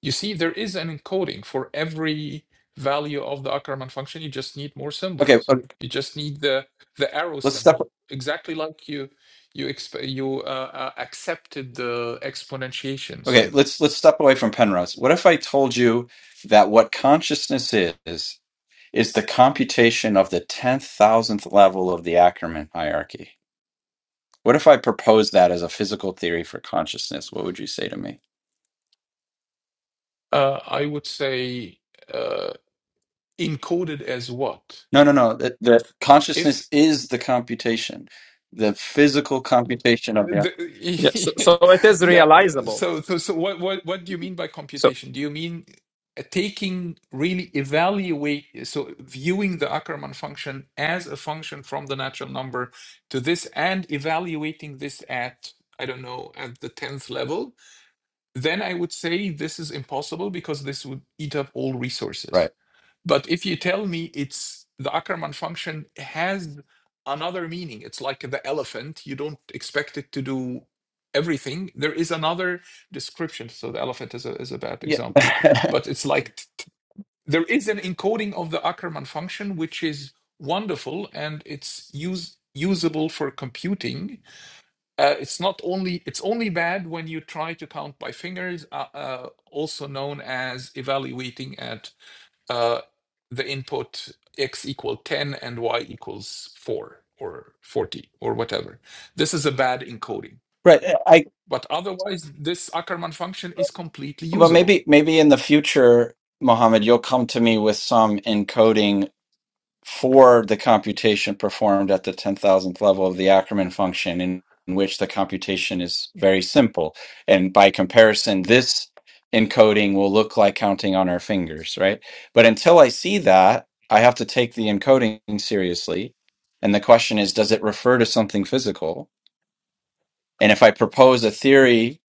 [SPEAKER 2] You see, there is an encoding for every value of the Ackermann function. You just need more
[SPEAKER 1] Okay,
[SPEAKER 2] symbols.
[SPEAKER 1] okay,
[SPEAKER 2] You just need the the arrow
[SPEAKER 1] let's step
[SPEAKER 2] symbol, exactly like you you exp- you uh, uh, accepted the exponentiation
[SPEAKER 1] okay,
[SPEAKER 2] symbol.
[SPEAKER 1] let's let's step away from Penrose. What if I told you that what consciousness is is the computation of the 10,000th level of the Ackermann hierarchy? What if I proposed that as a physical theory for consciousness? What would you say to me?
[SPEAKER 2] Uh, I would say uh, encoded as what?
[SPEAKER 1] No, no, no. The, the
[SPEAKER 2] If
[SPEAKER 1] consciousness is the computation, the physical computation of the.
[SPEAKER 4] Yeah. So, so
[SPEAKER 2] The-
[SPEAKER 4] it
[SPEAKER 2] *laughs*
[SPEAKER 4] is
[SPEAKER 2] yeah.
[SPEAKER 4] realizable.
[SPEAKER 2] So, so, so what, what, what do you mean by
[SPEAKER 4] So,
[SPEAKER 2] computation? Do you mean uh, taking, really evaluate, so viewing the Ackermann function as a function from the natural number to this and evaluating this at, I don't know, at the 10th level? Then I would say this is impossible because this would eat up all resources.
[SPEAKER 1] Right.
[SPEAKER 2] But if you tell me it's the Ackermann function has another meaning, it's like the elephant, you don't expect it to do everything. There is another description. So the elephant is a, is a bad
[SPEAKER 1] Yeah.
[SPEAKER 2] example,
[SPEAKER 1] *laughs*
[SPEAKER 2] but it's like t- there is an encoding of the Ackermann function, which is wonderful and it's use, usable for computing. Uh, it's not only, it's only bad when you try to count by fingers, uh, uh, also known as evaluating at uh, the input x equal 10 and y equals 4 or 40 or whatever. This is a bad encoding.
[SPEAKER 1] right. Uh, I.
[SPEAKER 2] But otherwise, this Ackermann function is completely
[SPEAKER 1] Well,
[SPEAKER 2] usable.
[SPEAKER 1] maybe, maybe in the future, Mohammed, you'll come to me with some encoding for the computation performed at the 10,000th level of the Ackermann function, in, in which the computation is very simple. And by comparison, this encoding will look like counting on our fingers, right? But until I see that, I have to take the encoding seriously. And the question is, does it refer to something physical? And if I propose a theory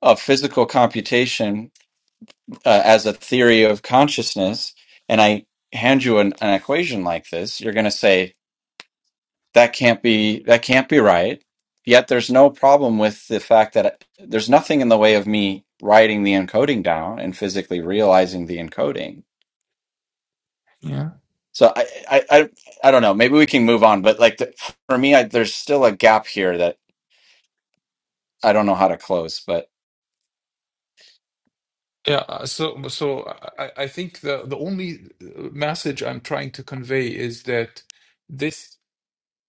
[SPEAKER 1] of physical computation uh, as a theory of consciousness, and I hand you an, an equation like this, you're going to say, that can't be that can't be right yet there's no problem with the fact that there's nothing in the way of me writing the encoding down and physically realizing the encoding
[SPEAKER 2] Yeah.
[SPEAKER 1] so i i i, I don't know maybe we can move on but like the, for me I, there's still a gap here that i don't know how to close but
[SPEAKER 2] Yeah. uh, So, so I, I think the, the only uh, message I'm trying to convey is that this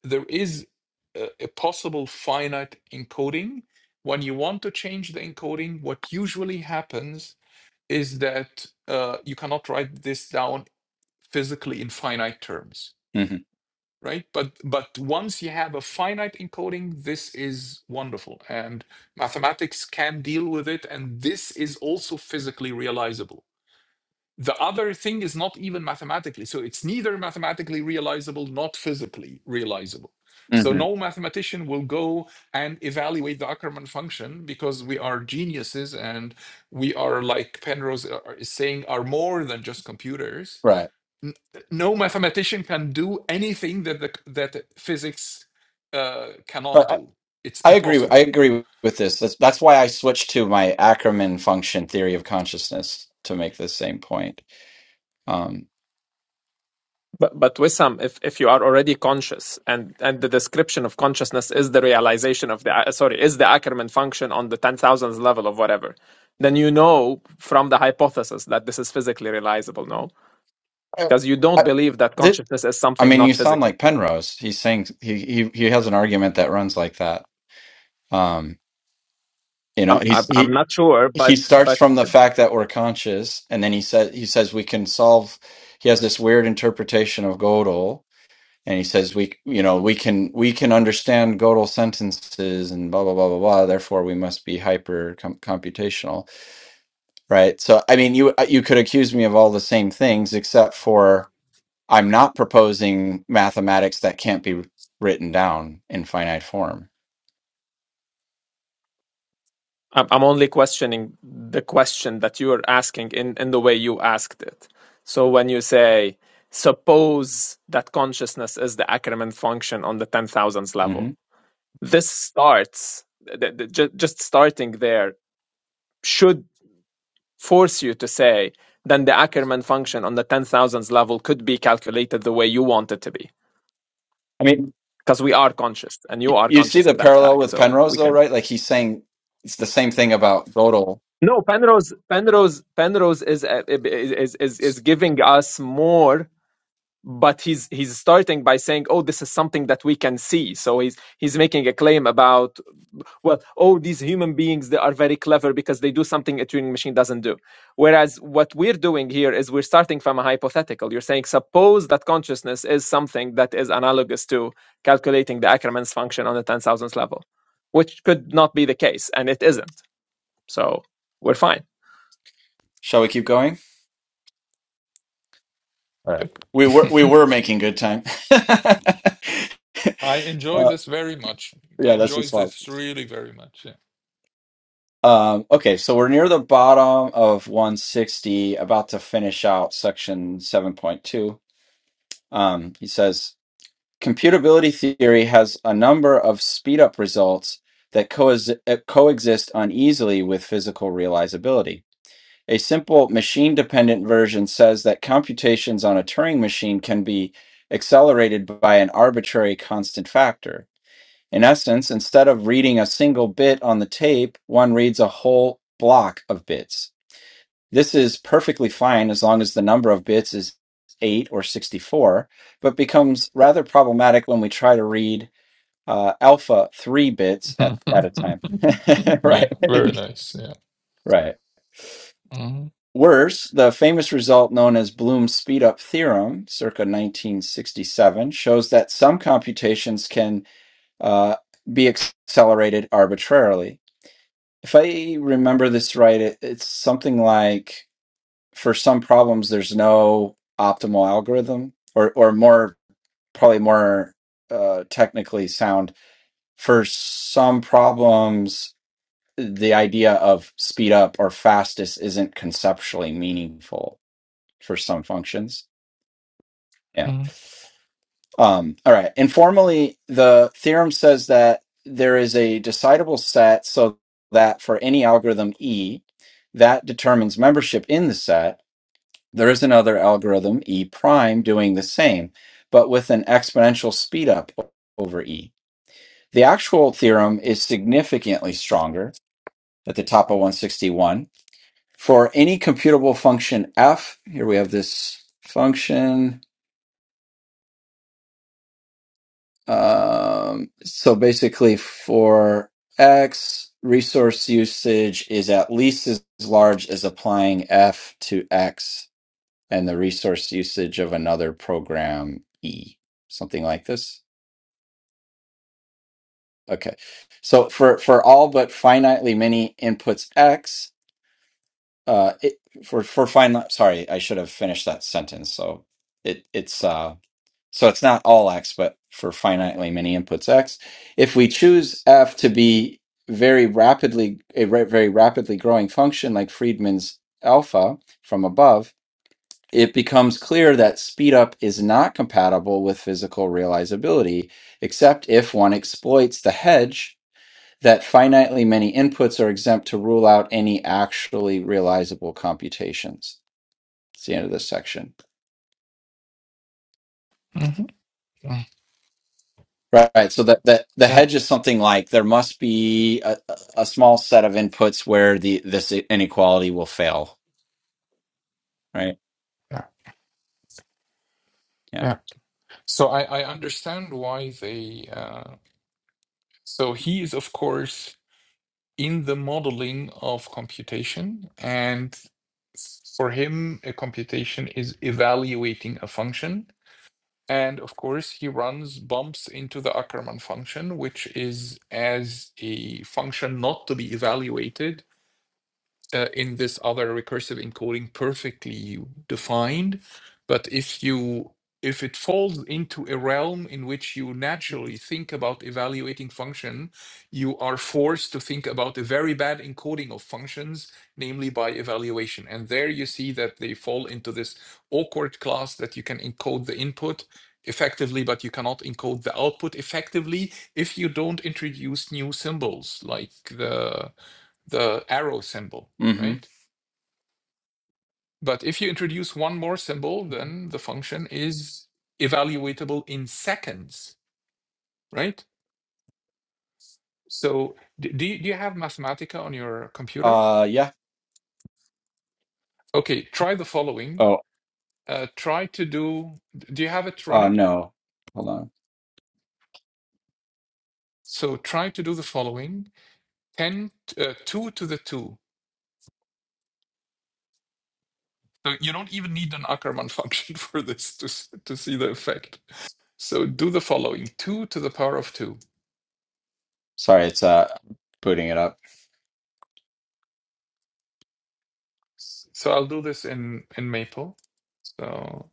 [SPEAKER 2] there is a, a possible finite encoding. When you want to change the encoding, what usually happens is that uh, you cannot write this down physically in finite terms,
[SPEAKER 1] hmm
[SPEAKER 2] right? But but once you have a finite encoding, this is wonderful, and mathematics can deal with it, and this is also physically realizable. The other thing is not even mathematically, so it's neither mathematically realizable, not physically realizable. So
[SPEAKER 1] hmm
[SPEAKER 2] no mathematician will go and evaluate the Ackermann function because we are geniuses and we are like Penrose uh, is saying are more than just computers
[SPEAKER 1] right
[SPEAKER 2] n- no mathematician can do anything that the, that the physics uh, cannot
[SPEAKER 1] but
[SPEAKER 2] do. It's
[SPEAKER 1] I, I agree i
[SPEAKER 2] impossible.
[SPEAKER 1] agree with this that's, that's why i switched to my ackerman function theory of consciousness to make the same point um,
[SPEAKER 4] but but Wissam, if if you are already conscious, and and the description of consciousness is the realization of the uh, sorry is the Ackermann function on the ten thousandth level of whatever, then you know from the hypothesis that this is physically realizable. No,
[SPEAKER 1] I,
[SPEAKER 4] because you
[SPEAKER 1] I,
[SPEAKER 4] don't believe that consciousness is
[SPEAKER 1] I
[SPEAKER 4] something
[SPEAKER 1] mean,
[SPEAKER 4] not
[SPEAKER 1] you sound
[SPEAKER 4] physical.
[SPEAKER 1] like Penrose. He's saying he he he has an argument that runs like that. Um, you know,
[SPEAKER 4] I'm
[SPEAKER 1] he's
[SPEAKER 4] I'm I'm
[SPEAKER 1] he
[SPEAKER 4] not sure,
[SPEAKER 1] he
[SPEAKER 4] but
[SPEAKER 1] starts
[SPEAKER 4] but
[SPEAKER 1] from the fact that we're conscious, and then he says he says we can solve. He has this weird interpretation of Gödel, and he says we you know we can we can understand Gödel sentences and blah blah blah blah blah. Therefore, we must be hyper com- computational, right? So, I mean, you you could accuse me of all the same things except for I'm not proposing mathematics that can't be written down in finite form.
[SPEAKER 4] I'm I'm only questioning the question that you are asking in, in the way you asked it. So when you say, suppose that consciousness is the Ackermann function on the 10,000s level,
[SPEAKER 1] hmm
[SPEAKER 4] this starts, the, the, ju- just starting there should force you to say, then the Ackermann function on the 10,000s level could be calculated the way you want it to be.
[SPEAKER 1] I mean,
[SPEAKER 4] Because we are conscious and you
[SPEAKER 1] y-
[SPEAKER 4] are
[SPEAKER 1] you see
[SPEAKER 4] conscious
[SPEAKER 1] the
[SPEAKER 4] of that
[SPEAKER 1] parallel
[SPEAKER 4] fact.
[SPEAKER 1] with
[SPEAKER 4] So
[SPEAKER 1] Penrose,
[SPEAKER 4] we
[SPEAKER 1] though,
[SPEAKER 4] can.
[SPEAKER 1] right? Like he's saying it's the same thing about Gödel.
[SPEAKER 4] No, Penrose, Penrose, Penrose is uh, is is is giving us more, but he's he's starting by saying, "Oh, this is something that we can see." So he's he's making a claim about, well, oh, these human beings they are very clever because they do something a Turing machine doesn't do. Whereas what we're doing here is we're starting from a hypothetical. You're saying, suppose that consciousness is something that is analogous to calculating the Ackermann's function on the ten thousandth level, which could not be the case, and it isn't. So we're fine.
[SPEAKER 1] Shall we keep going? All right.
[SPEAKER 2] Yep.
[SPEAKER 1] We were we
[SPEAKER 2] *laughs*
[SPEAKER 1] were making good time. *laughs*
[SPEAKER 2] I enjoy
[SPEAKER 1] uh,
[SPEAKER 2] this very much. I
[SPEAKER 1] yeah, that's
[SPEAKER 2] enjoy
[SPEAKER 1] just
[SPEAKER 2] this
[SPEAKER 1] fun.
[SPEAKER 2] really very much.
[SPEAKER 1] Um, okay, so we're near the bottom of 160, about to finish out section 7.2. Um, he says computability theory has a number of speed up results that coex- uh, coexist uneasily with physical realizability. A simple machine dependent version says that computations on a Turing machine can be accelerated by an arbitrary constant factor. In essence, instead of reading a single bit on the tape, one reads a whole block of bits. This is perfectly fine as long as the number of bits is 8 or 64, but becomes rather problematic when we try to read uh, alpha 3 bits
[SPEAKER 2] Yeah.
[SPEAKER 1] at,
[SPEAKER 2] *laughs*
[SPEAKER 1] at a time. *laughs* right,
[SPEAKER 2] yeah.
[SPEAKER 1] *laughs*
[SPEAKER 2] Very nice. Yeah.
[SPEAKER 1] right.
[SPEAKER 2] Mhm,
[SPEAKER 1] Worse, the famous result known as Bloom's speedup theorem, circa 1967, shows that some computations can uh, be accelerated arbitrarily. if I remember this right, it, it's something like for some problems, there's no optimal algorithm, or or more probably more uh, technically sound. For some problems, the idea of speed up or fastest isn't conceptually meaningful for some functions.
[SPEAKER 2] mhm,
[SPEAKER 1] Um, all right. Informally, the theorem says that there is a decidable set so that for any algorithm E that determines membership in the set, there is another algorithm E prime doing the same, but with an exponential speedup o- over E. The actual theorem is significantly stronger at the top of 161. For any computable function f, here we have this function Um, so basically, for X, resource usage is at least as large as applying F to X and the resource usage of another program E, something like this. Okay. So for, for all but finitely many inputs X, uh, it, for, for finite, sorry, I should have finished that sentence. So it, it's, uh, So it's not all x, but for finitely many inputs x. If we choose f to be very rapidly a ra- very rapidly growing function like Friedman's alpha from above, it becomes clear that speed up is not compatible with physical realizability, except if one exploits the hedge that finitely many inputs are exempt to rule out any actually realizable computations. It's the end of this section.
[SPEAKER 2] mhm, mhm.
[SPEAKER 1] Right. right. So the, the, the
[SPEAKER 2] Yeah.
[SPEAKER 1] hedge is something like there must be a, a a small set of inputs where the this inequality will fail. Right.
[SPEAKER 2] Yeah.
[SPEAKER 1] Yeah.
[SPEAKER 2] Yeah. So I, I understand why they. Uh, so he is of course in the modeling of computation. And for him, a computation is evaluating a function. And of course, he runs bumps into the Ackermann function, which is as a function not to be evaluated, uh, in this other recursive encoding perfectly defined. But if you if it falls into a realm in which you naturally think about evaluating function, you are forced to think about a very bad encoding of functions, namely by evaluation. And there you see that they fall into this awkward class that you can encode the input effectively, but you cannot encode the output effectively if you don't introduce new symbols like the the arrow symbol
[SPEAKER 1] Mm-hmm.
[SPEAKER 2] right? But if you introduce one more symbol, then the function is evaluatable in seconds, right? So do do you have Mathematica on your computer?
[SPEAKER 1] Uh yeah.
[SPEAKER 2] Okay, try the following.
[SPEAKER 1] Oh
[SPEAKER 2] Uh, try to do, do you have it
[SPEAKER 1] uh
[SPEAKER 2] running?
[SPEAKER 1] no. Hold on.
[SPEAKER 2] So try to do the following 10, uh, 2 to the 2. So you don't even need an Ackermann function *laughs* for this to, s- to see the effect. So do the following 2 to the power of 2.
[SPEAKER 1] Sorry, it's uh booting it up.
[SPEAKER 2] So I'll do this in, in Maple. So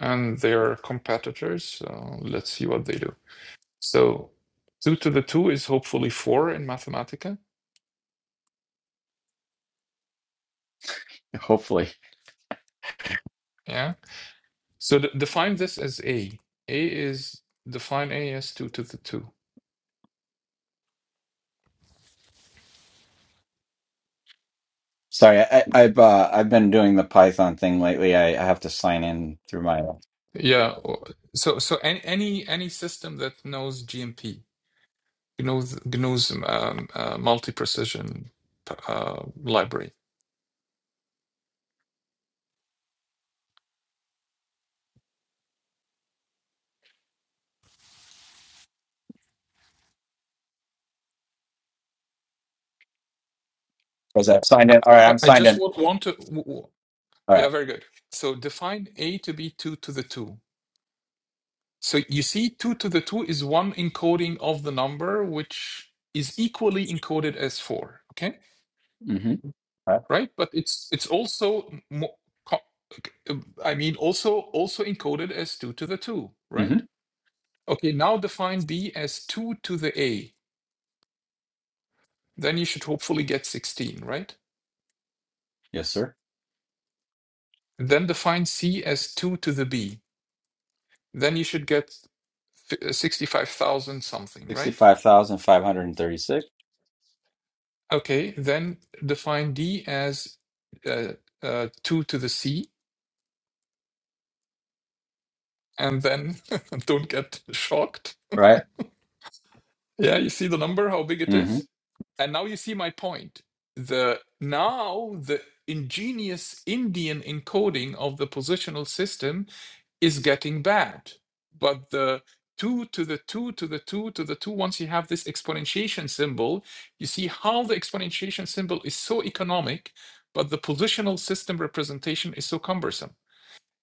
[SPEAKER 2] and they are competitors. So let's see what they do. So two to the two is hopefully four in Mathematica.
[SPEAKER 1] Hopefully.
[SPEAKER 2] Yeah. So d- define this as a. A is define a as two to the two.
[SPEAKER 1] Sorry, I, I- I've uh, I've been doing the Python thing lately. I, I have to sign in through my
[SPEAKER 2] Yeah. o- So so any any any system that knows GMP knows knows um, uh, multi precision uh, library.
[SPEAKER 1] was I signed in? All right,
[SPEAKER 2] I,
[SPEAKER 1] I'm
[SPEAKER 2] I
[SPEAKER 1] signed
[SPEAKER 2] just
[SPEAKER 1] in.
[SPEAKER 2] want want to. w- w-
[SPEAKER 1] All
[SPEAKER 2] Yeah,
[SPEAKER 1] right.
[SPEAKER 2] very good. So define a to be two to the two So you see, 2 to the 2 is one encoding of the number, which is equally encoded as 4, okay?
[SPEAKER 1] Mm-hmm. All right.
[SPEAKER 2] Right? But it's it's also mo- I mean also also encoded as 2 to the 2,
[SPEAKER 1] Mm-hmm.
[SPEAKER 2] right? Okay, now define B as 2 to the A. Then you should hopefully get 16, right?
[SPEAKER 1] Yes, sir.
[SPEAKER 2] And Then define C as 2 to the B. Then you should get 65,000 something,
[SPEAKER 1] Sixty
[SPEAKER 2] right?
[SPEAKER 1] five thousand five hundred and thirty six.
[SPEAKER 2] Okay, then define D as uh, uh, 2 to the C, and then *laughs* don't get shocked.
[SPEAKER 1] Right.
[SPEAKER 2] Yeah, you see the number, how big it
[SPEAKER 1] Mm-hmm.
[SPEAKER 2] is? And now you see my point. The now the ingenious Indian encoding of the positional system is getting bad. But the 2 to the 2 to the 2 to the 2, once you have this exponentiation symbol, you see how the exponentiation symbol is so economic, but the positional system representation is so cumbersome.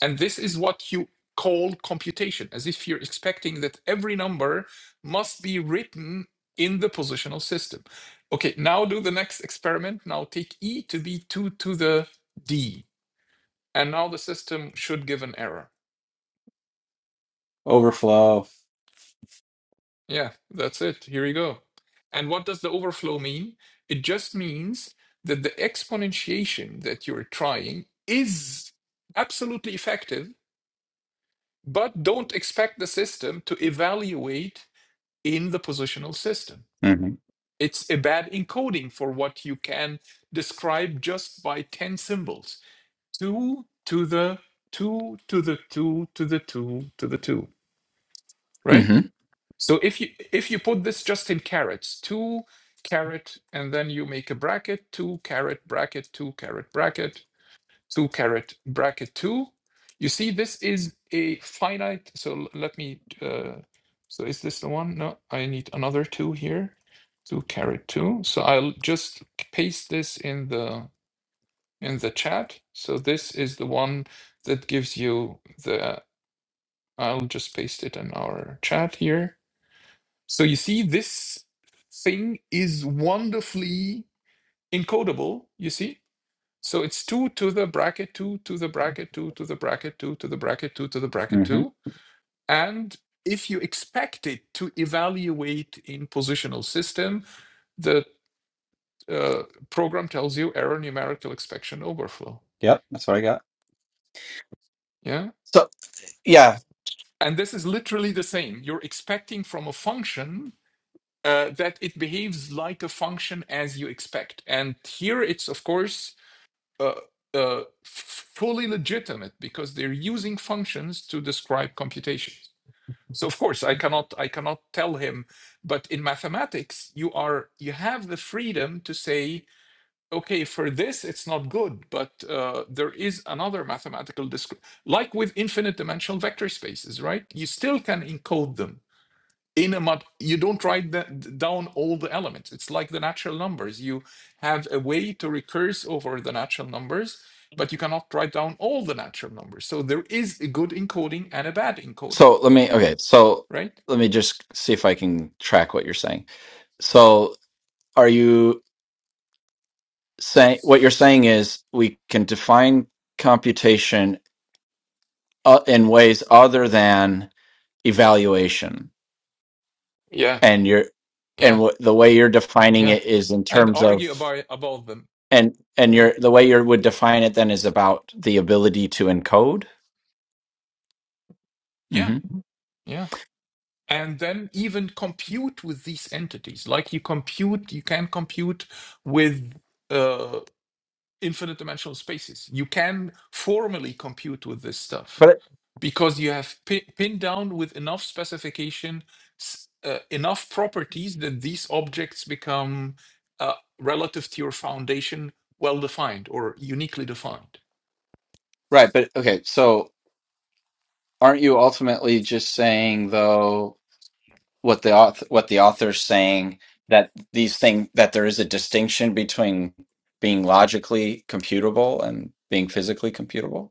[SPEAKER 2] And this is what you call computation, as if you're expecting that every number must be written in the positional system. Okay, now do the next experiment. Now take e to be 2 to the d. And now the system should give an error.
[SPEAKER 1] Overflow.
[SPEAKER 2] Yeah, that's it. Here we go. And what does the overflow mean? It just means that the exponentiation that you're trying is absolutely effective, but don't expect the system to evaluate in the positional system.
[SPEAKER 1] Mm-hmm.
[SPEAKER 2] It's a bad encoding for what you can describe just by 10 symbols. Two to the two to the two to the two to the two, right?
[SPEAKER 1] hmm
[SPEAKER 2] So if you if you put this just in carrots, two carrot, and then you make a bracket, two carrot bracket, two carrot bracket, two carrot bracket two. You see, this is a finite. So l- let me. Uh, so is this the one? No, I need another two here. Two carrot two. So I'll just paste this in the in the chat. So this is the one that gives you the. I'll just paste it in our chat here so you see, this thing is wonderfully encodable, you see? So it's 2 to the bracket 2 to the bracket 2 to the bracket 2 to the bracket 2 to the bracket
[SPEAKER 1] hmm
[SPEAKER 2] 2. And if you expect it to evaluate in positional system, the uh, program tells you error numerical expection overflow.
[SPEAKER 1] Yep, that's what I got.
[SPEAKER 2] Yeah.
[SPEAKER 1] So yeah,
[SPEAKER 2] And this is literally the same. You're expecting from a function uh, that it behaves like a function as you expect. And here it's, of course, uh, uh, fully legitimate because they're using functions to describe computations. So of course I cannot I cannot tell him, but in mathematics you are you have the freedom to say okay for this it's not good, but uh, there is another mathematical description like with infinite dimensional vector spaces, right? You still can encode them in a mat you don't write that down all the elements it's like the natural numbers you have a way to recurse over the natural numbers but you cannot write down all the natural numbers so there is a good encoding and a bad encoding
[SPEAKER 1] so let me okay, so
[SPEAKER 2] right
[SPEAKER 1] let me just see if I can track what you're saying. So are you saying what you're saying is we can define computation uh, in ways other than evaluation
[SPEAKER 2] yeah
[SPEAKER 1] and you're and
[SPEAKER 2] yeah
[SPEAKER 1] w- the way you're defining
[SPEAKER 2] yeah
[SPEAKER 1] it is in
[SPEAKER 2] and
[SPEAKER 1] terms of
[SPEAKER 2] argue about about them
[SPEAKER 1] and and
[SPEAKER 2] yeah
[SPEAKER 1] your the way you would
[SPEAKER 2] yeah
[SPEAKER 1] define it then is about the ability to encode.
[SPEAKER 2] yeah
[SPEAKER 1] hmm
[SPEAKER 2] yeah and then even compute with these entities like you compute you can compute with uh, infinite dimensional spaces. You can formally compute with this stuff
[SPEAKER 1] But
[SPEAKER 2] because you have pi- pinned down with enough specification, s- uh, enough properties that these objects become uh, relative to your foundation well defined or uniquely defined.
[SPEAKER 1] right, but okay, so aren't you ultimately just saying though what the author, what the author's saying that these thing that there is a distinction between being logically computable and being physically computable?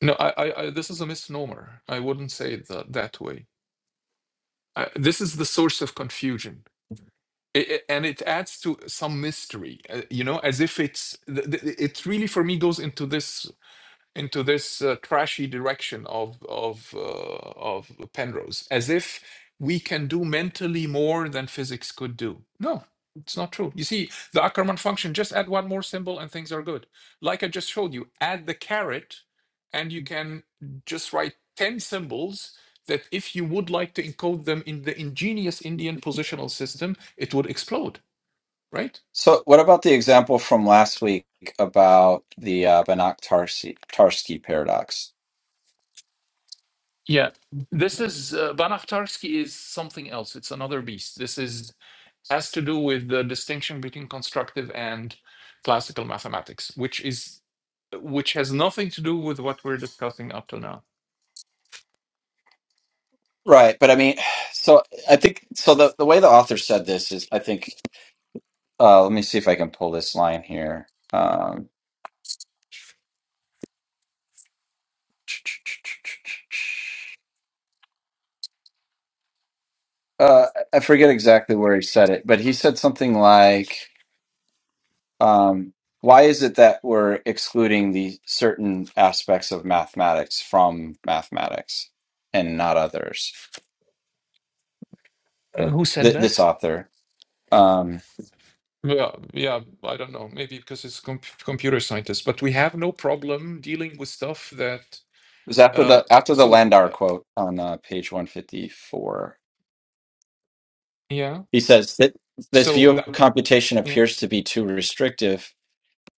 [SPEAKER 2] No, I, I, I, this is a misnomer. I wouldn't say it that, that way. I, this is the source of confusion. I- I- and it adds to some mystery, uh, you know, as if it's th- th- it really for me goes into this into this uh, trashy direction of of uh, of Penrose, as if we can do mentally more than physics could do. No, it's not true. You see, the Ackermann function just add one more symbol and things are good. Like I just showed you, add the caret, and you can just write ten symbols that if you would like to encode them in the ingenious Indian positional system, it would explode, right?
[SPEAKER 1] So what about the example from last week about the uh, Banach-Tarski paradox?
[SPEAKER 2] Yeah. This is uh, tarski is something else. It's another beast. This is has to do with the distinction between constructive and classical mathematics, which is which has nothing to do with what we're discussing up till now.
[SPEAKER 1] Right, but I mean, *sighs* so I think so. The the way the author said this is, I think. Uh, let me see if I can pull this line here. Um, uh, I forget exactly where he said it, but he said something like. um, why is it that we're excluding the certain aspects of mathematics from mathematics and not others?
[SPEAKER 2] Uh, who said
[SPEAKER 1] Th- this
[SPEAKER 2] that?
[SPEAKER 1] author um, it
[SPEAKER 2] Yeah, yeah, I don't know. Maybe because it's com computer scientist, but we have no problem dealing with stuff that.
[SPEAKER 1] was after
[SPEAKER 2] Uh,
[SPEAKER 1] the after the
[SPEAKER 2] so uh,
[SPEAKER 1] Landauer quote on uh, page one fifty four.
[SPEAKER 2] yeah,
[SPEAKER 1] He says that this
[SPEAKER 2] so
[SPEAKER 1] view
[SPEAKER 2] that
[SPEAKER 1] of computation
[SPEAKER 2] yeah.
[SPEAKER 1] appears to be too restrictive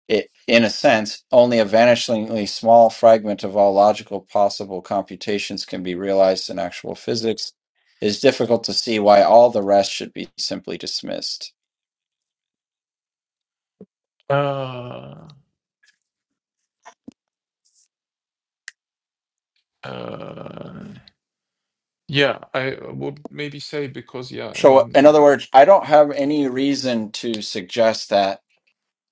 [SPEAKER 1] it, in a sense, only a vanishingly small fragment of all logical possible computations can be realized in actual physics, it is difficult to see why all the rest should be simply dismissed.
[SPEAKER 2] Uh, uh, yeah, I would maybe say because yeah,
[SPEAKER 1] So, in
[SPEAKER 2] in
[SPEAKER 1] other words, I don't have any reason to suggest that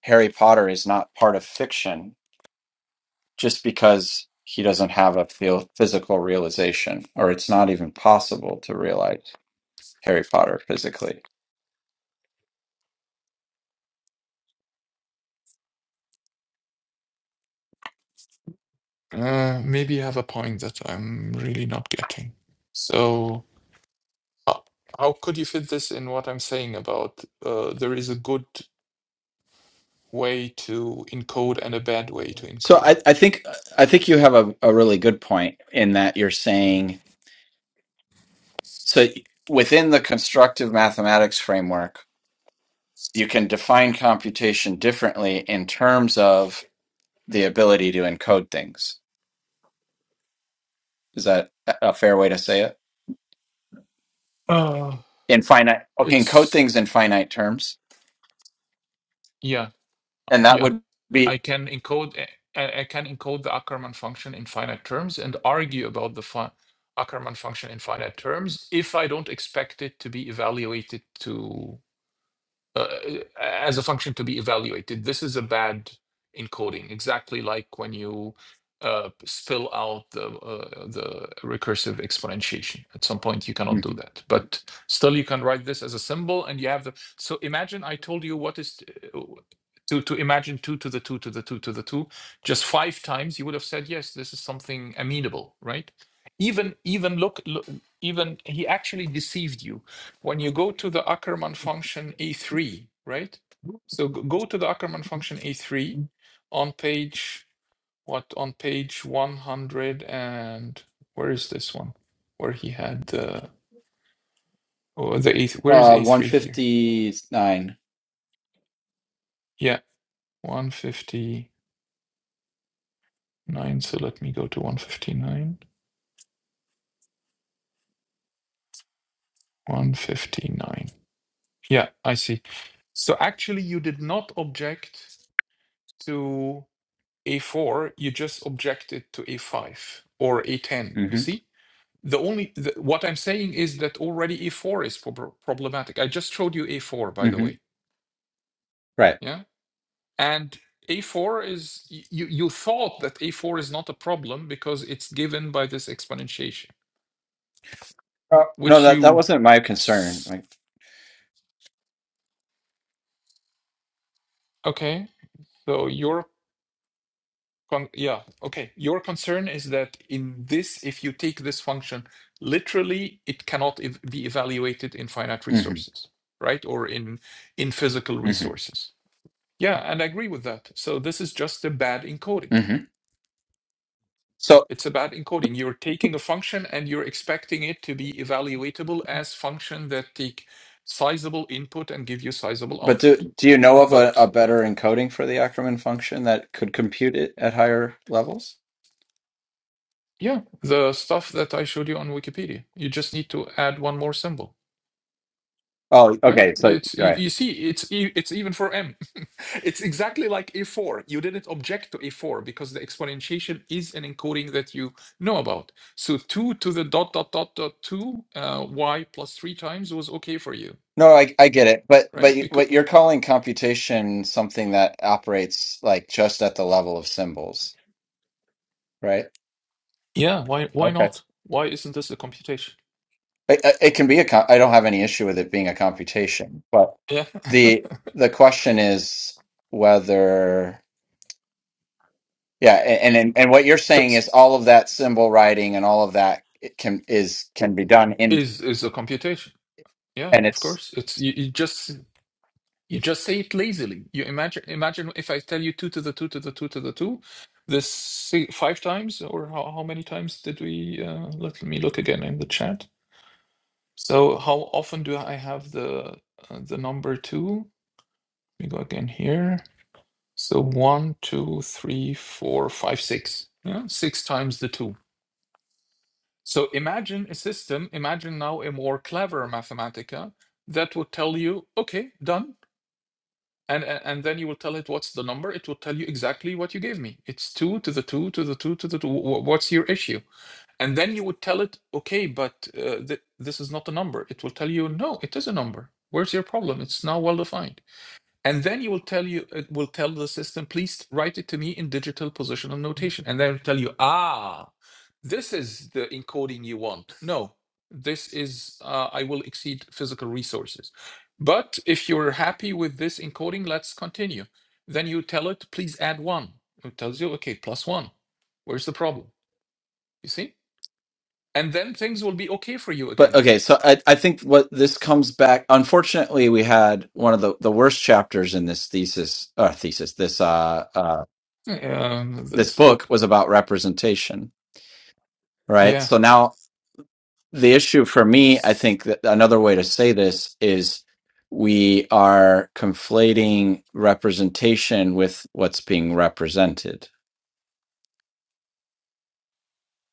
[SPEAKER 1] Harry Potter is not part of fiction just because he doesn't have a feel, physical realization, or it's not even possible to realize Harry Potter physically.
[SPEAKER 2] Uh, maybe you have a point that I'm really not getting. So, how, how could you fit this in what I'm saying about uh, there is a good way to encode and a bad way to
[SPEAKER 1] So
[SPEAKER 2] encode?
[SPEAKER 1] I, I think I think you have a, a really good point in that you're saying so within the constructive mathematics framework, you can define computation differently in terms of the ability to encode things. Is that a a fair way to say it?
[SPEAKER 2] Uh,
[SPEAKER 1] In finite, okay, encode
[SPEAKER 2] it's
[SPEAKER 1] things in finite terms,
[SPEAKER 2] yeah,
[SPEAKER 1] and that
[SPEAKER 2] yeah.
[SPEAKER 1] would be
[SPEAKER 2] I can encode. I, I I can encode the Ackermann function in finite terms and argue about the fi- Ackermann function in finite terms if I don't expect it to be evaluated to uh, as a function to be evaluated. This is a bad encoding, exactly like when you uh, spill out the uh, the recursive exponentiation. At some point, you cannot do
[SPEAKER 1] Mhm.
[SPEAKER 2] that, but still, you can write this as a symbol, and you have the. So imagine I told you what is. to, to imagine 2 to the 2 to the 2 to the 2 just five times you would have said yes this is something amenable right even even look, look even he actually deceived you when you go to the Ackermann function E3, right? So go to the Ackermann function E3 on page what on page 100 and where is this one? Where he had the oh, the A where is
[SPEAKER 1] uh, one
[SPEAKER 2] A3 here?
[SPEAKER 1] nine.
[SPEAKER 2] Yeah, 159. So let me go to 159. 159. Yeah, I see. So actually you did not object to a4, you just objected to a5 or a10. You
[SPEAKER 1] Mm-hmm.
[SPEAKER 2] see? The only the, what I'm saying is that already A4 is prob- problematic. I just showed you A4, by the
[SPEAKER 1] Mm-hmm.
[SPEAKER 2] way.
[SPEAKER 1] Right.
[SPEAKER 2] Yeah, and A4 is y- you you thought that A4 is not a problem because it's given by this exponentiation,
[SPEAKER 1] Uh, no,
[SPEAKER 2] which
[SPEAKER 1] that that
[SPEAKER 2] you
[SPEAKER 1] wasn't my concern.
[SPEAKER 2] s-
[SPEAKER 1] Like,
[SPEAKER 2] okay. So your con- yeah okay. Your concern is that in this, if you take this function literally, it cannot ev- be evaluated in finite
[SPEAKER 1] hmm
[SPEAKER 2] resources, right, or in in physical
[SPEAKER 1] hmm
[SPEAKER 2] resources. Yeah, and I agree with that. So this is just a bad encoding.
[SPEAKER 1] hmm So
[SPEAKER 2] It's a bad encoding. You're taking a function and you're expecting it to be evaluatable as function that take sizable input and give you sizable
[SPEAKER 1] But
[SPEAKER 2] output.
[SPEAKER 1] do do you know of a,
[SPEAKER 2] But
[SPEAKER 1] a
[SPEAKER 2] uh,
[SPEAKER 1] better encoding for the Ackermann function that could compute it at higher levels?
[SPEAKER 2] yeah, the stuff that I showed you on Wikipedia, you just need to add one more symbol.
[SPEAKER 1] Oh,
[SPEAKER 2] right?
[SPEAKER 1] okay. So,
[SPEAKER 2] It's you,
[SPEAKER 1] right.
[SPEAKER 2] you see, it's e- it's even for m. *laughs* it's exactly like a4. You didn't object to a4 because the exponentiation is an encoding that you know about. So two to the dot dot dot dot two uh, y plus three times was okay for you,
[SPEAKER 1] No, I I get it. But
[SPEAKER 2] right?
[SPEAKER 1] but you-
[SPEAKER 2] Because
[SPEAKER 1] what you're calling computation something that operates like just at the level of symbols, right?
[SPEAKER 2] yeah, why why
[SPEAKER 1] Okay.
[SPEAKER 2] not? Why isn't this a computation?
[SPEAKER 1] It, it it can be a co- I don't have any issue with it being a computation, but
[SPEAKER 2] Yeah, *laughs*
[SPEAKER 1] the the question is whether yeah, a- and and, and what you're
[SPEAKER 2] So
[SPEAKER 1] saying
[SPEAKER 2] it's-
[SPEAKER 1] is all of that symbol writing and all of that it can is can be done
[SPEAKER 2] is is a computation. Yeah,
[SPEAKER 1] and
[SPEAKER 2] of
[SPEAKER 1] it's
[SPEAKER 2] course. It's you, you just You just say it lazily. You imagine imagine if I tell you two to the two to the two to the two, this si- five times or how, how many times did we? Uh, let me look again in the chat. So how often do I have the uh, the number two? Let me go again here. So one, two, three, four, five, six. Yeah, six times the two. So imagine a system. Imagine now a more clever Mathematica that would tell you, okay, done. And, and and then you will tell it what's the number. It will tell you exactly what you gave me. It's two to the two to the two to the two. Wh- What's your issue? And then you would tell it, okay, but uh, th- this is not a number. It will tell you, no, it is a number. Where's your problem? It's now well defined and then you will tell you it will tell the system please write it to me in digital positional notation and then it'll tell you ah this is the encoding you want no this is uh, i will exceed physical resources but if you're happy with this encoding let's continue then you tell it please add one it tells you okay plus one where's the problem you see and then things will be okay for you
[SPEAKER 1] But
[SPEAKER 2] again
[SPEAKER 1] okay, so I, I think what this comes back. Unfortunately, we had one of the, the worst chapters in this thesis, uh, thesis, this uh, uh,
[SPEAKER 2] um,
[SPEAKER 1] this
[SPEAKER 2] this
[SPEAKER 1] book
[SPEAKER 2] book
[SPEAKER 1] was about representation, right?
[SPEAKER 2] yeah
[SPEAKER 1] So now the issue for me, I think that another way to say this is we are conflating representation with what's being represented.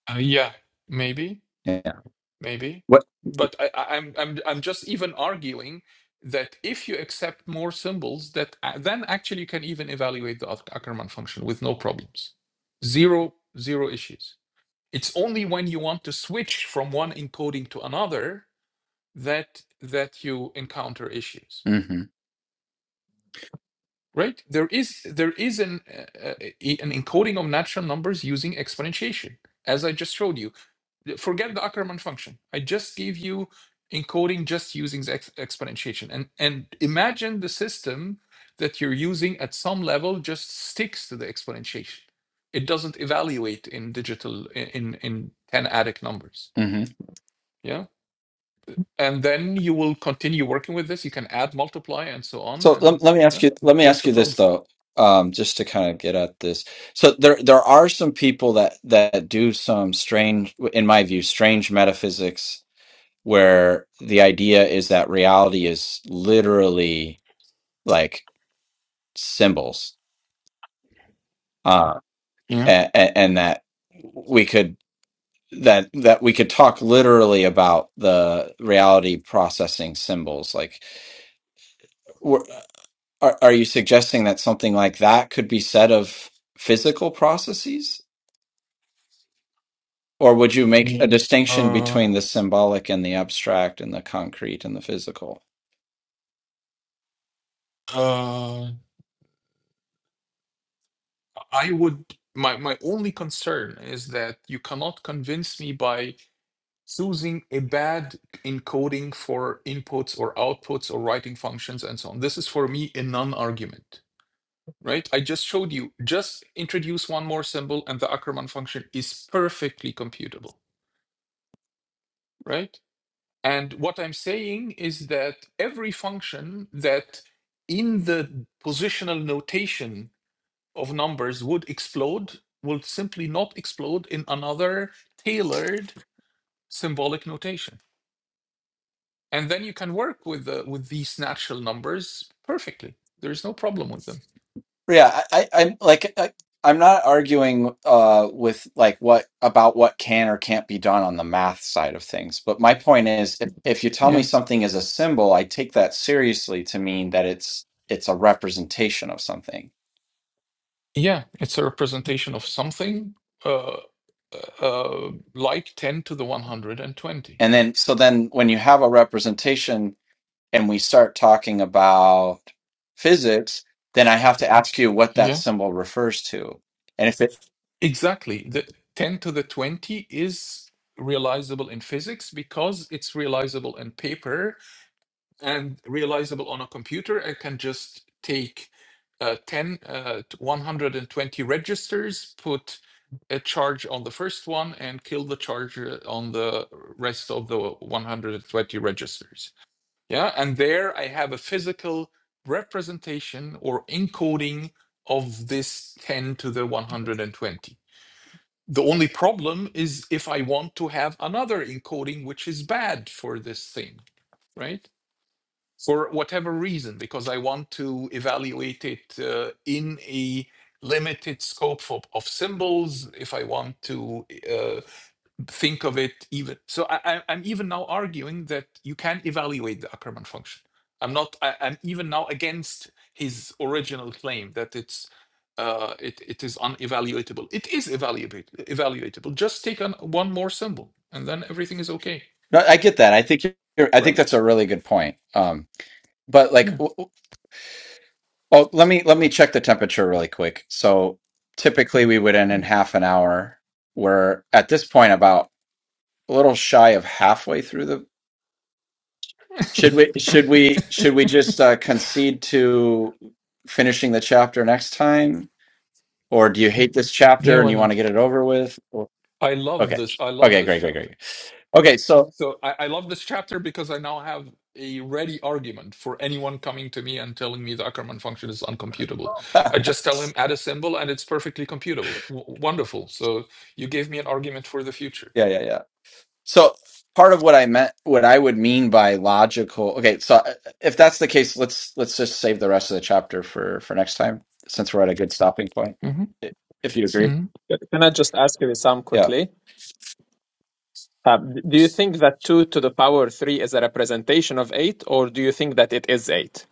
[SPEAKER 2] uh, yeah maybe
[SPEAKER 1] Yeah.
[SPEAKER 2] maybe
[SPEAKER 1] What?
[SPEAKER 2] but I, I- I'm, I'm i'm just even arguing that if you accept more symbols that a- then actually you can even evaluate the Ack- ackermann function with no problems zero zero issues it's only when you want to switch from one encoding to another that that you encounter issues
[SPEAKER 1] hmm
[SPEAKER 2] right there is there is an uh, uh, e- an encoding of natural numbers using exponentiation as i just showed you forget the Ackermann function. I just gave you encoding just using the ex- exponentiation. And, and imagine the system that you're using at some level just sticks to the exponentiation. It doesn't evaluate in digital, in, in, in 10 adic numbers. Yeah. And then you will continue working with this. You can add, multiply, and so on.
[SPEAKER 1] So
[SPEAKER 2] And
[SPEAKER 1] let, let me ask
[SPEAKER 2] yeah,
[SPEAKER 1] you let me
[SPEAKER 2] where's
[SPEAKER 1] ask
[SPEAKER 2] the
[SPEAKER 1] you this
[SPEAKER 2] problem?
[SPEAKER 1] though, um, just to kind of get at this. So there there are some people that that do some strange, in my view, strange metaphysics where the idea is that reality is literally like symbols, uh,
[SPEAKER 2] Yeah.
[SPEAKER 1] and, and that we could that that we could talk literally about the reality processing symbols like. Are, are you suggesting that something like that could be said of physical processes? Or would you make a Mm. distinction
[SPEAKER 2] Uh,
[SPEAKER 1] between the symbolic and the abstract and the concrete and the physical?
[SPEAKER 2] uh, I would, my, my only concern is that you cannot convince me by choosing a bad encoding for inputs or outputs or writing functions and so on. This is for me a non-argument, right? I just showed you, just introduce one more symbol and the Ackermann function is perfectly computable, right? And what I'm saying is that every function that in the positional notation of numbers would explode will simply not explode in another tailored symbolic notation and then you can work with the, with these natural numbers perfectly there's no problem with them
[SPEAKER 1] Yeah, I, I, I'm like, I, I'm not arguing uh, with like what about what can or can't be done on the math side of things. But my point is, if, if you tell me
[SPEAKER 2] yeah
[SPEAKER 1] something is a symbol, I take that seriously to mean that it's it's a representation of something.
[SPEAKER 2] yeah it's a representation of something uh, uh uh, like 10 to the 120
[SPEAKER 1] And then, so then when you have a representation, and we start talking about physics, then I have to ask you what that
[SPEAKER 2] yeah
[SPEAKER 1] symbol refers to. And if it,
[SPEAKER 2] exactly the 10 to the 20 is realizable in physics because it's realizable in paper and realizable on a computer. I can just take uh, 10, uh, 120 registers, put a charge on the first one, and kill the charge uh, on the rest of the 120 registers. Yeah, and there I have a physical representation or encoding of this 10 to the 120. The only problem is if I want to have another encoding, which is bad for this thing, right? for whatever reason, because I want to evaluate it uh, in a limited scope of, of symbols, if I want to uh, think of it even. So I, I, I'm even now arguing that you can evaluate the Ackermann function. I'm not, I, I'm even now against his original claim that it's. Uh, it, it is unevaluatable. It is evaluate, evaluatable. Just take on one more symbol and then everything is okay,
[SPEAKER 1] no, I get that. I think you're, I think
[SPEAKER 2] right?
[SPEAKER 1] that's a really good point. Um, but like,
[SPEAKER 2] Yeah.
[SPEAKER 1] w- w- oh, let me let me check the temperature really quick. So typically we would end in
[SPEAKER 2] Yeah,
[SPEAKER 1] half an hour. We're at this point about a little shy of halfway through the. Should we should we should we just uh, concede to finishing the chapter next time? Or do you hate this
[SPEAKER 2] *laughs* yeah
[SPEAKER 1] chapter
[SPEAKER 2] why
[SPEAKER 1] and you
[SPEAKER 2] not?
[SPEAKER 1] want to get it over with?
[SPEAKER 2] I love
[SPEAKER 1] Okay.
[SPEAKER 2] this. I love
[SPEAKER 1] Okay,
[SPEAKER 2] this
[SPEAKER 1] great, great,
[SPEAKER 2] chapter.
[SPEAKER 1] great. Okay,
[SPEAKER 2] Yeah.
[SPEAKER 1] so
[SPEAKER 2] So I, I love this chapter because I now have a ready argument for anyone coming to me and telling me the Ackermann function is uncomputable.
[SPEAKER 1] *laughs* yeah,
[SPEAKER 2] I just tell him add a symbol and it's perfectly computable. W- wonderful. So you gave me an argument for the future.
[SPEAKER 1] yeah, yeah. So part of what I meant what I would mean by logical. Okay, so uh, if that's the case, let's let's just save the rest of the chapter for for next time since we're at a good stopping point.
[SPEAKER 2] hmm
[SPEAKER 1] I- If you agree.
[SPEAKER 2] hmm
[SPEAKER 4] Yeah, Can I just ask you, Wissam,
[SPEAKER 1] Yeah.
[SPEAKER 4] quickly? Uh, do you think that 2 to the power 3 is a representation of 8, or do you think that it is 8?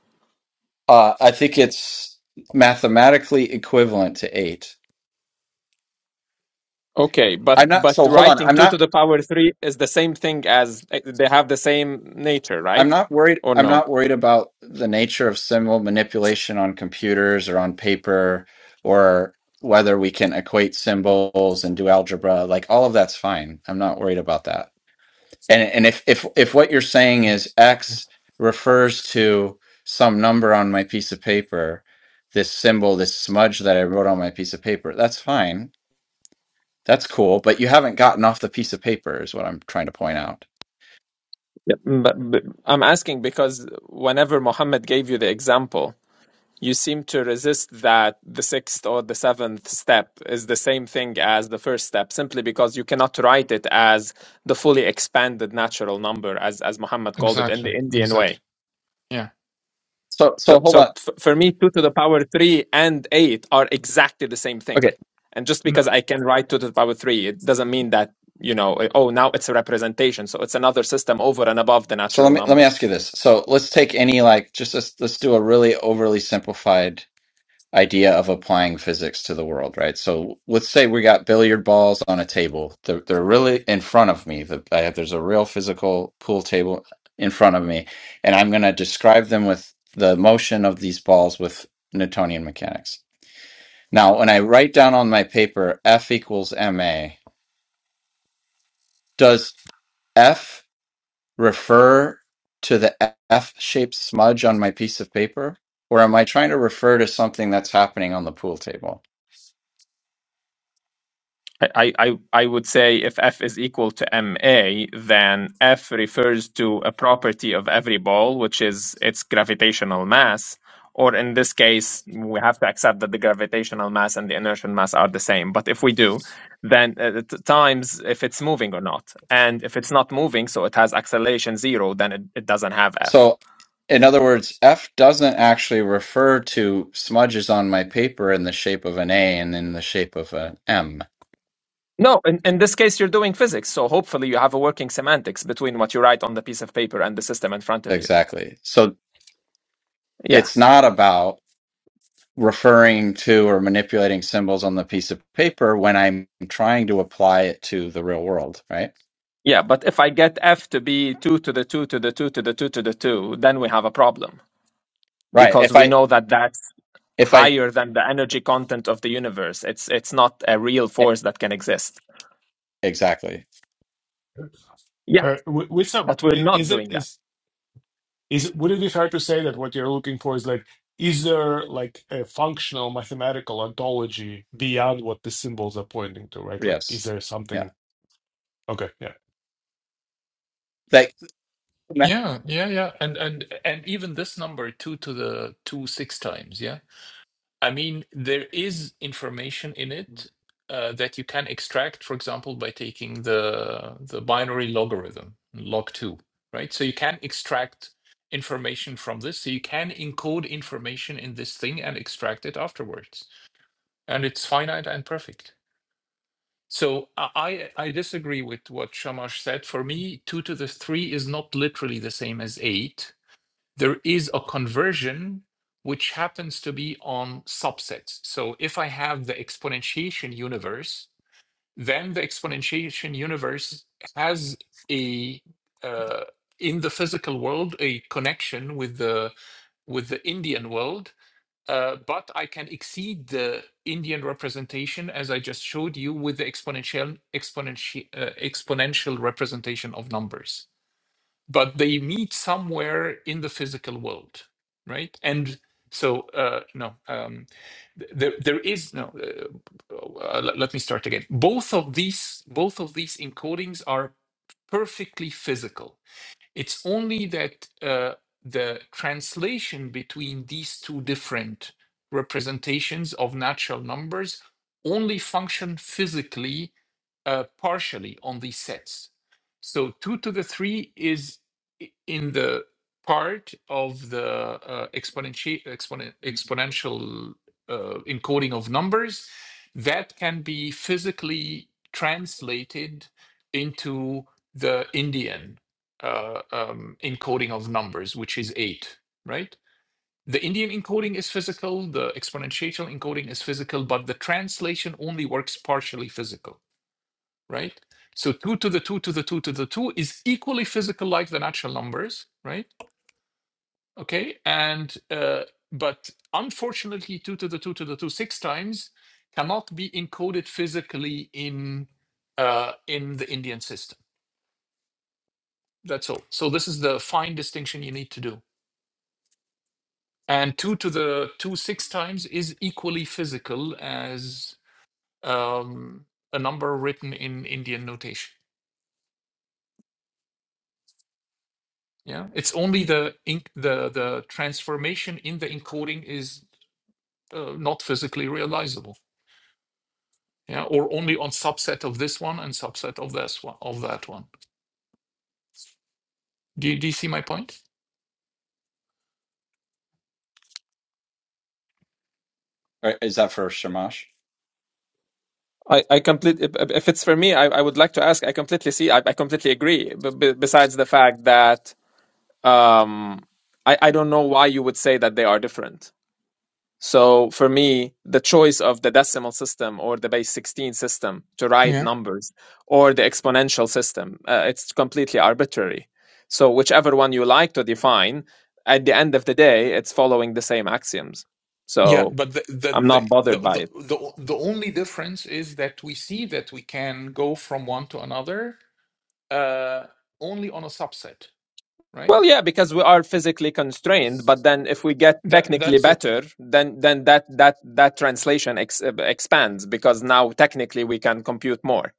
[SPEAKER 1] Uh I think it's mathematically equivalent to 8.
[SPEAKER 4] Okay, but
[SPEAKER 1] I'm not
[SPEAKER 4] but
[SPEAKER 1] so hold on.
[SPEAKER 4] writing
[SPEAKER 1] I'm
[SPEAKER 4] 2
[SPEAKER 1] not
[SPEAKER 4] to the power 3 is the same thing as eh, they have the same nature,
[SPEAKER 1] I'm
[SPEAKER 4] right?
[SPEAKER 1] not worried.
[SPEAKER 4] Or
[SPEAKER 1] I'm
[SPEAKER 4] no?
[SPEAKER 1] not worried about the nature of symbol manipulation on computers or on paper, or whether we can equate symbols and do algebra. Like all of that's fine. I'm not worried about that. And and if if if what you're saying is X refers to some number on my piece of paper, this symbol, this smudge that I wrote on my piece of paper, that's fine. That's cool. But you haven't gotten off the piece of paper, is what I'm trying to point out.
[SPEAKER 4] Yeah, but, but I'm asking because whenever Muhammad gave you the example, you seem to resist that the sixth or the seventh step is the same thing as the first step simply because you cannot write it as the fully expanded natural number as as muhammad called it in
[SPEAKER 2] Exactly.
[SPEAKER 4] the indian
[SPEAKER 2] Exactly.
[SPEAKER 4] way
[SPEAKER 2] Yeah.
[SPEAKER 1] So so
[SPEAKER 4] so
[SPEAKER 1] hold on.
[SPEAKER 4] so f- for me 2 to the power 3 and 8 are exactly the same thing
[SPEAKER 1] Okay.
[SPEAKER 4] and just because
[SPEAKER 2] No.
[SPEAKER 4] i can write 2 to the power 3 it doesn't mean that you know oh now it's a representation so it's another system over and above the
[SPEAKER 1] So let
[SPEAKER 4] natural
[SPEAKER 1] me let me
[SPEAKER 4] numbers
[SPEAKER 1] ask you this. So let's take any like just let's let's do a really overly simplified idea of applying physics to the world, right? So let's say we got billiard balls on a table. They're they're really in front of me. The, I have, there's a real physical pool table in front of me, and I'm going to describe them with the motion of these balls with Newtonian mechanics. Now, when I write down on my paper F equals ma, does F refer to the F-shaped smudge on my piece of paper? Or am I trying to refer to something that's happening on the pool table?
[SPEAKER 4] I, I, I would say if f is equal to ma, then f refers to a property of every ball, which is its gravitational mass. Or in this case, we have to accept that the gravitational mass and the inertial mass are the same. But if we do, then uh, t- times if it's moving or not. And if it's not moving, so it has acceleration zero, then it, it doesn't have f.
[SPEAKER 1] So, in other words, F doesn't actually refer to smudges on my paper in the shape of an A and in the shape of an M.
[SPEAKER 4] No, in, in this case, you're doing physics. So hopefully you have a working semantics between what you write on the piece of paper and the system in front of you.
[SPEAKER 1] Exactly. So,
[SPEAKER 4] Yeah.
[SPEAKER 1] it's not about referring to or manipulating symbols on the piece of paper when I'm trying to apply it to the real world, right?
[SPEAKER 4] Yeah, but if I get f to be 2 to the 2 to the 2 to the 2 to the 2, then we have a problem
[SPEAKER 1] Right.
[SPEAKER 4] because
[SPEAKER 1] If
[SPEAKER 4] we
[SPEAKER 1] I
[SPEAKER 4] know that that's
[SPEAKER 1] If I
[SPEAKER 4] higher than the energy content of the universe. It's it's not a real
[SPEAKER 1] e-
[SPEAKER 4] force that can exist.
[SPEAKER 1] exactly
[SPEAKER 4] Yeah,
[SPEAKER 3] Or wi- with some,
[SPEAKER 4] but we're
[SPEAKER 3] i-
[SPEAKER 4] not
[SPEAKER 3] is it
[SPEAKER 4] doing that.
[SPEAKER 3] is is it- would it be fair to say that what you're looking for is like, is there like a functional mathematical ontology beyond what the symbols are pointing to, right? Like, is
[SPEAKER 1] yes,
[SPEAKER 3] there
[SPEAKER 1] yeah.
[SPEAKER 3] something? Okay, yeah.
[SPEAKER 1] That
[SPEAKER 2] Yeah. Yeah. Yeah. And and and even this number two to the two six times. Yeah I mean, there is information in it uh, that you can extract, for example, by taking the the binary logarithm, log two, right? So you can extract information from this. So you can encode information in this thing and extract it afterwards. And it's finite and perfect. So I I I disagree with what Shamash said. For me, two to the three is not literally the same as eight there is a conversion which happens to be on subsets. So if I have the exponentiation universe, then the exponentiation universe has a uh, in the physical world a connection with the with the Indian world, uh, but I can exceed the Indian representation as I just showed you with the exponential exponential uh, exponential representation of numbers but they meet somewhere in the physical world, right? And so, uh, no, um, th- there there is no. Uh, uh, let, let me start again. Both of these both of these encodings are perfectly physical. It's only that uh, the translation between these two different representations of natural numbers only function physically uh, partially on these sets. So two to the three is in the part of the uh, exponenti- exponen- exponential uh, encoding of numbers that can be physically translated into the Indian uh, um, encoding of numbers, which is eight, right? The Indian encoding is physical, the exponential encoding is physical, but the translation only works partially physical right? So 2 to the 2 to the 2 to the 2 is equally physical like the natural numbers, right? Okay. And, uh, but unfortunately, 2 to the 2 to the 2 six times cannot be encoded physically in, uh, in the Indian system. That's all. So this is the fine distinction you need to do. And 2 to the 2 six times is equally physical as um, a number written in Indian notation. Yeah, it's only the inc- the the transformation in the encoding is uh, not physically realizable. Yeah, or only on subset of this one and subset of this one of that one. Do you, do you see my point?
[SPEAKER 1] or is that for Shamash?
[SPEAKER 4] I, I completely, if if it's for me, I, I would like to ask, I completely see, I, I completely agree. B- b- besides the fact that um, I, I don't know why you would say that they are different So for me, the choice of the decimal system or the base 16 system to write
[SPEAKER 2] Yeah.
[SPEAKER 4] numbers or the exponential system, uh, it's completely arbitrary. So whichever one you like to define, at the end of the day, it's following the same axioms.
[SPEAKER 2] Yeah,
[SPEAKER 4] So
[SPEAKER 2] but the the,
[SPEAKER 4] I'm
[SPEAKER 2] the
[SPEAKER 4] not
[SPEAKER 2] the
[SPEAKER 4] bothered by it.
[SPEAKER 2] the the o- the only difference is that we see that we can go from one to another uh only on a subset,
[SPEAKER 4] Well,
[SPEAKER 2] right?
[SPEAKER 4] yeah, because we are physically constrained, but then if we get
[SPEAKER 2] That
[SPEAKER 4] technically
[SPEAKER 2] that's it.
[SPEAKER 4] better, then then that that that translation ex uh, expands because now technically we can compute more.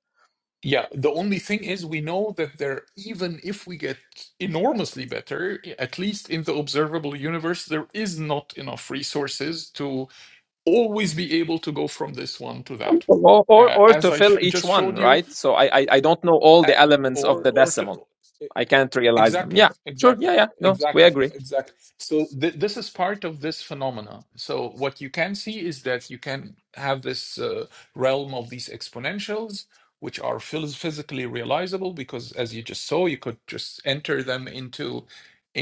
[SPEAKER 2] Yeah, the only thing is we know that there, even if we get enormously better, at least in the observable universe, there is not enough resources to always be able to go from this one to
[SPEAKER 4] Um,
[SPEAKER 2] that one.
[SPEAKER 4] Or, or
[SPEAKER 2] Uh,
[SPEAKER 4] or
[SPEAKER 2] as
[SPEAKER 4] to
[SPEAKER 2] I sh
[SPEAKER 4] fill each
[SPEAKER 2] just
[SPEAKER 4] one,
[SPEAKER 2] showed you,
[SPEAKER 4] right? So I, I I don't know all
[SPEAKER 2] uh,
[SPEAKER 4] the elements of
[SPEAKER 2] or
[SPEAKER 4] the
[SPEAKER 2] or to,
[SPEAKER 4] decimal. I can't realize them.
[SPEAKER 2] Exactly,
[SPEAKER 4] Yeah, sure.
[SPEAKER 2] exactly,
[SPEAKER 4] Yeah, yeah. No, we
[SPEAKER 2] exactly,
[SPEAKER 4] agree.
[SPEAKER 2] exactly. So th this is part of this phenomena. So what you can see is that you can have this uh, realm of these exponentials, which are phys- physically realizable because, as you just saw, you could just enter them into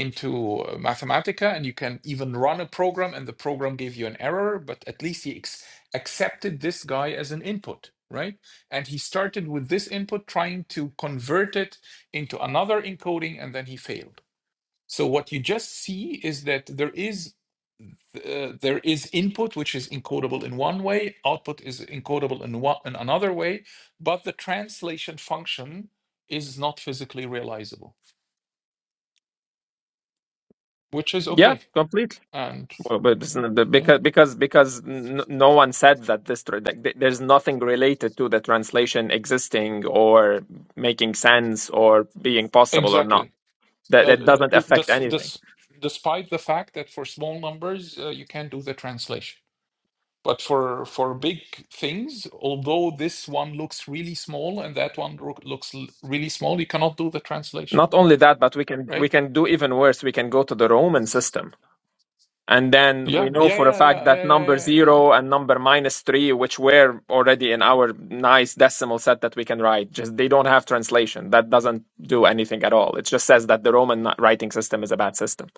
[SPEAKER 2] into uh, Mathematica, and you can even run a program, and the program gave you an error, but at least he ex accepted this guy as an input, right? And he started with this input, trying to convert it into another encoding and then he failed so what you just see is that there is uh, there is input which is encodable in one way output is encodable in one in another way but the translation function is not physically realizable which is
[SPEAKER 4] Yeah,
[SPEAKER 2] okay
[SPEAKER 4] completely.
[SPEAKER 2] and
[SPEAKER 4] Well, but it's
[SPEAKER 2] yeah,
[SPEAKER 4] not the-
[SPEAKER 2] yeah
[SPEAKER 4] because because because n- no one said that this tra- like, th- there's nothing related to the translation existing or making sense or being possible or not.
[SPEAKER 2] exactly
[SPEAKER 4] That
[SPEAKER 2] uh,
[SPEAKER 4] that
[SPEAKER 2] d-
[SPEAKER 4] doesn't
[SPEAKER 2] d-
[SPEAKER 4] affect
[SPEAKER 2] des-
[SPEAKER 4] anything.
[SPEAKER 2] des- despite the fact that for small numbers uh, you can do the translation But for for big things, although this one looks really small and that one roo- looks l- really small, you cannot do the translation,
[SPEAKER 4] Not only that, but we can we
[SPEAKER 2] right?
[SPEAKER 4] can do even worse. We can go to the Roman system, and then we
[SPEAKER 2] Yeah,
[SPEAKER 4] know
[SPEAKER 2] yeah,
[SPEAKER 4] for a
[SPEAKER 2] yeah,
[SPEAKER 4] fact
[SPEAKER 2] yeah, yeah,
[SPEAKER 4] that
[SPEAKER 2] yeah,
[SPEAKER 4] number
[SPEAKER 2] yeah. yeah, yeah.
[SPEAKER 4] zero and number minus three, which were already in our nice decimal set that we can write, just they don't have translation. That doesn't do anything at all. It just says that the Roman writing system is a bad system.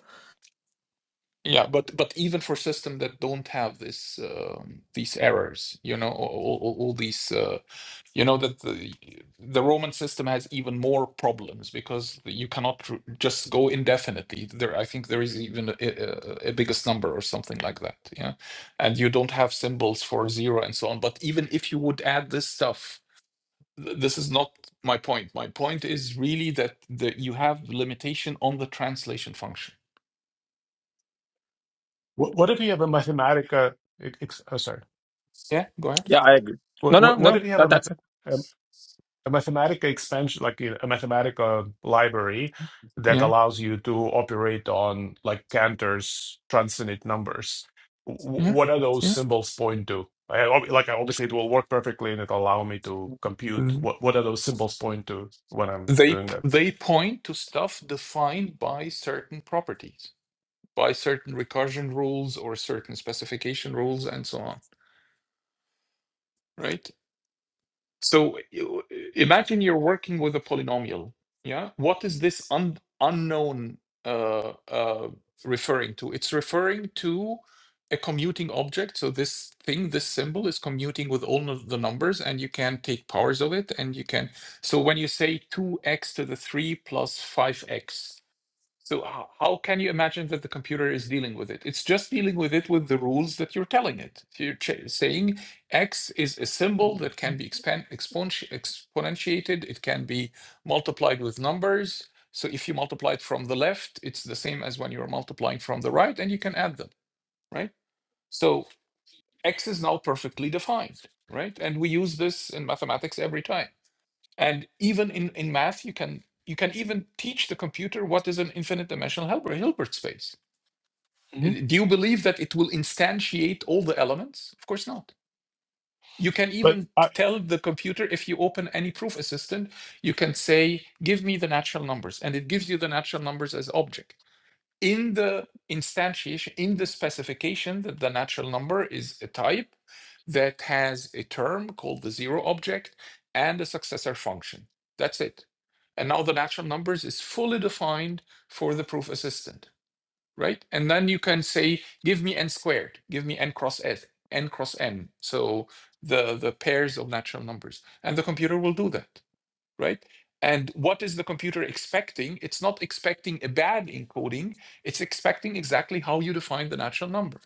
[SPEAKER 2] Yeah, but but even for system that don't have this um these errors, you know, all, all, all these, uh, you know, that the the Roman system has even more problems because you cannot r- just go indefinitely. There, I think there is even a, a, a biggest number or something like that. Yeah, and you don't have symbols for zero and so on. But even if you would add this stuff, th- this is not my point. My point is really that the, you have limitation on the translation function.
[SPEAKER 3] What, what if you have a Mathematica? e-, ex- oh, sorry.
[SPEAKER 2] Yeah, go
[SPEAKER 4] Yeah, I agree. No,
[SPEAKER 3] What,
[SPEAKER 4] no,
[SPEAKER 3] what, what
[SPEAKER 4] no.
[SPEAKER 3] if you have a
[SPEAKER 4] That,
[SPEAKER 3] math?
[SPEAKER 4] that's it.
[SPEAKER 3] a mathematic expansion, like a mathematical library that
[SPEAKER 2] ahead.
[SPEAKER 3] allows you to operate on like Cantor's transcendent numbers. W-
[SPEAKER 2] Yeah,
[SPEAKER 3] what are those
[SPEAKER 2] yeah.
[SPEAKER 3] symbols point to? I, ob- like I obviously it will work perfectly and it'll allow me to compute
[SPEAKER 2] Th-
[SPEAKER 3] what what are those symbols point to when I'm
[SPEAKER 2] They
[SPEAKER 3] doing
[SPEAKER 2] p-
[SPEAKER 3] that.
[SPEAKER 2] they point to stuff defined by certain properties, by certain recursion rules or certain specification rules, and so on. Right? So you- imagine you're working with a polynomial. Yeah. What is this un- unknown uh, uh, referring to? It's referring to a commuting object. So this thing, this symbol is commuting with all of the numbers and you can take powers of it. And you can, so when you say 2x to the 3 plus 5x, so how, how can you imagine that the computer is dealing with it? It's just dealing with it with the rules that you're telling it. If You're ch- saying X is a symbol that can be expand, expon- exponentiated. It can be multiplied with numbers. So if you multiply it from the left, it's the same as when you're multiplying from the right, and you can add them, right? So X is now perfectly defined, right? And we use this in mathematics every time and even in, in math, you can you can even teach the computer what is an infinite dimensional Hilbert, Hilbert space.
[SPEAKER 3] hmm
[SPEAKER 2] Uh, Do you believe that it will instantiate all the elements? Of course not. You can
[SPEAKER 3] But
[SPEAKER 2] even
[SPEAKER 3] I
[SPEAKER 2] tell the computer if you open any proof assistant, you can say, give me the natural numbers, and it gives you the natural numbers as object in the instantiation, in the specification that the natural number is a type that has a term called the zero object and a successor function. That's it. And now the natural numbers is fully defined for the proof assistant, right? And then you can say, give me n squared, give me n cross s, n cross n. So the, the pairs of natural numbers. And the computer will do that right? And what is the computer expecting? It's not expecting a bad encoding, it's expecting exactly how you define the natural number.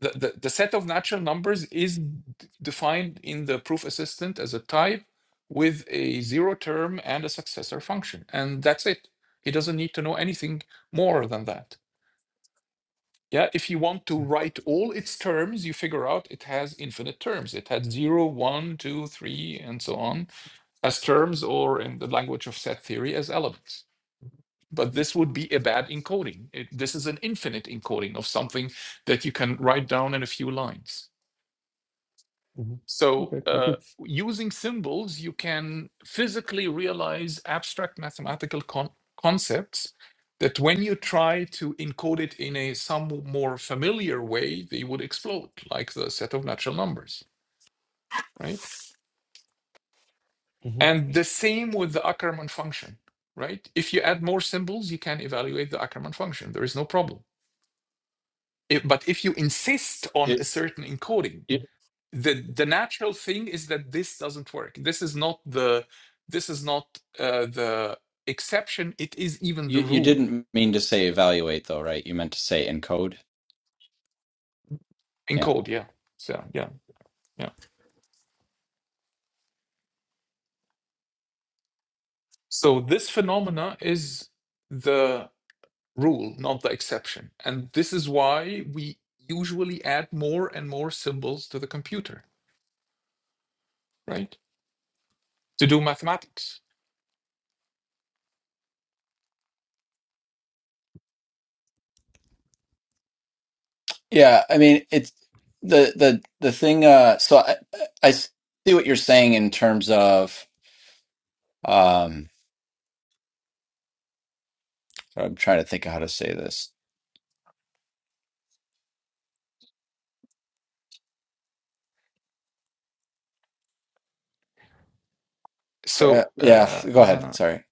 [SPEAKER 2] The, the, the set of natural numbers is d- defined in the proof assistant as a type with a zero term and a successor function. And that's it. He doesn't need to know anything more than that. Yeah, if you want to write all its terms, you figure out it has infinite terms. It had zero, one, two, three, and so on as terms or in the language of set theory as elements. But this would be a bad encoding. It- this is an infinite encoding of something that you can write down in a few lines.
[SPEAKER 3] Mhm.
[SPEAKER 2] So,
[SPEAKER 3] okay, thank
[SPEAKER 2] uh,
[SPEAKER 3] you.
[SPEAKER 2] using symbols, you can physically realize abstract mathematical con- concepts that when you try to encode it in a some more familiar way, they would explode, like the set of natural numbers, right?
[SPEAKER 3] Mhm.
[SPEAKER 2] And the same with the Ackermann function, right? If you add more symbols, you can evaluate the Ackermann function. There is no problem. If- but if you insist on
[SPEAKER 1] It,
[SPEAKER 2] a certain encoding, the, the natural thing is that this doesn't work. This is not the this is not uh, the exception. It is even the
[SPEAKER 1] you you
[SPEAKER 2] rule
[SPEAKER 1] didn't mean to say evaluate though, right? You meant to say encode.
[SPEAKER 2] in
[SPEAKER 1] Yeah,
[SPEAKER 2] code. Yeah. So yeah, yeah. So this phenomena is the rule, not the exception, and this is why we usually add more and more symbols to the computer right? To do mathematics.
[SPEAKER 1] yeah. I mean, it's the the the thing. Uh, so I I see what you're saying in terms of. um I'm trying to think of how to say this. Yeah,
[SPEAKER 2] So uh,
[SPEAKER 1] yeah. Go ahead.
[SPEAKER 2] uh,
[SPEAKER 1] Sorry.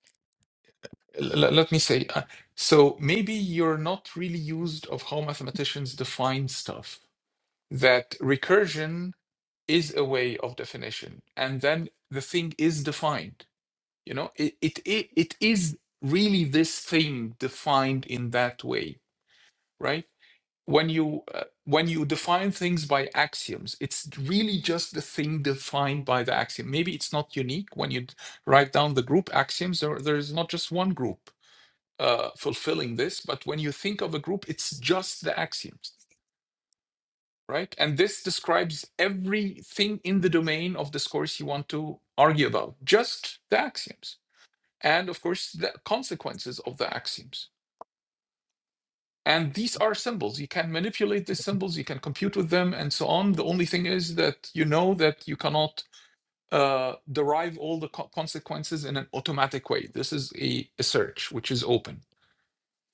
[SPEAKER 2] l- l- let me say, uh, so maybe you're not really used of how mathematicians define stuff. That recursion is a way of definition, and then the thing is defined. You know, it it it, it is really this thing defined in that way, right? when you uh, when you define things by axioms it's really just the thing defined by the axiom maybe it's not unique when you d- write down the group axioms there, there's not just one group uh, fulfilling this but when you think of a group it's just the axioms right and this describes everything in the domain of discourse you want to argue about just the axioms and of course the consequences of the axioms And these are symbols. You can manipulate these symbols, you can compute with them, and so on. The only thing is that you know that you cannot uh, derive all the co- consequences in an automatic way. This is a, a search, which is open.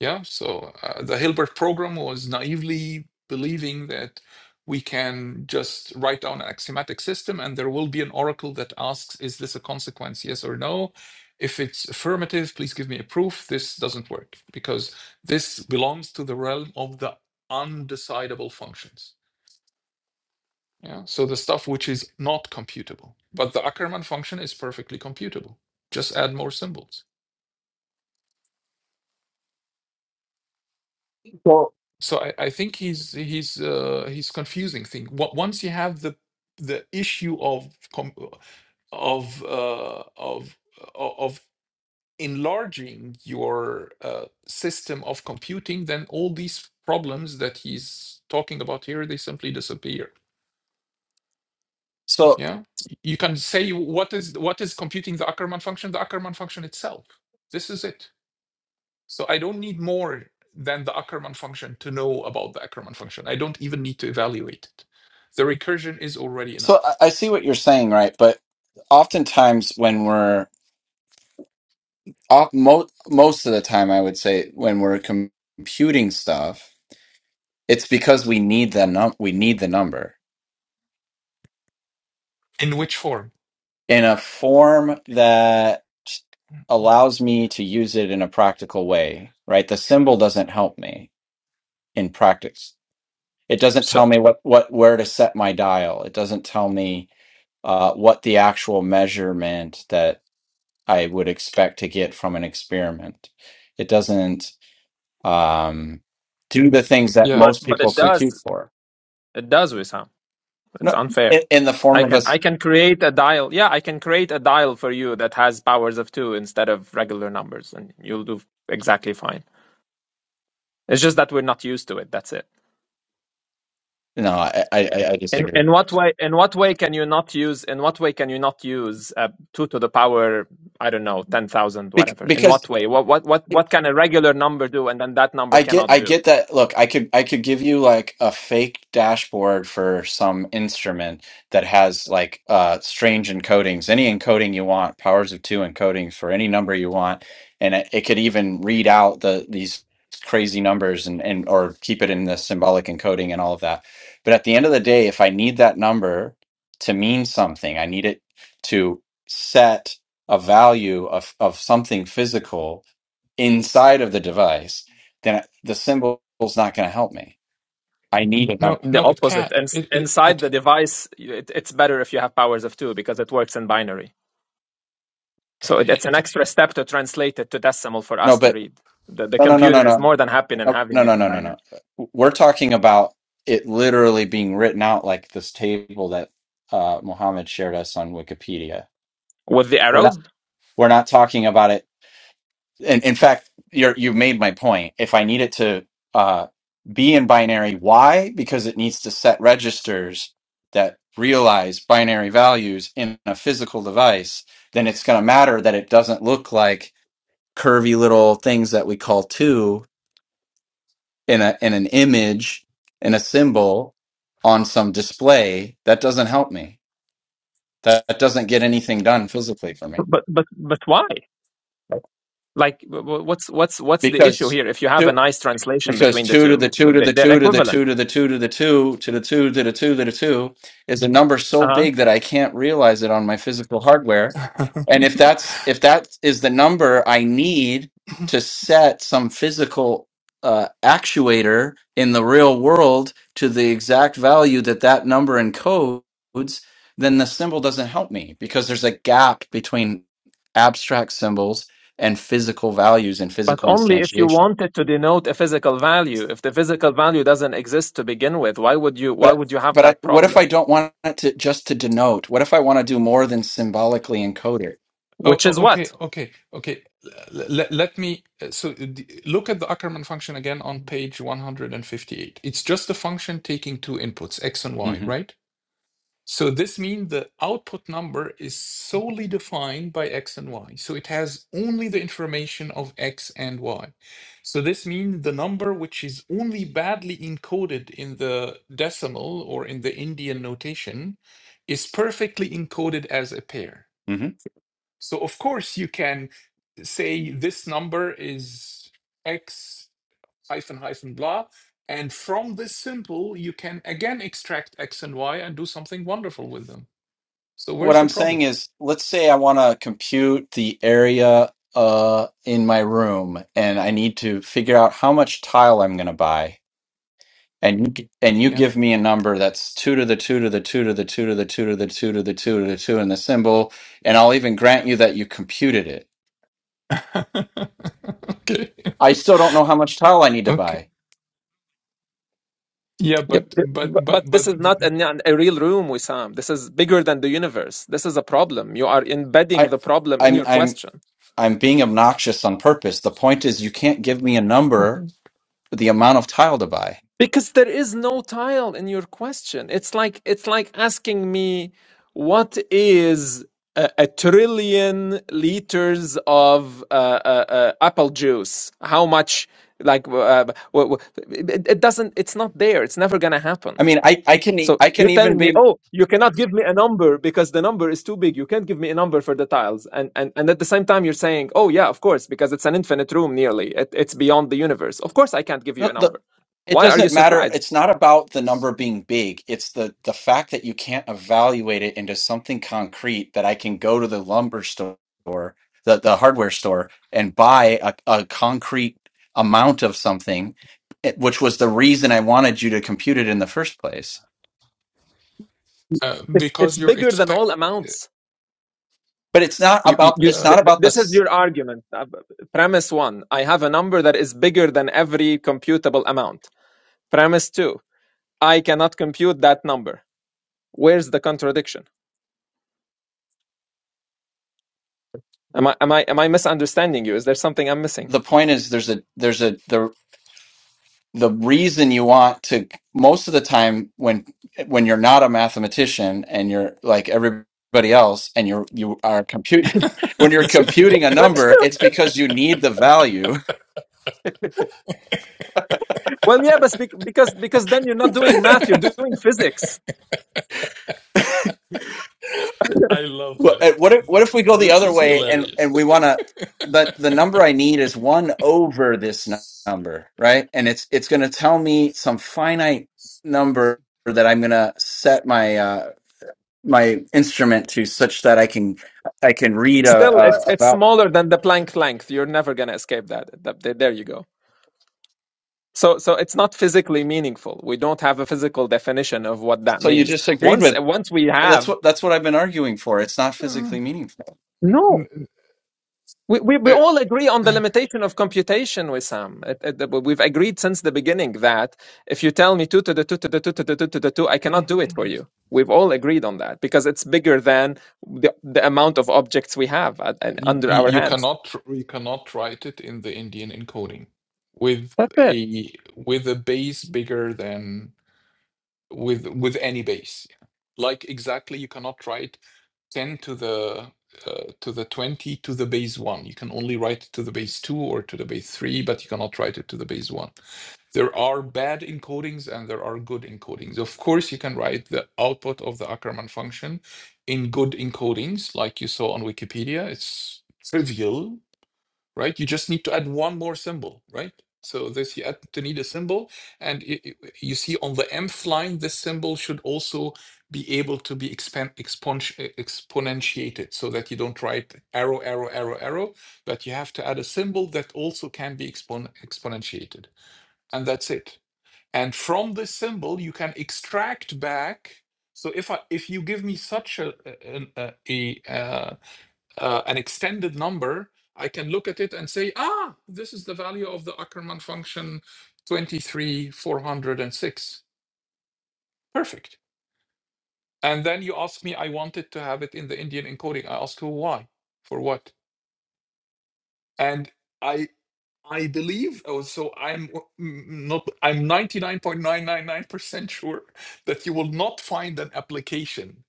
[SPEAKER 2] Yeah, so uh, the Hilbert program was naively believing that we can just write down an axiomatic system and there will be an oracle that asks, is this a consequence, yes or no? If it's affirmative, please give me a proof. This doesn't work because this belongs to the realm of the undecidable functions. Yeah, so the stuff which is not computable. But the Ackermann function is perfectly computable. Just add more symbols. So I, I think he's he's uh, he's confusing things. Wa- Once you have the the issue of com- of uh, of o- of enlarging your uh, system of computing, then all these problems that he's talking about here they simply disappear.
[SPEAKER 1] So,
[SPEAKER 2] Yeah, you can say what is what is computing the Ackermann function? The Ackermann function itself. This is it. So I don't need more than the Ackermann function to know about the Ackermann function. I don't even need to evaluate it. The recursion is already
[SPEAKER 1] so
[SPEAKER 2] enough.
[SPEAKER 1] I I see what you're saying, right? But oftentimes, when we're off, mo- most of the time, I would say when we're com- computing stuff, it's because we need the num- we need the number
[SPEAKER 2] In which form?
[SPEAKER 1] in a form that allows me to use it in a practical way, right? The symbol doesn't help me in practice. It doesn't
[SPEAKER 4] so.
[SPEAKER 1] tell me what what where to set my dial. It doesn't tell me uh, what the actual measurement that I would expect to get from an experiment. It doesn't um, do the things that
[SPEAKER 2] Yeah.
[SPEAKER 4] But
[SPEAKER 1] most
[SPEAKER 4] but
[SPEAKER 1] people
[SPEAKER 4] it
[SPEAKER 2] So
[SPEAKER 4] does
[SPEAKER 1] compute for.
[SPEAKER 4] it does Wissam. It's
[SPEAKER 1] No,
[SPEAKER 4] unfair.
[SPEAKER 1] in, in the form
[SPEAKER 4] I
[SPEAKER 1] of
[SPEAKER 4] can I
[SPEAKER 1] us.
[SPEAKER 4] can create a dial. Yeah, I can create a dial for you that has powers of two instead of regular numbers, and you'll do exactly fine. It's just that we're not used to it. That's it.
[SPEAKER 1] No, I, I, I I
[SPEAKER 4] In
[SPEAKER 1] disagree.
[SPEAKER 4] in what way? In what way can you not use? In what way can you not use uh, two to the power? I don't know, ten thousand,
[SPEAKER 1] Bec-
[SPEAKER 4] whatever. In
[SPEAKER 1] Because
[SPEAKER 4] what way? What what what what can a regular number do, and then that number
[SPEAKER 1] I get
[SPEAKER 4] cannot
[SPEAKER 1] I
[SPEAKER 4] do?
[SPEAKER 1] get that. Look, I could I could give you like a fake dashboard for some instrument that has like uh strange encodings, any encoding you want, powers of two encoding for any number you want, and it, it could even read out the these crazy numbers and and or keep it in the symbolic encoding and all of that. But at the end of the day, if I need that number to mean something, I need it to set a value of of something physical inside of the device, then the symbol's not going to help me. I need a
[SPEAKER 2] no,
[SPEAKER 1] number.
[SPEAKER 4] The
[SPEAKER 2] no, it
[SPEAKER 4] opposite.
[SPEAKER 2] can't.
[SPEAKER 4] And s-
[SPEAKER 2] It it
[SPEAKER 4] inside
[SPEAKER 2] it.
[SPEAKER 4] the device, it, it's better if you have powers of two because it works in binary. So it, it's an
[SPEAKER 2] it
[SPEAKER 4] extra step to translate it to decimal for
[SPEAKER 1] No,
[SPEAKER 4] us to
[SPEAKER 1] but
[SPEAKER 4] read. The, the
[SPEAKER 1] no, no, no, no,
[SPEAKER 4] computer is
[SPEAKER 1] no,
[SPEAKER 4] more than happy in having
[SPEAKER 1] no, no,
[SPEAKER 4] it
[SPEAKER 1] no,
[SPEAKER 4] in
[SPEAKER 1] no, no.
[SPEAKER 4] binary
[SPEAKER 1] no. We're talking about it literally being written out like this table that uh, Muhammad shared us on Wikipedia.
[SPEAKER 4] with the
[SPEAKER 1] We're
[SPEAKER 4] arrows.
[SPEAKER 1] not. We're not talking about it in, in fact, you're, you've made my point. If I need it to uh, be in binary, why? Because it needs to set registers that realize binary values in a physical device, then it's going to matter that it doesn't look like curvy little things that we call two in a in an image in a symbol on some display. That doesn't help me. That, that doesn't get anything done physically for me
[SPEAKER 4] But but but why? Like, wh- wh- what's what's what's the issue
[SPEAKER 1] because.
[SPEAKER 4] here? If you have
[SPEAKER 1] two.
[SPEAKER 4] a nice translation
[SPEAKER 1] Because
[SPEAKER 4] between the
[SPEAKER 1] two to
[SPEAKER 4] two,
[SPEAKER 1] the two to
[SPEAKER 4] They-
[SPEAKER 1] the
[SPEAKER 4] they're
[SPEAKER 1] two to the
[SPEAKER 4] equivalent.
[SPEAKER 1] two to the two to the two to the two to the two to the two is a number so
[SPEAKER 4] Uh-huh.
[SPEAKER 1] big that I can't realize it on my physical hardware. And if
[SPEAKER 2] *laughs*
[SPEAKER 1] that's if that is the number I need
[SPEAKER 2] oh,
[SPEAKER 1] to set some physical uh, actuator in the real world to the exact value that that number encodes, then the symbol doesn't help me because there's a gap between abstract symbols and physical values and
[SPEAKER 4] But
[SPEAKER 1] physical
[SPEAKER 4] only if you
[SPEAKER 1] instantiation.
[SPEAKER 4] wanted to denote a physical value. If the physical value doesn't exist to begin with, why would you why
[SPEAKER 1] But
[SPEAKER 4] would you have
[SPEAKER 1] but I,
[SPEAKER 4] that
[SPEAKER 1] what if
[SPEAKER 4] problem?
[SPEAKER 1] I don't want it to just to denote? What if I want to do more than symbolically encode it?
[SPEAKER 2] oh,
[SPEAKER 4] Which is
[SPEAKER 2] okay,
[SPEAKER 4] what?
[SPEAKER 2] okay, okay. Let, let me. So the- look at the Ackermann function again on page 158. It's just a function taking two inputs, x and y,
[SPEAKER 1] hmm
[SPEAKER 2] right? So this means the output number is solely defined by x and y. So it has only the information of x and y. So this means the number which is only badly encoded in the decimal or in the Indian notation is perfectly encoded as a pair.
[SPEAKER 1] hmm
[SPEAKER 2] So of course you can say this number is x hyphen hyphen blah. And from this symbol, you can again extract x and y and do something wonderful with them. So
[SPEAKER 1] What
[SPEAKER 2] where's the
[SPEAKER 1] I'm
[SPEAKER 2] problem?
[SPEAKER 1] saying is, let's say I want to compute the area uh, in my room, and I need to figure out how much tile I'm going to buy. And you, g- and you
[SPEAKER 2] Yeah.
[SPEAKER 1] give me a number that's two to the two to the two to the two to the two to the two to the two to the two and the symbol, and I'll even grant you that you computed it.
[SPEAKER 2] *laughs* okay.
[SPEAKER 1] I still don't know how much tile I need to
[SPEAKER 2] Okay.
[SPEAKER 1] buy.
[SPEAKER 2] Yeah,
[SPEAKER 4] Yep.
[SPEAKER 2] but
[SPEAKER 4] Th-
[SPEAKER 2] but
[SPEAKER 4] bu-
[SPEAKER 2] but
[SPEAKER 4] But this
[SPEAKER 2] but
[SPEAKER 4] is not
[SPEAKER 2] th-
[SPEAKER 4] a, a real room, Wissam. This is bigger than the universe. This is a problem. You are embedding
[SPEAKER 1] I,
[SPEAKER 4] the problem in
[SPEAKER 1] I'm
[SPEAKER 4] your
[SPEAKER 1] I'm
[SPEAKER 4] question
[SPEAKER 1] I'm being obnoxious on purpose. The point is, you can't give me a number, the amount of tile to buy.
[SPEAKER 4] because there is no tile in your question. It's like it's like asking me what is a, a trillion liters of uh, uh, uh, apple juice? How much? Like uh, w- w- it it doesn't. It's not there. It's never gonna happen.
[SPEAKER 1] I mean, I, I can e-
[SPEAKER 4] So
[SPEAKER 1] I
[SPEAKER 4] you're
[SPEAKER 1] can even
[SPEAKER 4] telling me,
[SPEAKER 1] be.
[SPEAKER 4] oh, you cannot give me a number because the number is too big. You can't give me a number for the tiles. And and, and at the same time, you're saying, oh yeah, of course, because it's an infinite room nearly. It, it's beyond the universe. Of course, I can't give you a
[SPEAKER 1] the- the-
[SPEAKER 4] number.
[SPEAKER 1] It
[SPEAKER 4] Why are you
[SPEAKER 1] doesn't matter.
[SPEAKER 4] surprised?
[SPEAKER 1] It's not about the number being big. It's the the fact that you can't evaluate it into something concrete that I can go to the lumber store, the the hardware store, and buy a, a concrete amount of something, eh, which was the reason I wanted you to compute it in the first place.
[SPEAKER 2] uh,
[SPEAKER 4] It,
[SPEAKER 2] because
[SPEAKER 4] it's
[SPEAKER 2] you're
[SPEAKER 4] bigger than
[SPEAKER 2] expect.
[SPEAKER 4] all amounts.
[SPEAKER 1] But it's not
[SPEAKER 2] Uh,
[SPEAKER 4] You, you,
[SPEAKER 1] about
[SPEAKER 4] you, th-
[SPEAKER 1] it's
[SPEAKER 2] uh,
[SPEAKER 1] not
[SPEAKER 4] th-
[SPEAKER 1] about the
[SPEAKER 4] this is
[SPEAKER 1] s-
[SPEAKER 4] your argument. Uh, b- Premise one: I have a number that is bigger than every computable amount. Premise two: I cannot compute that number. Where's the contradiction? Am I am I am I misunderstanding you? Is there something I'm missing?
[SPEAKER 1] the point is there's a there's a the the reason you want to most of the time when when you're not a mathematician and you're like everybody else and you're you are computing *laughs* when you're computing a
[SPEAKER 4] Well,
[SPEAKER 1] number it's because you need the value
[SPEAKER 4] *laughs* well, yeah, but bec- because because then you're not doing math, you're doing physics.
[SPEAKER 2] I, I
[SPEAKER 1] *laughs*
[SPEAKER 2] love
[SPEAKER 1] what
[SPEAKER 2] that.
[SPEAKER 1] eh, what if, what if we go the
[SPEAKER 2] This
[SPEAKER 1] other
[SPEAKER 2] is
[SPEAKER 1] way and
[SPEAKER 2] hilarious.
[SPEAKER 1] and we
[SPEAKER 2] *laughs*
[SPEAKER 1] want to but the number i need is 1 over this nu- number right and it's it's going to tell me some finite number that i'm going to set my uh my instrument to such that I can I can read uh,
[SPEAKER 4] Still, it's
[SPEAKER 1] uh,
[SPEAKER 4] it's
[SPEAKER 1] about.
[SPEAKER 4] smaller than the Planck length. You're never gonna escape that. Th- th- There you go. So so it's not physically meaningful. We don't have a physical definition of what that
[SPEAKER 1] So you
[SPEAKER 4] means.
[SPEAKER 1] just agreed
[SPEAKER 4] Once
[SPEAKER 1] with
[SPEAKER 4] once we
[SPEAKER 1] that's
[SPEAKER 4] have
[SPEAKER 1] what that's what I've been arguing for. It's not
[SPEAKER 2] Uh,
[SPEAKER 1] physically meaningful.
[SPEAKER 4] no.
[SPEAKER 2] n-
[SPEAKER 4] We, we, we
[SPEAKER 2] n-
[SPEAKER 4] all agree on the
[SPEAKER 2] uh,
[SPEAKER 4] limitation of computation, Wissam. It, it, we've agreed since the beginning that if you tell me 2 to the 2 to the 2 to the 2 to the 2, I cannot do it for you. We've all agreed on that because it's bigger than the, the amount of objects we have at, and
[SPEAKER 2] you,
[SPEAKER 4] under our
[SPEAKER 2] you
[SPEAKER 4] hands.
[SPEAKER 2] cannot tr- you cannot write it in the Indian encoding with
[SPEAKER 4] That's it.
[SPEAKER 2] a with a base bigger than with with any base. Like exactly, you cannot write 10 to the uh, to the 20 to the base 1 you can only write it to the base 2 or to the base 3 but you cannot write it to the base 1 there are bad encodings and there are good encodings of course you can write the output of the ackermann function in good encodings like you saw on wikipedia it's trivial right? You just need to add one more symbol, right? So this you add to need a symbol, and y- y- you see on the mth line, this symbol should also be able to be expand, expon- eh, exponentiated so that you don't write arrow, arrow, arrow, arrow, but you have to add a symbol that also can be expon- exponentiated. And that's it. And from this symbol, you can extract back. So if I, if you give me such a, a, a, a, uh, uh, an extended number, I can look at it and say, ah, this is the value of the Ackermann function 23406. Perfect. And then you ask me, I wanted to have it in the Indian encoding. I ask you why, for what? And I I believe, oh, so I'm w- not, I'm 99.999% sure that you will not find an application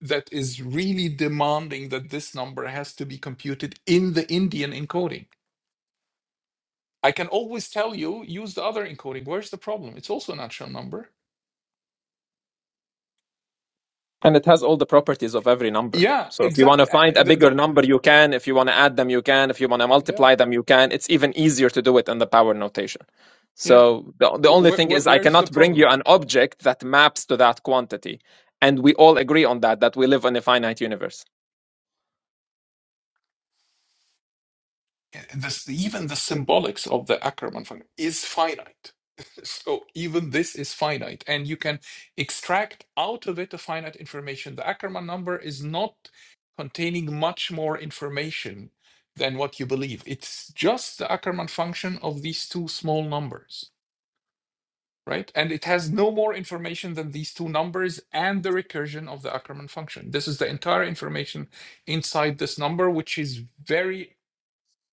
[SPEAKER 2] that is really demanding that this number has to be computed in the Indian encoding I can always tell you use the other encoding. Where's the problem? It's also a natural number.
[SPEAKER 4] And it has all the properties of every number.
[SPEAKER 2] Yeah,
[SPEAKER 4] So if you want
[SPEAKER 2] exactly.
[SPEAKER 4] to
[SPEAKER 2] Uh,
[SPEAKER 4] find
[SPEAKER 2] uh,
[SPEAKER 4] a
[SPEAKER 2] the-
[SPEAKER 4] bigger
[SPEAKER 2] the-
[SPEAKER 4] number, you can. If you want to add them, you can. If you want to
[SPEAKER 2] yeah,
[SPEAKER 4] multiply them, you can. It's even easier to do it in the power notation.
[SPEAKER 2] yeah.
[SPEAKER 4] So the, the only
[SPEAKER 2] Where,
[SPEAKER 4] thing
[SPEAKER 2] where,
[SPEAKER 4] is I
[SPEAKER 2] where's the
[SPEAKER 4] cannot bring you
[SPEAKER 2] problem?
[SPEAKER 4] an object that maps to that quantity. And we all agree on that, that we live in a finite universe.
[SPEAKER 2] Uh, This, even the symbolics of the Ackermann function is finite. *laughs* so even this is finite, and you can extract out of it a finite information. The Ackermann number is not containing much more information than what you believe. It's just the Ackermann function of these two small numbers. right? And it has no more information than these two numbers and the recursion of the Ackermann function. This is the entire information inside this number, which is very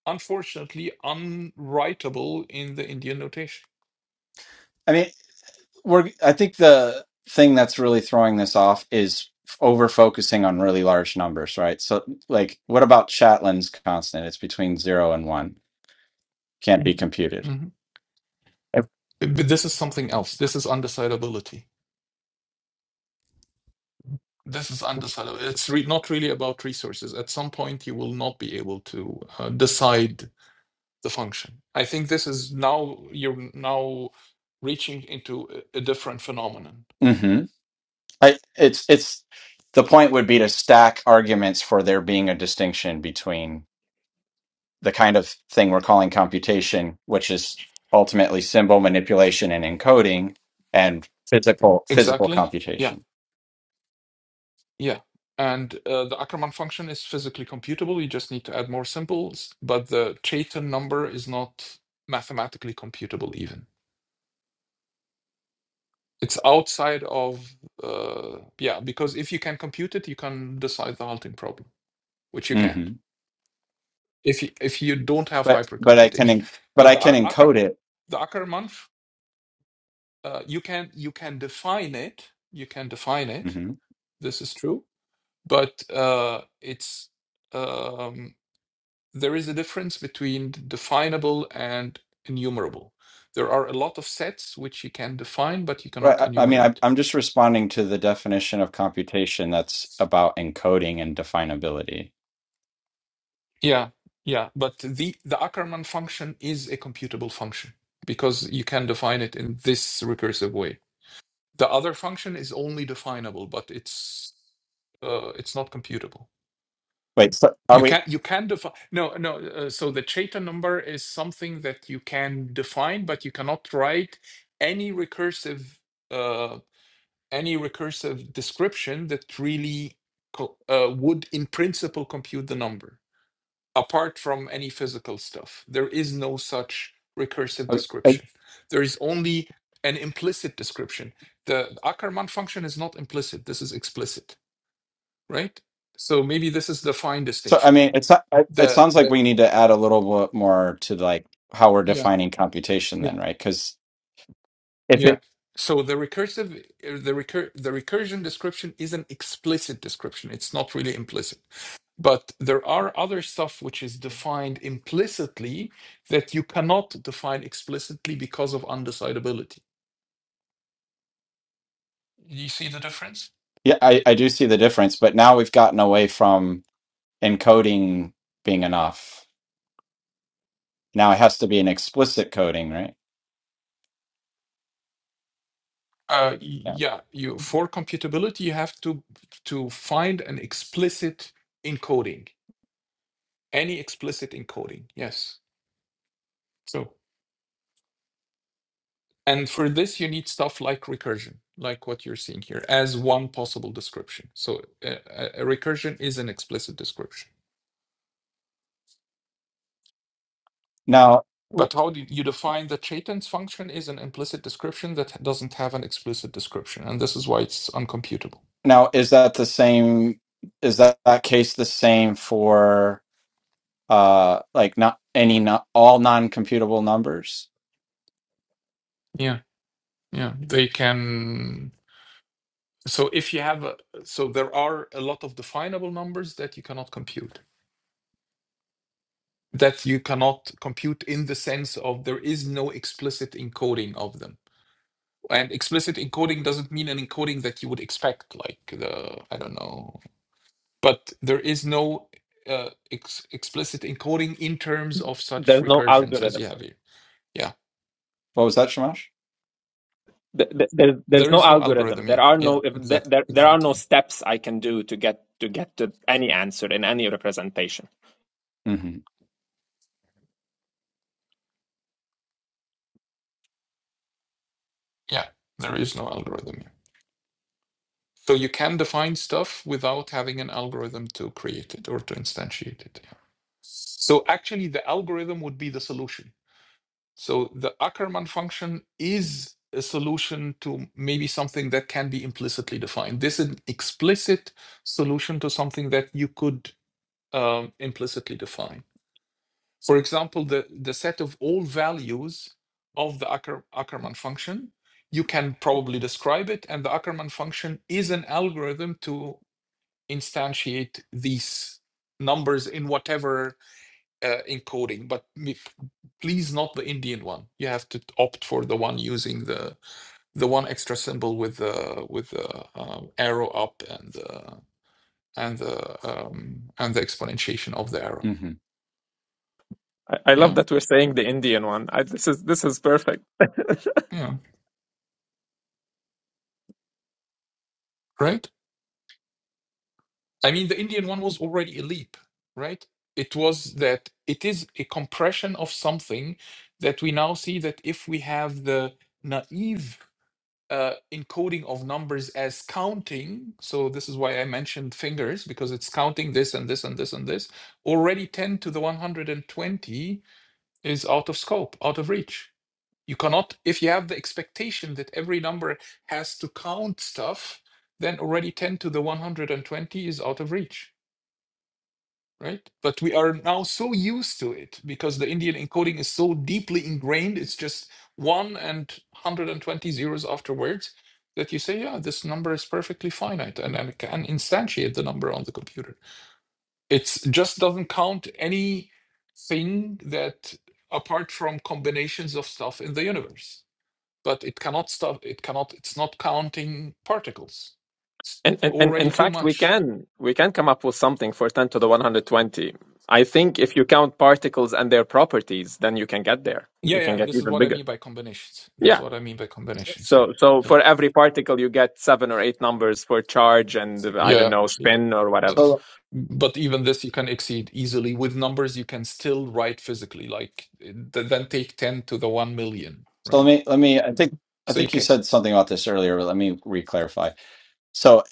[SPEAKER 2] unfortunately unwritable in the Indian notation.
[SPEAKER 1] I mean, we're I think the thing that's really throwing this off is over focusing on really large numbers, right? So like what about Chatlin's constant? It's between 0 and 1. Can't be computed.
[SPEAKER 2] Mhm.
[SPEAKER 1] Ev-
[SPEAKER 2] But this is something else. This is undecidability. This is undecidable. It's re- not really about resources. At some point, you will not be able to uh, decide the function. I think this is now you're now reaching into a a different phenomenon.
[SPEAKER 1] Mhm. I it's it's the point would be to stack arguments for there being a distinction between the kind of thing we're calling computation, which is ultimately symbol manipulation and encoding and physical
[SPEAKER 2] Exactly. Yeah.
[SPEAKER 1] computation.
[SPEAKER 2] Yeah. And uh, the Ackermann function is physically computable. You just need to add more symbols, but the Chaitin number is not mathematically computable even. It's outside of, uh, yeah, because if you can compute it, you can decide the halting problem, which you can't
[SPEAKER 1] Mhm.
[SPEAKER 2] if you, if you don't have
[SPEAKER 1] But but I can
[SPEAKER 2] hypercomputation.
[SPEAKER 1] en- but
[SPEAKER 2] But
[SPEAKER 1] I
[SPEAKER 2] the
[SPEAKER 1] can
[SPEAKER 2] Ac- Acker,
[SPEAKER 1] encode it.
[SPEAKER 2] the Ackermann, f- uh, you can you can define it. You can define it.
[SPEAKER 1] Mm-hmm.
[SPEAKER 2] This is true, but uh, it's. um, there is a difference between definable and enumerable. There are a lot of sets which you can define, but you
[SPEAKER 1] Right.
[SPEAKER 2] cannot
[SPEAKER 1] I, I mean, I,
[SPEAKER 2] enumerate.
[SPEAKER 1] I'm just responding to the definition of computation that's about encoding and definability.
[SPEAKER 2] Yeah, yeah. But the the Ackermann function is a computable function because you can define it in this recursive way. The other function is only definable, but it's uh, it's not computable.
[SPEAKER 1] Wait, so are
[SPEAKER 2] You
[SPEAKER 1] we?
[SPEAKER 2] can you can define no no. Uh, so the Cheta number is something that you can define, but you cannot write any recursive uh, any recursive description that really co- uh, would, in principle, compute the number, apart from any physical stuff. There is no such recursive
[SPEAKER 1] are- are-
[SPEAKER 2] description. There is only an implicit description. The Ackermann function is not implicit. This is explicit, right? So maybe this is the fine
[SPEAKER 1] So I
[SPEAKER 2] distinction.
[SPEAKER 1] mean, it's not- I- it
[SPEAKER 2] The
[SPEAKER 1] sounds like
[SPEAKER 2] the
[SPEAKER 1] we need to add a little bit more to like how we're
[SPEAKER 2] yeah
[SPEAKER 1] defining computation,
[SPEAKER 2] yeah
[SPEAKER 1] then, right? Because if
[SPEAKER 2] yeah.
[SPEAKER 1] it
[SPEAKER 2] So the recursive uh, the recur the recursion description is an explicit description. It's not really implicit. But there are other stuff which is defined implicitly that you cannot define explicitly because of undecidability. You see the difference?
[SPEAKER 1] Yeah, I, I do see the difference, but now we've gotten away from encoding being enough. Now it has to be an explicit coding, right?
[SPEAKER 2] Uh, y-
[SPEAKER 1] Yeah.
[SPEAKER 2] yeah, you for computability you have to to find an explicit encoding, any explicit encoding. Yes. So and for this you need stuff like recursion, like what you're seeing here, as one possible description. So uh, a, a recursion is an explicit description.
[SPEAKER 1] Now,
[SPEAKER 2] But how do you define the Chaitin's function is an implicit description that doesn't have an explicit description, and this is why it's uncomputable.
[SPEAKER 1] now is that the same? Is that, that case the same for uh like not any not all non-computable numbers?
[SPEAKER 2] Yeah, yeah, they can. So if you have, a, so there are a lot of definable numbers that you cannot compute, that you cannot compute in the sense of there is no explicit encoding of them. And explicit encoding doesn't mean an encoding that you would expect, like the I don't know but there is no uh, ex- explicit encoding in terms of such
[SPEAKER 4] There's no
[SPEAKER 2] recursions as
[SPEAKER 4] algorithm.
[SPEAKER 2] you have here. Yeah,
[SPEAKER 1] What was that, Shamash?
[SPEAKER 4] th- th- there's there's
[SPEAKER 2] there
[SPEAKER 4] no
[SPEAKER 2] is no
[SPEAKER 4] algorithm.
[SPEAKER 2] algorithm.
[SPEAKER 4] There
[SPEAKER 2] Yeah,
[SPEAKER 4] are
[SPEAKER 2] yeah,
[SPEAKER 4] no if th-
[SPEAKER 2] exactly,
[SPEAKER 4] there there are no
[SPEAKER 2] exactly.
[SPEAKER 4] steps I can do to get to get to any answer in any representation.
[SPEAKER 1] Mm-hmm.
[SPEAKER 2] Yeah, there is no algorithm. Yeah. So you can define stuff without having an algorithm to create it or to instantiate it. yeah. So actually, the algorithm would be the solution. So the Ackermann function is a solution to maybe something that can be implicitly defined. This is an explicit solution to something that you could um, implicitly define. For example, the, the set of all values of the Acker, Ackermann function, you can probably describe it, and the Ackermann function is an algorithm to instantiate these numbers in whatever uh, encoding. But please, not the Indian one. You have to opt for the one using the the one extra symbol with the with the uh, arrow up and the and the um, and the exponentiation of the arrow.
[SPEAKER 1] Mm-hmm.
[SPEAKER 4] I, I love
[SPEAKER 2] Yeah.
[SPEAKER 4] that we're saying the Indian one. I, this is this is perfect.
[SPEAKER 2] Yeah. right? I mean, the Indian one was already a leap, right? It was that it is a compression of something that we now see that if we have the naive uh, encoding of numbers as counting, so this is why I mentioned fingers because it's counting this and this and this and this. Already 10 to the 120 is out of scope, out of reach you cannot, if you have the expectation that every number has to count stuff, then already 10 to the 120 is out of reach, right? But we are now so used to it because the Indian encoding is so deeply ingrained, it's just 1 and 120 zeros afterwards that you say, yeah, this number is perfectly finite and, and can instantiate the number on the computer. It just doesn't count anything that apart from combinations of stuff in the universe but it cannot stop it cannot it's not counting particles it's
[SPEAKER 4] And, and and in
[SPEAKER 2] already too
[SPEAKER 4] fact, we
[SPEAKER 2] much
[SPEAKER 4] can we can come up with something for ten to the one hundred twenty. I think if you count particles and their properties, then you can get there.
[SPEAKER 2] yeah
[SPEAKER 4] You can
[SPEAKER 2] yeah
[SPEAKER 4] get
[SPEAKER 2] this is
[SPEAKER 4] even
[SPEAKER 2] what i
[SPEAKER 4] bigger.
[SPEAKER 2] mean by combinations this is
[SPEAKER 4] Yeah.
[SPEAKER 2] what i mean by combinations yeah
[SPEAKER 4] So so
[SPEAKER 2] yeah
[SPEAKER 4] for every particle, you get seven or eight numbers for charge and I don't
[SPEAKER 2] yeah
[SPEAKER 4] know
[SPEAKER 2] yeah
[SPEAKER 4] spin or
[SPEAKER 2] Uh,
[SPEAKER 4] whatever.
[SPEAKER 1] So,
[SPEAKER 2] but even this you can exceed easily with numbers you can still write physically like th- then take 10 to the 1 million
[SPEAKER 1] so let
[SPEAKER 2] right
[SPEAKER 1] me let me. I think I
[SPEAKER 2] so you
[SPEAKER 1] think you
[SPEAKER 2] can
[SPEAKER 1] said something about this earlier, but let me re-clarify. So,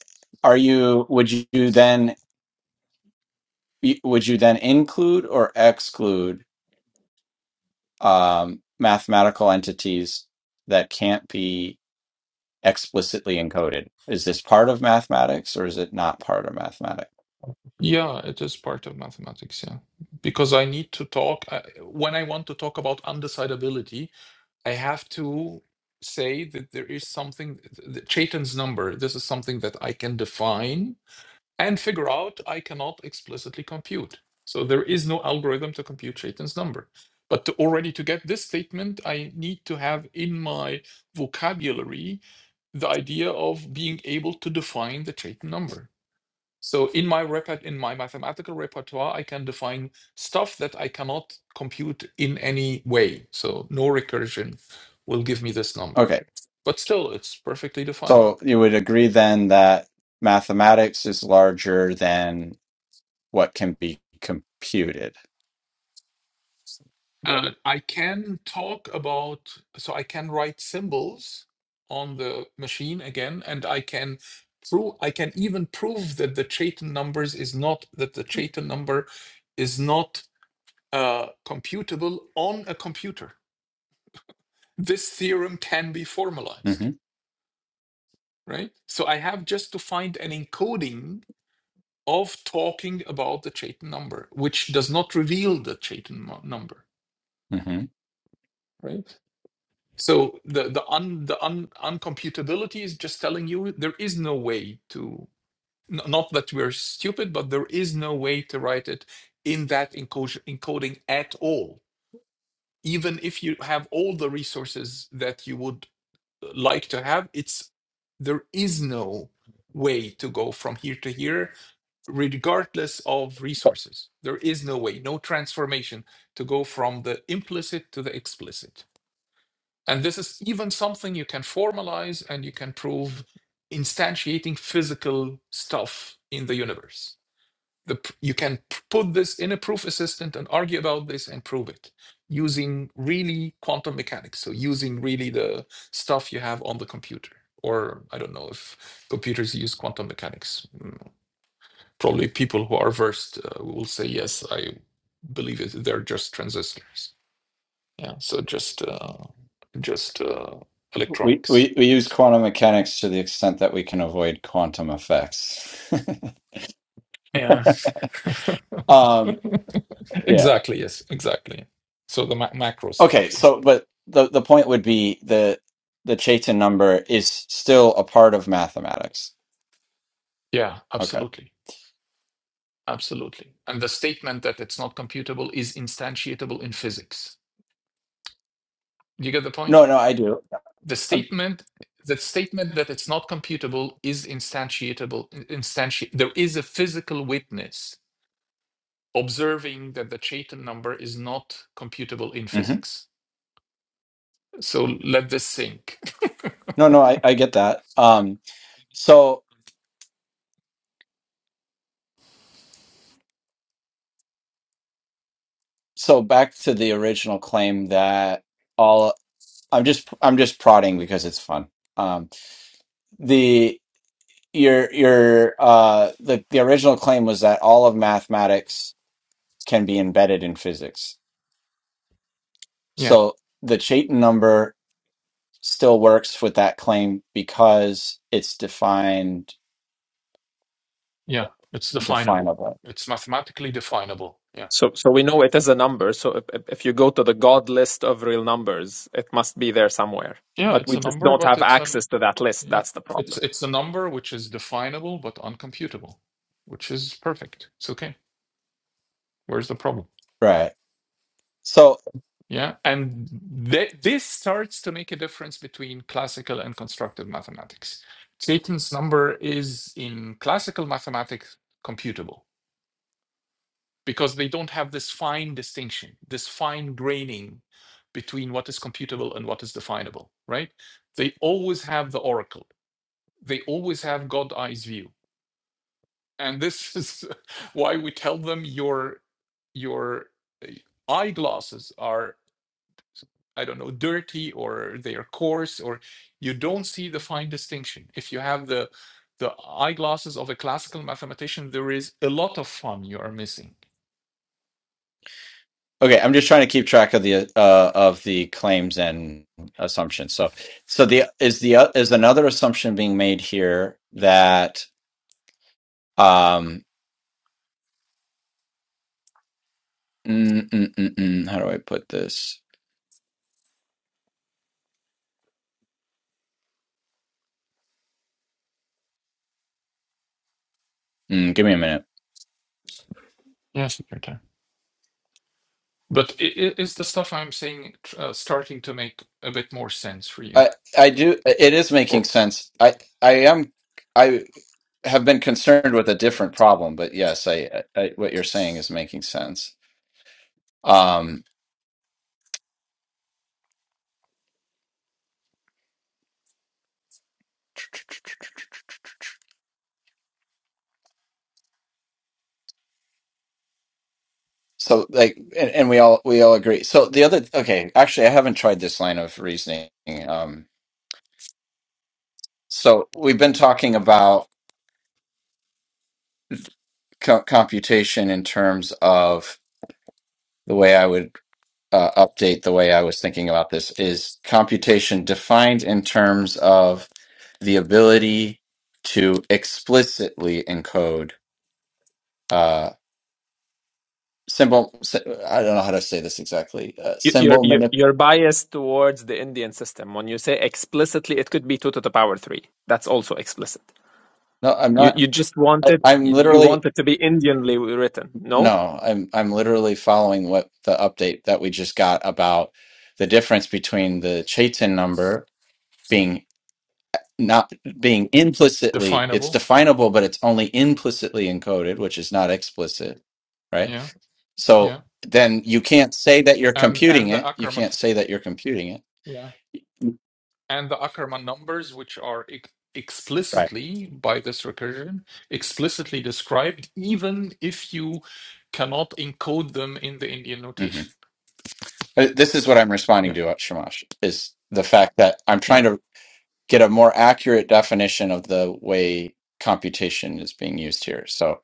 [SPEAKER 1] are you? Would you then? y- would you then include or exclude um, mathematical entities that can't be explicitly encoded? Is this part of mathematics or is it not part of mathematics?
[SPEAKER 2] yeah it is part of mathematics yeah because i need to talk I, when i want to talk about undecidability I have to say that there is something, th- th- Chaitan's number, this is something that I can define and figure out. I cannot explicitly compute. So there is no algorithm to compute Chaitan's number. But to already to get this statement, I need to have in my vocabulary the idea of being able to define the Chaitan number. So in my repert- in my mathematical repertoire, I can define stuff that I cannot compute in any way. So no recursion will give me this number.
[SPEAKER 1] Okay,
[SPEAKER 2] But still, it's perfectly
[SPEAKER 1] So
[SPEAKER 2] definable.
[SPEAKER 1] you would agree then that mathematics is larger than what can be computed.
[SPEAKER 2] Uh, I can talk about, so I can write symbols on the machine again, and I can prove, I can even prove that the Chaitin numbers is not, that the Chaitin number is not uh, computable on a computer. This theorem can be formalized.
[SPEAKER 1] hmm
[SPEAKER 2] right? So I have just to find an encoding of talking about the Chaitin number, which does not reveal the Chaitin mu- number,
[SPEAKER 1] hmm
[SPEAKER 2] right? So the the un the un, uncomputability is just telling you there is no way to n- not that we're stupid, but there is no way to write it in that encoding encoding at all. Even if you have all the resources that you would like to have it's there is no way to go from here to here regardless of resources there is no way no transformation to go from the implicit to the explicit and this is even something you can formalize and you can prove instantiating physical stuff in the universe the, you can put this in a proof assistant and argue about this and prove it using really quantum mechanics. So using really the stuff you have on the computer. Or I don't know if computers use quantum mechanics. Mm, Probably people who are versed uh, will say, yes, I believe it. They're just transistors. Yeah. So just, uh, just uh,
[SPEAKER 1] We,
[SPEAKER 2] electronics.
[SPEAKER 1] we we use quantum mechanics to the extent that we can avoid quantum effects.
[SPEAKER 2] Yeah.
[SPEAKER 1] *laughs*
[SPEAKER 2] *laughs*
[SPEAKER 1] um, yeah.
[SPEAKER 2] exactly. Yes. Exactly. So the ma- macro
[SPEAKER 1] Okay.
[SPEAKER 2] stuff. Yeah.
[SPEAKER 1] So, but the the point would be the the Chaitin number is still a part of mathematics.
[SPEAKER 2] Yeah.
[SPEAKER 1] Okay.
[SPEAKER 2] Absolutely. Absolutely. And the statement that it's not computable is instantiatable in physics. Do you get the point?
[SPEAKER 1] No, no, I do.
[SPEAKER 2] The statement the statement that it's not computable is instantiatable instanti- there is a physical witness observing that the Chaitin number is not computable in
[SPEAKER 1] hmm
[SPEAKER 2] physics. So let this sink.
[SPEAKER 1] No, no, I, I get that. Um, so so back to the original claim that all I'm just I'm just prodding because it's fun. Um, the your your uh the the original claim was that all of mathematics can be embedded in physics.
[SPEAKER 2] Yeah.
[SPEAKER 1] So the Chaitin number still works with that claim because it's defined.
[SPEAKER 2] Yeah. It's definable.
[SPEAKER 1] definable
[SPEAKER 2] It's mathematically definable. Yeah.
[SPEAKER 4] So, so we know it is a number. So if, if if you go to the God list of real numbers, it must be there somewhere.
[SPEAKER 2] Yeah,
[SPEAKER 4] But
[SPEAKER 2] it's
[SPEAKER 4] we
[SPEAKER 2] a
[SPEAKER 4] just
[SPEAKER 2] number,
[SPEAKER 4] don't
[SPEAKER 2] but
[SPEAKER 4] have
[SPEAKER 2] it's an
[SPEAKER 4] access to that list.
[SPEAKER 2] Yeah,
[SPEAKER 4] That's the
[SPEAKER 2] it's
[SPEAKER 4] problem.
[SPEAKER 2] it's a number which is definable but uncomputable, which is perfect. It's okay. Where's the problem?
[SPEAKER 1] right so
[SPEAKER 2] Yeah, and th- this starts to make a difference between classical and constructive mathematics. Clayton's number is in classical mathematics computable because they don't have this fine distinction, this fine graining between what is computable and what is definable, right? They always have the oracle. They always have God eyes view and this *laughs* is why we tell them your your uh, eyeglasses are i don't know dirty or they are coarse or you don't see the fine distinction if you have the the eyeglasses of a classical mathematician there is a lot of fun you are missing
[SPEAKER 1] okay i'm just trying to keep track of the uh of the claims and assumptions so so the is the uh, is another assumption being made here that um mm, mm, mm, mm, how do i put this mm, give me a minute
[SPEAKER 2] yes your time but i- i- is the stuff i'm saying tr- uh, starting to make a bit more sense for you
[SPEAKER 1] I I do. It is making
[SPEAKER 2] or
[SPEAKER 1] sense. I I am. I have been concerned with a different problem, but yes, I, I what you're saying is making sense. Um. So like, and, and we all we all agree. So the other okay. Actually, I haven't tried this line of reasoning. Um. So we've been talking about co- computation in terms of the way I would uh, update the way I was thinking about this is computation defined in terms of the ability to explicitly encode uh, symbol. sy- I don't know how to say this exactly. Uh,
[SPEAKER 4] You- You're,
[SPEAKER 1] symbol
[SPEAKER 4] you're,
[SPEAKER 1] manip.
[SPEAKER 4] you're biased towards the Indian system. When you say explicitly, it could be 2 to the power 3. That's also explicit.
[SPEAKER 1] No, I'm
[SPEAKER 4] You,
[SPEAKER 1] not.
[SPEAKER 4] you just want
[SPEAKER 1] I,
[SPEAKER 4] it,
[SPEAKER 1] I'm
[SPEAKER 4] you you
[SPEAKER 1] literally
[SPEAKER 4] want it to be Indianly written. No?
[SPEAKER 1] no. I'm I'm literally following what the update that we just got about the difference between the Chaitin number being. not being implicitly it's
[SPEAKER 2] definable
[SPEAKER 1] definable but it's only implicitly encoded which is not explicit right
[SPEAKER 2] yeah
[SPEAKER 1] so
[SPEAKER 2] yeah
[SPEAKER 1] then you can't say that you're
[SPEAKER 2] and
[SPEAKER 1] computing
[SPEAKER 2] and the
[SPEAKER 1] it you
[SPEAKER 2] ackerman
[SPEAKER 1] can't say that you're computing it
[SPEAKER 2] yeah and the Ackermann numbers, which are ex-
[SPEAKER 1] right
[SPEAKER 2] explicitly by this recursion explicitly described, even if you cannot encode them in the Indian
[SPEAKER 1] hmm
[SPEAKER 2] notation.
[SPEAKER 1] this is what i'm responding
[SPEAKER 2] Yeah,
[SPEAKER 1] to uh, shamash is the fact that i'm
[SPEAKER 2] yeah,
[SPEAKER 1] trying to get a more accurate definition of the way computation is being used here so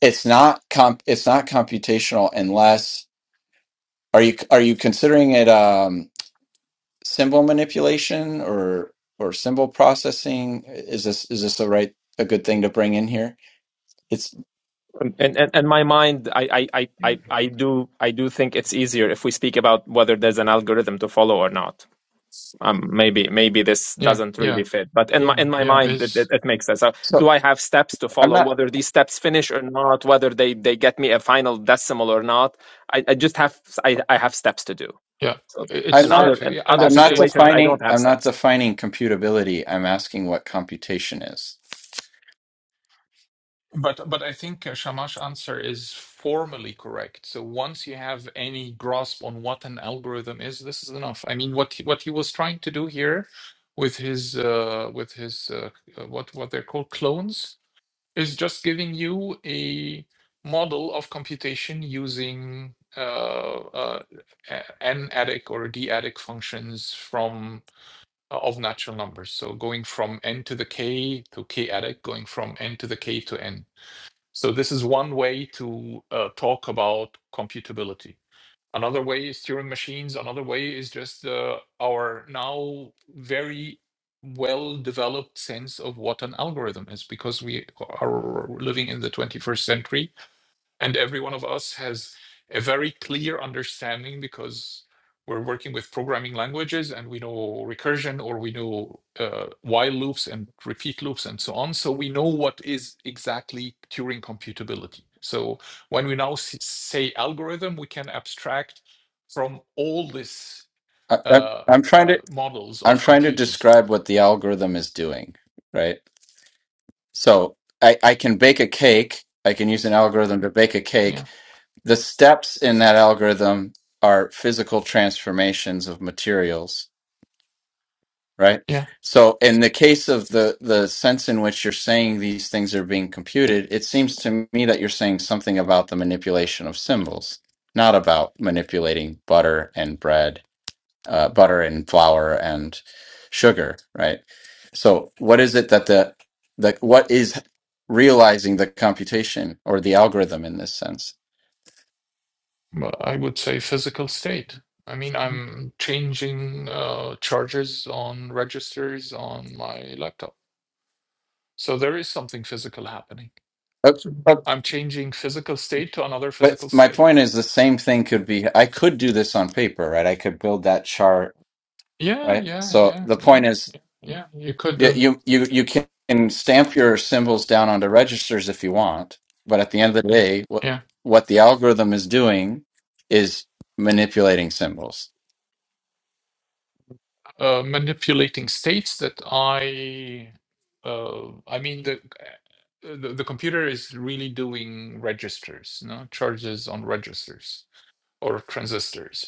[SPEAKER 1] it's not comp it's not computational unless are you are you considering it Um, symbol manipulation or or symbol processing? Is this is this the right a good thing to bring in here? It's
[SPEAKER 4] And, and, and my mind, I, I, I, I I do, I do think it's easier if we speak about whether there's an algorithm to follow or not. um, maybe maybe this
[SPEAKER 2] yeah,
[SPEAKER 4] doesn't
[SPEAKER 2] yeah,
[SPEAKER 4] really fit but in my
[SPEAKER 2] yeah,
[SPEAKER 4] in my
[SPEAKER 2] yeah.
[SPEAKER 4] mind it, it,
[SPEAKER 2] It's
[SPEAKER 4] it makes sense so
[SPEAKER 1] so
[SPEAKER 4] do i have steps to
[SPEAKER 1] I'm
[SPEAKER 4] follow
[SPEAKER 1] not
[SPEAKER 4] whether these steps finish or not whether they they get me a final decimal or not i, I just have I, I have steps to do
[SPEAKER 2] yeah,
[SPEAKER 4] so
[SPEAKER 2] i-
[SPEAKER 1] I'm
[SPEAKER 2] it's
[SPEAKER 4] in other
[SPEAKER 1] not
[SPEAKER 2] perfect.
[SPEAKER 4] in
[SPEAKER 2] Yeah, I
[SPEAKER 4] other
[SPEAKER 1] I'm
[SPEAKER 2] would
[SPEAKER 1] not
[SPEAKER 2] say
[SPEAKER 4] situations
[SPEAKER 2] I
[SPEAKER 4] i
[SPEAKER 2] would.
[SPEAKER 4] don't
[SPEAKER 1] defining
[SPEAKER 4] have
[SPEAKER 1] I'm not
[SPEAKER 4] steps
[SPEAKER 1] defining computability. I'm asking what computation is.
[SPEAKER 2] But but I think uh, Shamash answer is formally correct. So once you have any grasp on what an algorithm is, this is enough. I mean, what he, what he was trying to do here with his uh, with his uh, uh, what what they're called clones is just giving you a model of computation using uh, uh, a- n adic or d adic functions from uh, of natural numbers. So going from n to the k to k adic, going from n to the k to n. So this is one way to uh, talk about computability. Another way is Turing machines. Another way is just uh, our now very well developed sense of what an algorithm is because we are living in the 21st century and every one of us has a very clear understanding because we're working with programming languages and we know recursion or we know uh, while loops and repeat loops and so on. So we know what is exactly Turing computability. So when we now say algorithm, we can abstract from all this
[SPEAKER 1] I, I,
[SPEAKER 2] uh,
[SPEAKER 1] I'm trying
[SPEAKER 2] uh,
[SPEAKER 1] to
[SPEAKER 2] models
[SPEAKER 1] I'm
[SPEAKER 2] of
[SPEAKER 1] trying to
[SPEAKER 2] computing.
[SPEAKER 1] describe what the algorithm is doing, right? So I, I can bake a cake. I can use an algorithm to bake a
[SPEAKER 2] Yeah.
[SPEAKER 1] cake. The steps in that algorithm are physical transformations of materials, right?
[SPEAKER 2] Yeah.
[SPEAKER 1] So in the case of the, the sense in which you're saying these things are being computed, it seems to me that you're saying something about the manipulation of symbols, not about manipulating butter and bread uh, butter and flour and sugar, right? So what is it that the the what is realizing the computation or the algorithm in this sense?
[SPEAKER 2] Well, I would say physical state. I mean, I'm changing uh, chargers on registers on my laptop. So there is something physical happening.
[SPEAKER 1] Oops.
[SPEAKER 2] I'm changing physical state to another
[SPEAKER 1] But
[SPEAKER 2] physical
[SPEAKER 1] my
[SPEAKER 2] state.
[SPEAKER 1] point is the same thing could be I could do this on paper, right? I could build that chart,
[SPEAKER 2] Yeah,
[SPEAKER 1] right?
[SPEAKER 2] yeah,
[SPEAKER 1] So
[SPEAKER 2] yeah,
[SPEAKER 1] the
[SPEAKER 2] yeah,
[SPEAKER 1] point is
[SPEAKER 2] yeah. You could,
[SPEAKER 1] yeah,
[SPEAKER 2] uh,
[SPEAKER 1] you you you can stamp your symbols down onto registers if you want, but at the end of the day, what
[SPEAKER 2] yeah,
[SPEAKER 1] what the algorithm is doing is manipulating symbols.
[SPEAKER 2] uh, manipulating states that I, uh, I mean, the, uh, the the computer is really doing registers, no charges on registers or transistors.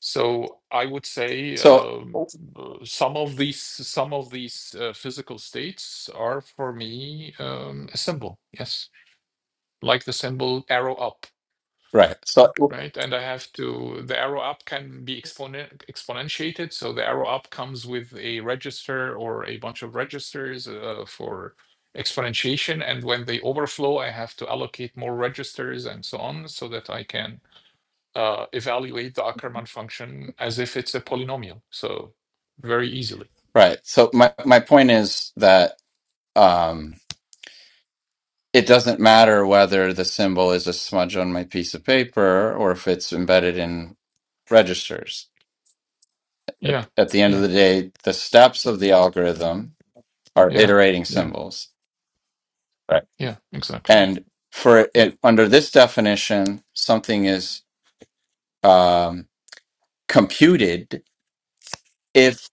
[SPEAKER 2] So I would say
[SPEAKER 1] So
[SPEAKER 2] um, uh, some of these some of these uh, physical states are for me um, a symbol. Yes, like the symbol arrow up,
[SPEAKER 1] right. So
[SPEAKER 2] right? And I have to the arrow up can be exponent exponentiated. So the arrow up comes with a register or a bunch of registers uh, for exponentiation. And when they overflow, I have to allocate more registers and so on, so that I can uh, evaluate the Ackermann function as if it's a polynomial. So very easily.
[SPEAKER 1] Right. So my my point is that um, it doesn't matter whether the symbol is a smudge on my piece of paper or if it's embedded in registers.
[SPEAKER 2] Yeah,
[SPEAKER 1] At the end of
[SPEAKER 2] yeah,
[SPEAKER 1] the day, the steps of the algorithm are
[SPEAKER 2] yeah,
[SPEAKER 1] iterating
[SPEAKER 2] yeah,
[SPEAKER 1] symbols. Right.
[SPEAKER 2] yeah. Exactly.
[SPEAKER 1] And for
[SPEAKER 2] Yeah,
[SPEAKER 1] it, under this definition, something is um, computed if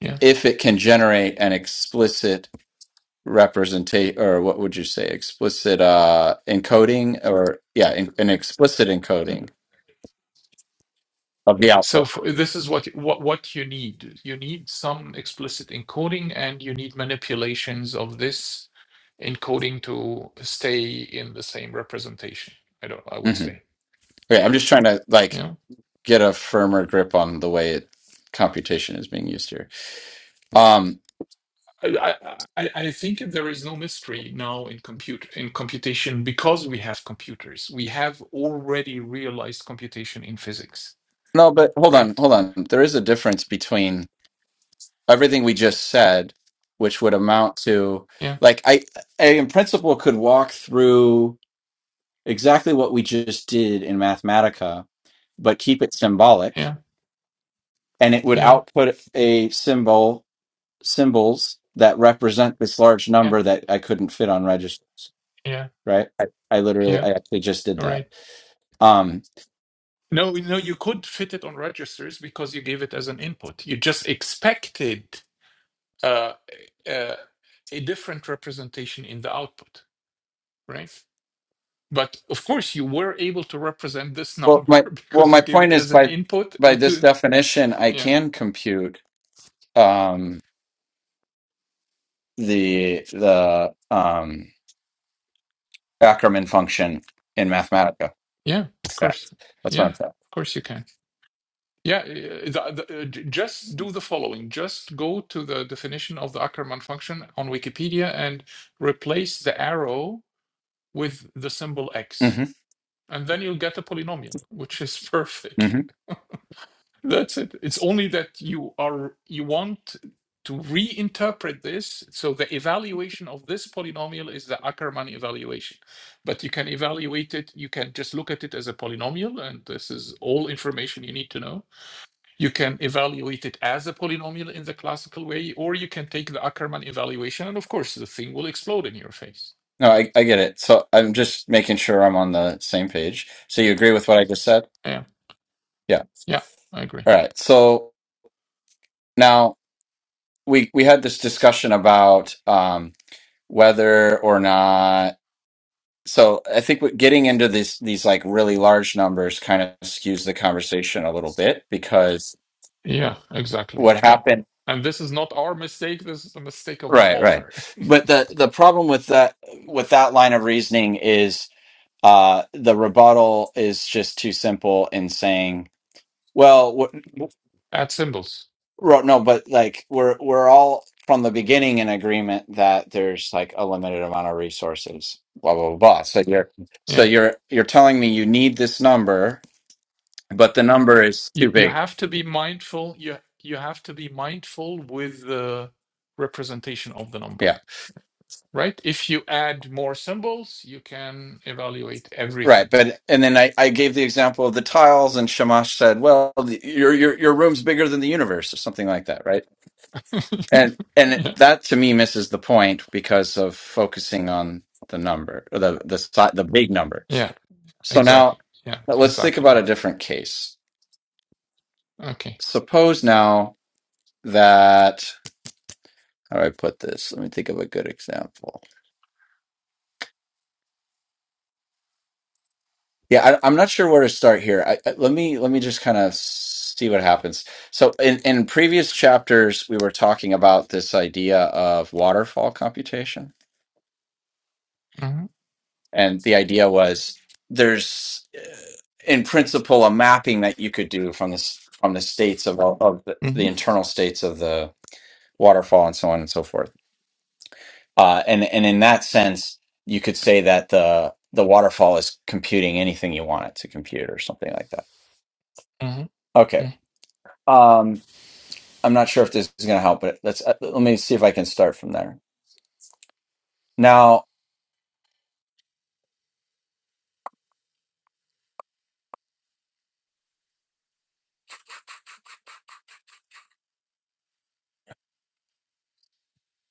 [SPEAKER 2] yeah.
[SPEAKER 1] if it can generate an explicit representation or what would you say explicit uh encoding or yeah in, an explicit encoding of the
[SPEAKER 2] So
[SPEAKER 1] output
[SPEAKER 2] for, this is what what what you need. You need some explicit encoding, and you need manipulations of this encoding to stay in the same representation. I don't. I would
[SPEAKER 1] hmm
[SPEAKER 2] say.
[SPEAKER 1] okay i'm just trying to like
[SPEAKER 2] Yeah.
[SPEAKER 1] get a firmer grip on the way it, computation is being used here um
[SPEAKER 2] I, I, I I think there is no mystery now in compute in computation because we have computers. We have already realized computation in physics,
[SPEAKER 1] no but hold
[SPEAKER 2] right?
[SPEAKER 1] on hold on there is a difference between everything we just said which would amount to
[SPEAKER 2] Yeah,
[SPEAKER 1] like i i in principle could walk through exactly what we just did in mathematica but keep it symbolic
[SPEAKER 2] yeah,
[SPEAKER 1] and it would
[SPEAKER 2] yeah,
[SPEAKER 1] output a symbol symbols that represent this large
[SPEAKER 2] yeah,
[SPEAKER 1] number that I couldn't fit on register.
[SPEAKER 2] yeah,
[SPEAKER 1] Right? I, I literally,
[SPEAKER 2] yeah.
[SPEAKER 1] I actually just did
[SPEAKER 2] All
[SPEAKER 1] that.
[SPEAKER 2] right.
[SPEAKER 1] Um,
[SPEAKER 2] No, no, you could fit it on registers because you gave it as an input. You just expected uh, uh, a different representation in the output, right? But of course, you were able to represent this
[SPEAKER 1] well,
[SPEAKER 2] number *laughs*
[SPEAKER 1] my well,
[SPEAKER 2] because you
[SPEAKER 1] my
[SPEAKER 2] gave it
[SPEAKER 1] point is
[SPEAKER 2] as an
[SPEAKER 1] by
[SPEAKER 2] input
[SPEAKER 1] by this
[SPEAKER 2] into
[SPEAKER 1] definition, I
[SPEAKER 2] yeah
[SPEAKER 1] can compute um, the the um, Ackermann function in Mathematica.
[SPEAKER 2] Yeah, of
[SPEAKER 1] That's
[SPEAKER 2] course.
[SPEAKER 1] that's
[SPEAKER 2] Yeah,
[SPEAKER 1] what I'm saying.
[SPEAKER 2] of course you can. Yeah, uh, the, the, uh, j- just do the following. Just go to the definition of the Ackermann function on Wikipedia and replace the arrow with the symbol x. And then you'll get a polynomial, which is *laughs* perfect.
[SPEAKER 1] hmm
[SPEAKER 2] That's it. It's only that you are you want to reinterpret this. So the evaluation of this polynomial is the Ackermann evaluation. But you can evaluate it, you can just look at it as a polynomial, and this is all information you need to know. You can evaluate it as a polynomial in the classical way, or you can take the Ackermann evaluation, and of course the thing will explode in your face.
[SPEAKER 1] No, I, I get it. So I'm just making sure I'm on the same page. So you agree with what I just said?
[SPEAKER 2] Yeah,
[SPEAKER 1] Yeah.
[SPEAKER 2] yeah, I agree.
[SPEAKER 1] All right. So now we we had this discussion about um, whether or not. So I think what- getting into these these like really large numbers kind of skews the conversation a little bit because
[SPEAKER 2] Yeah, exactly.
[SPEAKER 1] what
[SPEAKER 2] Yeah.
[SPEAKER 1] happened?
[SPEAKER 2] And this is not our mistake, this is the mistake of the
[SPEAKER 1] Right, right.
[SPEAKER 2] author. *laughs*
[SPEAKER 1] But the the problem with that with that line of reasoning is uh, the rebuttal is just too simple in saying. Well, what?
[SPEAKER 2] Add symbols.
[SPEAKER 1] Ro- No, but like we're we're all from the beginning in agreement that there's like a limited amount of resources, blah blah blah. blah. So you're so
[SPEAKER 2] Yeah.
[SPEAKER 1] you're you're telling me you need this number, but the number is
[SPEAKER 2] You
[SPEAKER 1] too
[SPEAKER 2] you
[SPEAKER 1] big.
[SPEAKER 2] have to be mindful. You you have to be mindful with the representation of the number,
[SPEAKER 1] Yeah.
[SPEAKER 2] right? If you add more symbols, you can evaluate
[SPEAKER 1] Right,
[SPEAKER 2] everything.
[SPEAKER 1] but and then I, I gave the example of the tiles, and Shamash said, "Well, the, your your your room's bigger than the universe, or something like that, right?" And
[SPEAKER 2] Yeah.
[SPEAKER 1] and that to me misses the point because of focusing on the number, or the the si- the big number.
[SPEAKER 2] Yeah.
[SPEAKER 1] So
[SPEAKER 2] Exactly.
[SPEAKER 1] now
[SPEAKER 2] Yeah.
[SPEAKER 1] uh, let's think
[SPEAKER 2] Exactly.
[SPEAKER 1] about a
[SPEAKER 2] Yeah.
[SPEAKER 1] different case.
[SPEAKER 2] Okay.
[SPEAKER 1] Suppose now that, how do I put this? Let me think of a good example. Yeah, I, I'm not sure where to start here. I, I- let me let me just kind of see what happens. So in, in previous chapters, we were talking about this idea of waterfall computation,
[SPEAKER 2] hmm
[SPEAKER 1] and the idea was there's, uh, in principle, a mapping that you could do from this from the states of, of the, the
[SPEAKER 2] hmm
[SPEAKER 1] internal states of the waterfall and so on and so forth Uh, and and in that sense, you could say that the the waterfall is computing anything you want it to compute or something like that.
[SPEAKER 2] hmm
[SPEAKER 1] Okay. Um, I'm not sure if this is going to help, but let's uh, let me see if I can start from there. Now,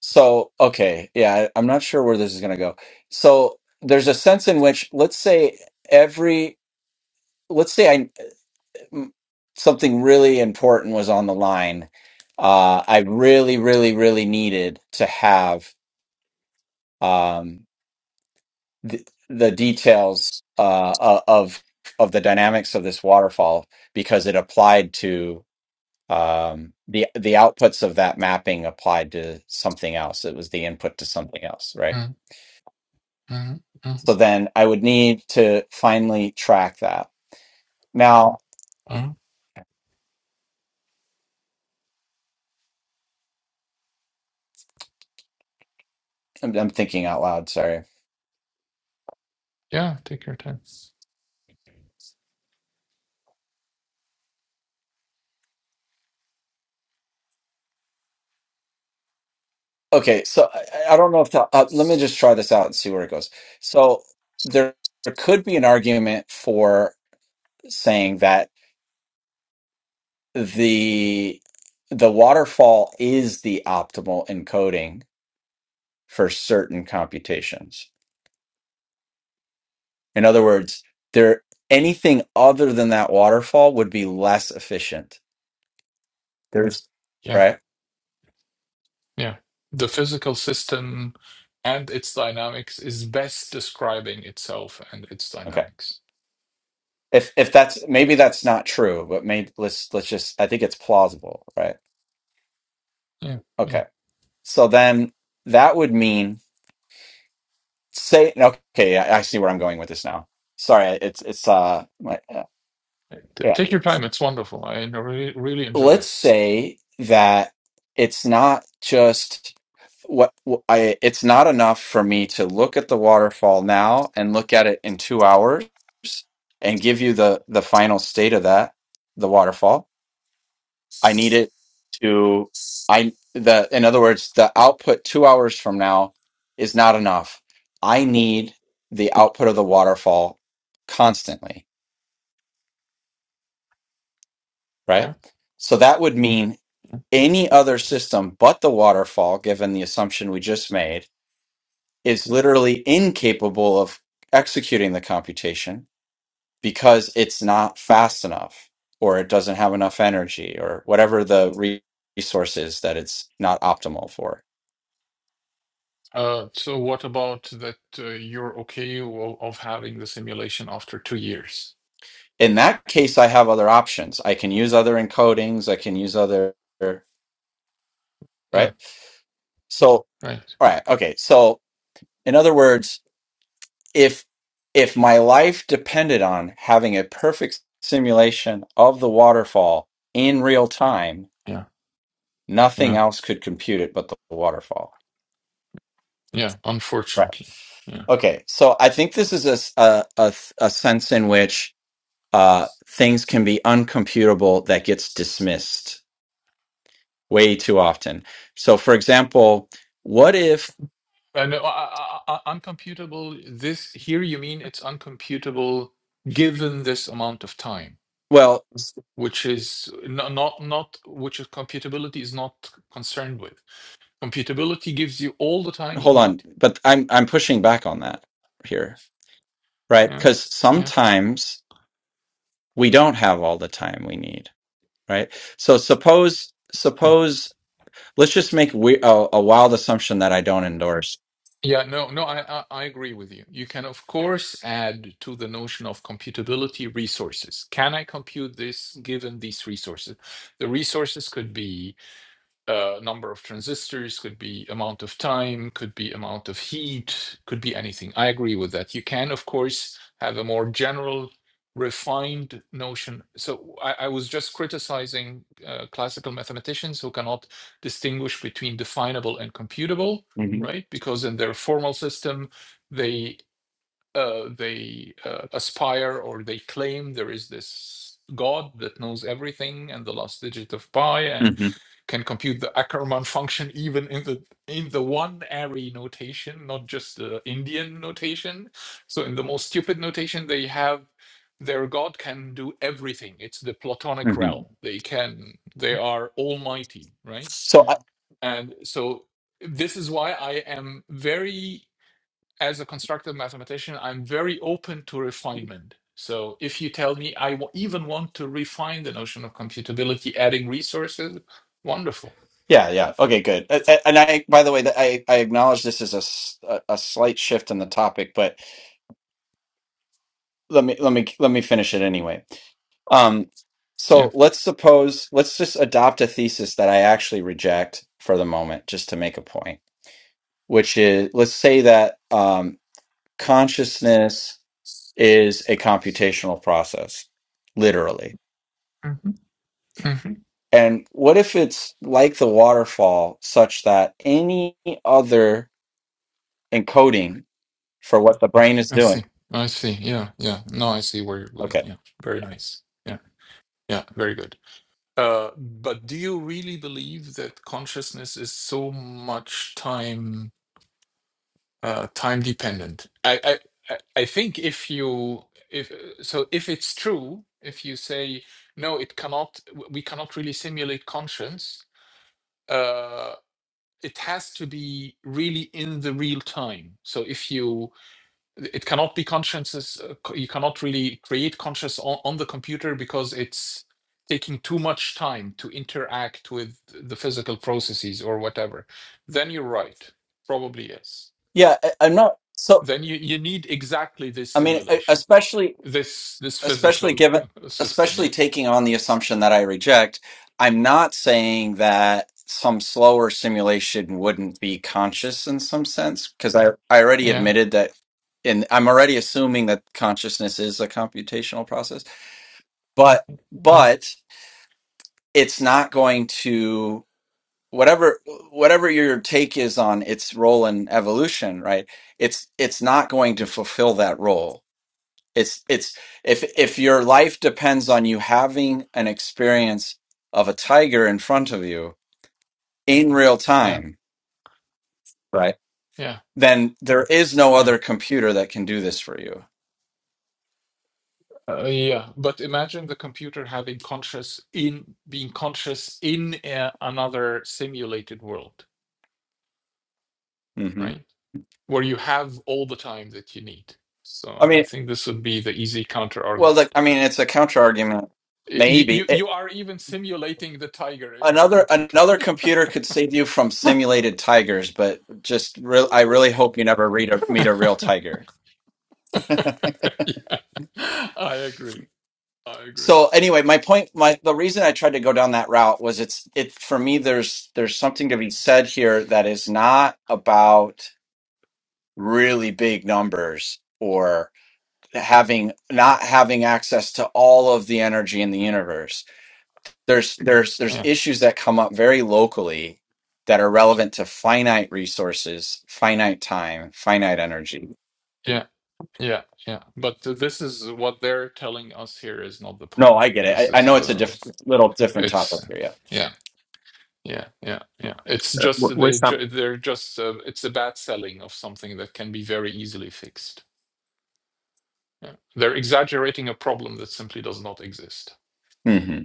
[SPEAKER 1] so okay, yeah, I, I'm not sure where this is going to go. So there's a sense in which, let's say every, let's say I m- something really important was on the line. Uh, I really, really, really needed to have. um, the, the details uh, of of the dynamics of this waterfall because it applied to um, the the outputs of that mapping applied to something else. It was the input to something else, right?
[SPEAKER 2] hmm hmm
[SPEAKER 1] So then I would need to finally track that. Now
[SPEAKER 2] hmm
[SPEAKER 1] I'm, I'm thinking out loud. Sorry.
[SPEAKER 2] Yeah. Take your time.
[SPEAKER 1] Okay, so I, I don't know if that, uh, let me just try this out and see where it goes. So there there could be an argument for saying that. the the waterfall is the optimal encoding for certain computations. In other words, there anything other than that waterfall would be less efficient. There's
[SPEAKER 2] Yeah.
[SPEAKER 1] right?
[SPEAKER 2] Yeah. The physical system and its dynamics is best describing itself and its
[SPEAKER 1] Okay.
[SPEAKER 2] dynamics.
[SPEAKER 1] If if that's maybe that's not true, but maybe let's let's just I think it's plausible, right?
[SPEAKER 2] Yeah. Yeah.
[SPEAKER 1] Okay. So then that would mean say okay, I, I see where I'm going with this now. Sorry, it's it's uh my, yeah.
[SPEAKER 2] T- Take your time. It's wonderful. I n- really, really enjoy
[SPEAKER 1] let's
[SPEAKER 2] it.
[SPEAKER 1] say that it's not just what what I it's not enough for me to look at the waterfall now and look at it in 2 hours and give you the the final state of that the waterfall I need it to I the in other words the output 2 hours from now is not enough I need the output of the waterfall constantly right
[SPEAKER 2] Yeah.
[SPEAKER 1] so that would mean Any other system but the waterfall, given the assumption we just made, is literally incapable of executing the computation because it's not fast enough or it doesn't have enough energy or whatever the re- resource is that it's not optimal for.
[SPEAKER 2] Uh, so what about that uh, you're okay of, of having the simulation after two years?
[SPEAKER 1] In that case, I have other options. I can use other encodings, I can use other, right?
[SPEAKER 2] Yeah,
[SPEAKER 1] So, all
[SPEAKER 2] right.
[SPEAKER 1] right, okay. So, in other words, if if my life depended on having a perfect simulation of the waterfall in real time
[SPEAKER 2] Yeah,
[SPEAKER 1] nothing
[SPEAKER 2] yeah,
[SPEAKER 1] else could compute it but the waterfall
[SPEAKER 2] yeah.
[SPEAKER 1] right
[SPEAKER 2] Unfortunately. Yeah.
[SPEAKER 1] okay so i think this is a s- a, a- a sense in which uh, things can be uncomputable that gets dismissed way too often so for example what if
[SPEAKER 2] And uh, uh, uh, uh, uncomputable, this here you mean it's uncomputable given this amount of time,
[SPEAKER 1] well
[SPEAKER 2] which is not, not, not which is computability is not concerned with. Computability gives you all the time you
[SPEAKER 1] hold on
[SPEAKER 2] need.
[SPEAKER 1] but i'm i'm pushing back on that here right
[SPEAKER 2] Yeah,
[SPEAKER 1] because
[SPEAKER 2] yeah.
[SPEAKER 1] sometimes we don't have all the time we need right so suppose
[SPEAKER 2] yeah.
[SPEAKER 1] suppose let's just make we, a, a wild assumption that i don't endorse
[SPEAKER 2] Yeah, no, no, I, I I agree with you. You can, of course, add to the notion of computability resources. Can I compute this given these resources? The resources could be uh, number of transistors, could be amount of time, could be amount of heat, could be anything. I agree with that. You can, of course, have a more general, refined notion. So I, I was just criticizing uh, classical mathematicians who cannot distinguish between definable and computable,
[SPEAKER 1] hmm
[SPEAKER 2] right? Because in their formal system, they uh, they uh, aspire or they claim there is this God that knows everything and the last digit of pi and
[SPEAKER 1] hmm
[SPEAKER 2] can compute the Ackermann function even in the in the one array notation, not just the Indian notation. So in the most stupid notation they have, their god can do everything. It's the Platonic
[SPEAKER 1] hmm
[SPEAKER 2] realm. They can they are almighty, right?
[SPEAKER 1] so I,
[SPEAKER 2] And so this is why I am very as a constructive mathematician, I'm very open to refinement. So if you tell me I w- even want to refine the notion of computability, adding resources, wonderful.
[SPEAKER 1] yeah yeah okay good A- a- and i by the way that i i acknowledge this is a, s- a a slight shift in the topic but let me let me let me finish it anyway um
[SPEAKER 2] Yeah.
[SPEAKER 1] so let's suppose let's just adopt a thesis that i actually reject for the moment just to make a point which is let's say that um consciousness is a computational process, literally.
[SPEAKER 2] hmm hmm
[SPEAKER 1] And what if it's like the waterfall, such that any other encoding for what the brain is
[SPEAKER 2] I
[SPEAKER 1] doing?
[SPEAKER 2] see. I see. Yeah. Yeah. No, I see where you're going.
[SPEAKER 1] Okay.
[SPEAKER 2] Yeah. Very nice. Yeah. Yeah. Very good. Uh, but do you really believe that consciousness is so much time uh, time dependent? I, I I I think if you if so if it's true, if you say no, it cannot. w- We cannot really simulate conscience. Uh, it has to be really in the real time. So if you it cannot be consciences uh, c- you cannot really create conscious on, on the computer because it's taking too much time to interact with the physical processes or whatever then you're right probably yes
[SPEAKER 1] Yeah, I, I'm not. So,
[SPEAKER 2] then you, you need exactly this
[SPEAKER 1] I mean, e-
[SPEAKER 2] simulation
[SPEAKER 1] especially
[SPEAKER 2] this this
[SPEAKER 1] especially
[SPEAKER 2] physical
[SPEAKER 1] given
[SPEAKER 2] *laughs* system
[SPEAKER 1] especially
[SPEAKER 2] yeah
[SPEAKER 1] taking on the assumption that I reject, I'm not saying that some slower simulation wouldn't be conscious in some sense because I I already
[SPEAKER 2] yeah
[SPEAKER 1] admitted that and I'm already assuming that consciousness is a computational process, but
[SPEAKER 2] yeah
[SPEAKER 1] but it's not going to whatever whatever your take is on its role in evolution, right? It's it's not going to fulfill that role it's it's if if your life depends on you having an experience of a tiger in front of you in real
[SPEAKER 2] yeah
[SPEAKER 1] time, right?
[SPEAKER 2] yeah
[SPEAKER 1] Then there is no
[SPEAKER 2] yeah
[SPEAKER 1] other computer that can do this for you.
[SPEAKER 2] uh, yeah but imagine the computer having conscious in being conscious in uh, another simulated world
[SPEAKER 1] hmm
[SPEAKER 2] right where you have all the time that you need. So
[SPEAKER 1] I
[SPEAKER 2] I
[SPEAKER 1] mean,
[SPEAKER 2] think this would be the easy counter
[SPEAKER 1] well,
[SPEAKER 2] argument.
[SPEAKER 1] like, I mean, it's a counter argument.
[SPEAKER 2] You,
[SPEAKER 1] Maybe
[SPEAKER 2] you you
[SPEAKER 1] it,
[SPEAKER 2] are even simulating the tiger in the
[SPEAKER 1] another
[SPEAKER 2] computer.
[SPEAKER 1] another computer could save you from simulated tigers, but just real, I really hope you never read a, meet a real tiger.
[SPEAKER 2] *laughs* I agree. I agree.
[SPEAKER 1] so anyway my point my the reason i tried to go down that route was it's it for me there's there's something to be said here that is not about really big numbers or having not having access to all of the energy in the universe there's there's there's
[SPEAKER 2] Yeah,
[SPEAKER 1] issues that come up very locally that are relevant to finite resources finite time finite energy
[SPEAKER 2] yeah, yeah, yeah. But uh, this is what they're telling us here is not the
[SPEAKER 1] no i
[SPEAKER 2] point.
[SPEAKER 1] get
[SPEAKER 2] This
[SPEAKER 1] it i, I
[SPEAKER 2] is
[SPEAKER 1] know it's a
[SPEAKER 2] the
[SPEAKER 1] diff- little different
[SPEAKER 2] it's
[SPEAKER 1] topic here yeah
[SPEAKER 2] yeah, yeah, yeah, yeah. It's
[SPEAKER 4] Uh,
[SPEAKER 2] just
[SPEAKER 4] w-
[SPEAKER 2] that
[SPEAKER 4] with
[SPEAKER 2] they
[SPEAKER 4] some
[SPEAKER 2] ju- they're just uh, it's a bad selling of something that can be very easily fixed. Yeah. They're exaggerating a problem that simply does not exist,
[SPEAKER 1] hmm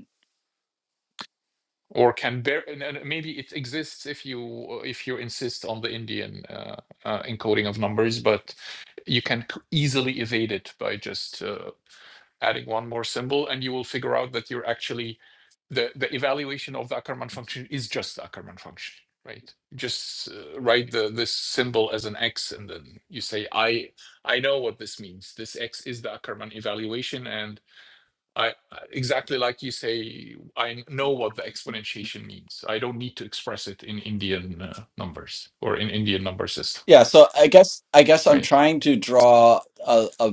[SPEAKER 2] or can bear. And, and maybe it exists if you if you insist on the Indian uh, uh, encoding of numbers, but you can c- easily evade it by just uh, adding one more symbol, and you will figure out that you're actually the the evaluation of the Ackermann function is just the Ackermann function, right? Just uh, write the this symbol as an x, and then you say I I know what this means. This x is the Ackermann evaluation, and I I- exactly like you say. I know what the exponentiation means. I don't need to express it in Indian uh, numbers or in Indian number system,
[SPEAKER 1] Yeah, so I guess I guess I'm
[SPEAKER 2] right?
[SPEAKER 1] trying to draw a, a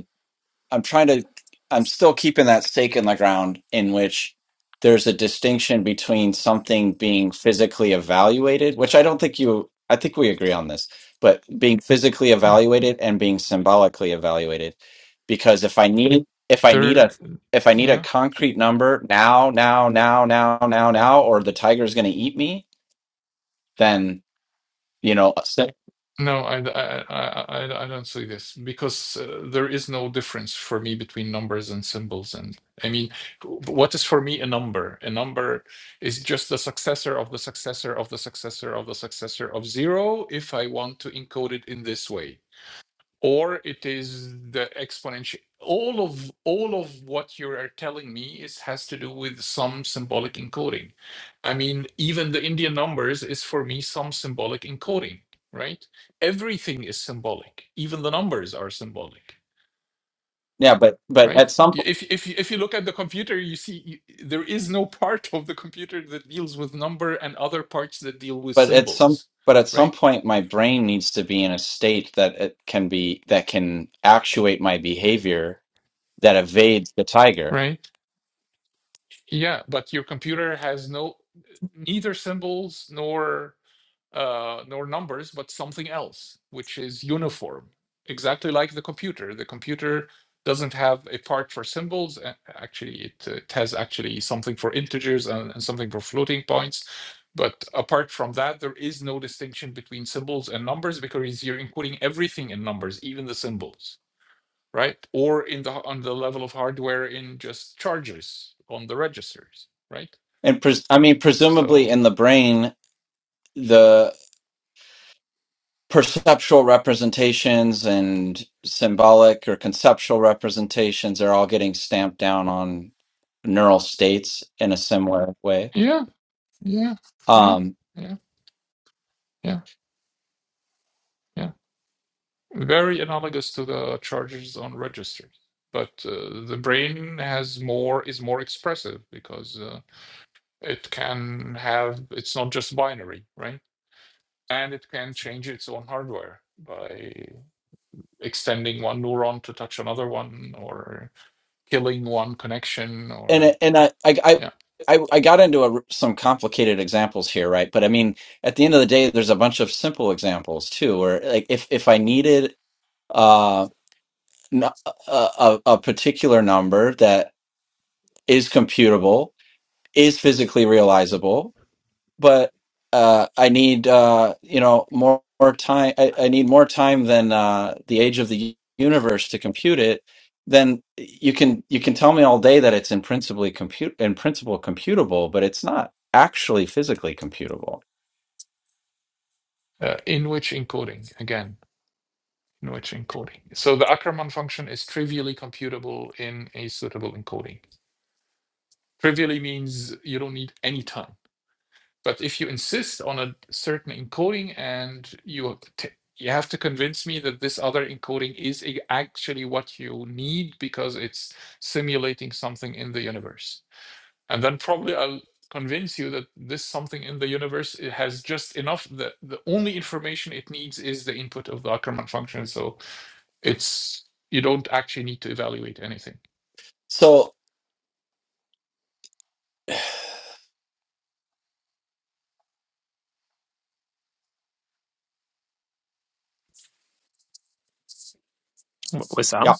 [SPEAKER 1] I'm trying to I'm still keeping that stake in the ground in which there's a distinction between something being physically evaluated, which I don't think you I think we agree on this, but being physically
[SPEAKER 2] Yeah,
[SPEAKER 1] evaluated and being symbolically evaluated. Because if I need if I need a
[SPEAKER 2] there.
[SPEAKER 1] if I need a
[SPEAKER 2] Yeah,
[SPEAKER 1] concrete number now, now, now, now, now, now, or the tiger's gonna eat me, then you know, s-
[SPEAKER 2] no, I I I I, I don't see this because uh, there is no difference for me between numbers and symbols. And I mean, what is for me a number? A number is just the successor of the successor of the successor of the successor of zero. If I want to encode it in this way or it is the exponential all of all of what you are telling me is has to do with some symbolic encoding i mean even the indian numbers is for me some symbolic encoding right everything is symbolic even the numbers are symbolic
[SPEAKER 1] yeah, but but at
[SPEAKER 2] right
[SPEAKER 1] some
[SPEAKER 2] if if if you look at the computer you see you- there is no part of the computer that deals with number and other parts that deal with
[SPEAKER 1] but at some
[SPEAKER 2] symbols
[SPEAKER 1] but at some
[SPEAKER 2] right
[SPEAKER 1] point my brain needs to be in a state that it can be that can actuate my behavior that evades the tiger
[SPEAKER 2] right Yeah, but your computer has no neither symbols nor uh nor numbers, but something else, which is uniform. Exactly like the computer. The computer doesn't have a part for symbols. a- Actually, it, uh, it has actually something for integers and, and something for floating points. But apart from that, there is no distinction between symbols and numbers because you're including everything in numbers, even the symbols right? Or in the on the level of hardware in just chargers on the registers, right?
[SPEAKER 1] and pres- i mean presumably
[SPEAKER 2] So
[SPEAKER 1] in the brain the perceptual representations and symbolic or conceptual representations are all getting stamped down on neural states in a similar way
[SPEAKER 2] yeah, yeah, yeah,
[SPEAKER 1] Um,
[SPEAKER 2] yeah, yeah, yeah. Very analogous to the chargers on registers, but uh, the brain has more is more expressive because uh, it can have it's not just binary, right? And it can change its own hardware by extending one neuron to touch another one or killing one connection
[SPEAKER 1] and
[SPEAKER 2] or
[SPEAKER 1] and I I I
[SPEAKER 2] yeah
[SPEAKER 1] I I got into a, some complicated examples here, right? But I mean, at the end of the day, there's a bunch of simple examples too, where like if if I needed uh n- a, a a particular number that is computable, is physically realizable, but uh, I need uh, you know more, more time. I, I need more time than uh, the age of the universe to compute it. Then you can you can tell me all day that it's in principally compute in principle computable, but it's not actually physically computable.
[SPEAKER 2] uh, in which encoding again in which encoding so the Ackermann function is trivially computable in a suitable encoding trivially means you don't need any time but if you insist on a certain encoding and you t- you have to convince me that this other encoding is a- actually what you need because it's simulating something in the universe and then probably I'll convince you that this something in the universe it has just enough the the only information it needs is the input of the Ackermann function. So it's you don't actually need to evaluate anything.
[SPEAKER 1] So
[SPEAKER 4] with some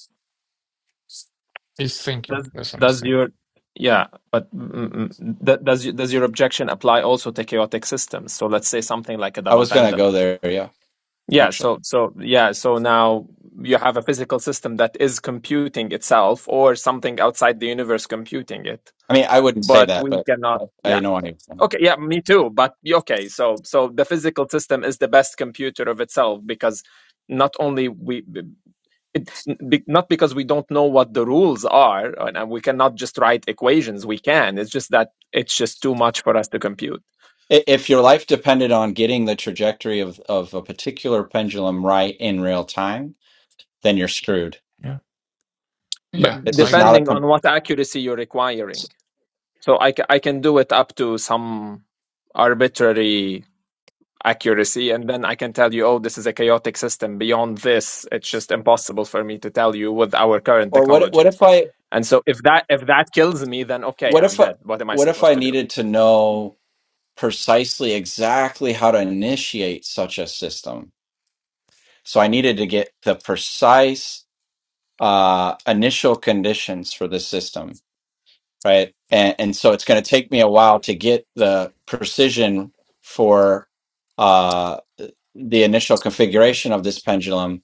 [SPEAKER 2] It's thinking.
[SPEAKER 4] Does
[SPEAKER 2] That's what I'm
[SPEAKER 4] does
[SPEAKER 2] saying.
[SPEAKER 4] your yeah, but mm, mm, mm, th- does you- does your objection apply also to chaotic systems? So let's say something like a
[SPEAKER 1] I
[SPEAKER 4] double
[SPEAKER 1] was gonna
[SPEAKER 4] pendulum.
[SPEAKER 1] go there. Yeah,
[SPEAKER 4] Yeah,
[SPEAKER 1] actually,
[SPEAKER 4] so so yeah, so now you have a physical system that is computing itself or something outside the universe computing it.
[SPEAKER 1] I mean I wouldn't say
[SPEAKER 4] But
[SPEAKER 1] that,
[SPEAKER 4] we
[SPEAKER 1] but
[SPEAKER 4] cannot
[SPEAKER 1] I,
[SPEAKER 4] yeah.
[SPEAKER 1] I know what you're saying.
[SPEAKER 4] Okay, yeah, me too. But y- okay, so so the physical system is the best computer of itself because not only we it, be, not because we don't know what the rules are and and we cannot just write equations we can it's just that it's just too much for us to compute
[SPEAKER 1] I- If your life depended on getting the trajectory of, of a particular pendulum right in real time, then you're screwed.
[SPEAKER 2] Yeah.
[SPEAKER 4] but
[SPEAKER 2] Yeah,
[SPEAKER 1] It's
[SPEAKER 2] I
[SPEAKER 1] just not
[SPEAKER 2] agree.
[SPEAKER 1] a
[SPEAKER 4] depending on
[SPEAKER 1] com-
[SPEAKER 4] what accuracy you're requiring so i, ca- I can do it up to some arbitrary accuracy and then i can tell you oh this is a chaotic system beyond this it's just impossible for me to tell you with our current
[SPEAKER 1] Or what what
[SPEAKER 4] technology
[SPEAKER 1] if I
[SPEAKER 4] and so if that if that kills me then okay
[SPEAKER 1] what
[SPEAKER 4] i'm
[SPEAKER 1] if I
[SPEAKER 4] dead what am i
[SPEAKER 1] what if
[SPEAKER 4] supposed
[SPEAKER 1] I
[SPEAKER 4] to do
[SPEAKER 1] needed to know precisely exactly how to initiate such a system? So I needed to get the precise uh, initial conditions for the system, right? And, and so it's going to take me a while to get the precision for uh, the initial configuration of this pendulum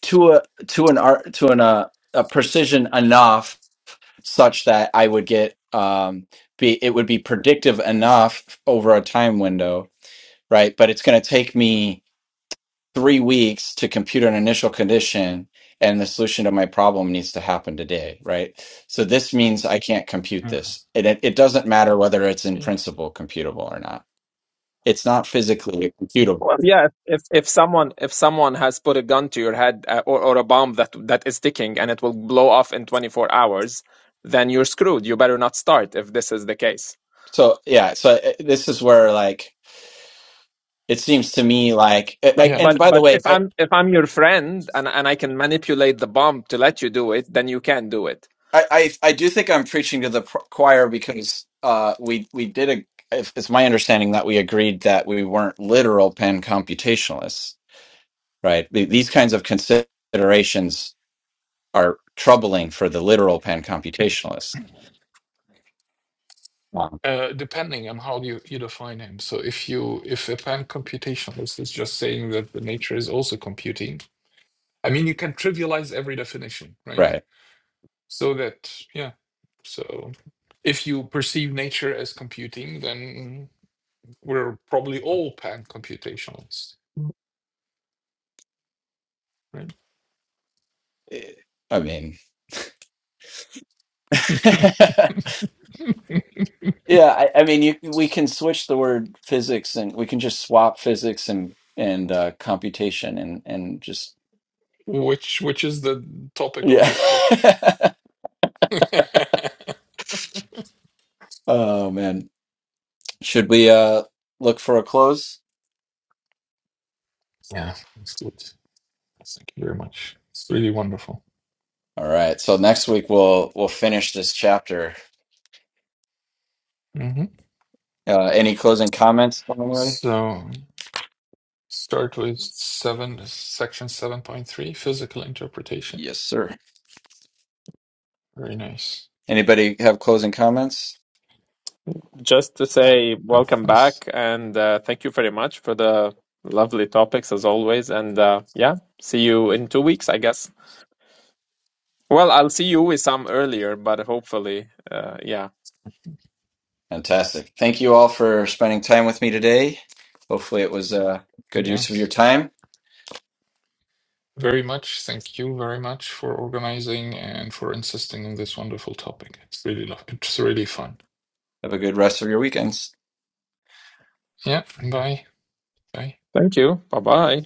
[SPEAKER 1] to a to an art to an uh, a precision enough such that I would get um be it would be predictive enough over a time window, right? But it's going to take me 3 weeks to compute an initial condition and the solution to my problem needs to happen today, right? So this means I can't compute
[SPEAKER 2] Yeah.
[SPEAKER 1] this. And it, it doesn't matter whether it's in
[SPEAKER 2] Yeah.
[SPEAKER 1] principle computable or not. It's not physically computable.
[SPEAKER 4] well yeah if if someone if someone has put a gun to your head uh, or, or a bomb that that is ticking and it will blow off in 24 hours then you're screwed you better not start if this is the case
[SPEAKER 1] So yeah, so uh, this is where like it seems to me like a-
[SPEAKER 4] But
[SPEAKER 1] a-
[SPEAKER 2] Yeah.
[SPEAKER 1] and
[SPEAKER 4] but
[SPEAKER 1] by the
[SPEAKER 4] but
[SPEAKER 1] way,
[SPEAKER 4] if I'm if I'm your friend and and I can manipulate the bomb to let you do it, then you can do it.
[SPEAKER 1] I, I I do think I'm preaching to the pr- choir because uh, we we did a. If, it's my understanding that we agreed that we weren't literal pen computationalists, right? Th- These kinds of considerations are troubling for the literal pen computationalists, Um,
[SPEAKER 2] Uh, depending on how you, you define him. So if you if a pan computationalist is just saying that the nature is also computing, I mean you can trivialize every definition, right?
[SPEAKER 1] right?
[SPEAKER 2] So that, yeah. So if you perceive nature as computing, then we're probably all pan computationalists, right?
[SPEAKER 1] Eh, I mean,
[SPEAKER 2] *laughs*
[SPEAKER 1] *laughs* yeah, I, I mean, you, we can switch the word physics, and we can just swap physics and and uh, computation, and and just
[SPEAKER 2] which which is the topic of
[SPEAKER 1] yeah.
[SPEAKER 2] this book.
[SPEAKER 1] *laughs*
[SPEAKER 2] *laughs* yeah,
[SPEAKER 1] oh man Should we uh look for a close?
[SPEAKER 2] that's good. Thank you very much. It's really wonderful.
[SPEAKER 1] All right. So next week we'll we'll finish this chapter.
[SPEAKER 2] hmm
[SPEAKER 1] Uh any closing comments from anybody?
[SPEAKER 2] So start with seven section seven point three, physical interpretation.
[SPEAKER 1] Yes, sir.
[SPEAKER 2] Very nice.
[SPEAKER 1] Anybody have closing comments?
[SPEAKER 4] Just to say
[SPEAKER 2] Oh,
[SPEAKER 4] welcome
[SPEAKER 2] nice.
[SPEAKER 4] back and uh, thank you very much for the lovely topics as always. And uh, yeah, see you in two weeks, I guess. Well, I'll see you with some earlier, but hopefully, uh, yeah.
[SPEAKER 1] Fantastic. Thank you all for spending time with me today. Hopefully it was a good
[SPEAKER 2] Yeah.
[SPEAKER 1] use of your time.
[SPEAKER 2] Very much. Thank you very much for organizing and for insisting on this wonderful topic. It's really, lo- it's really fun.
[SPEAKER 1] Have a good rest of your weekends.
[SPEAKER 2] Yeah.
[SPEAKER 3] Thank you.
[SPEAKER 2] Bye. Bye.
[SPEAKER 4] Thank you. Bye bye.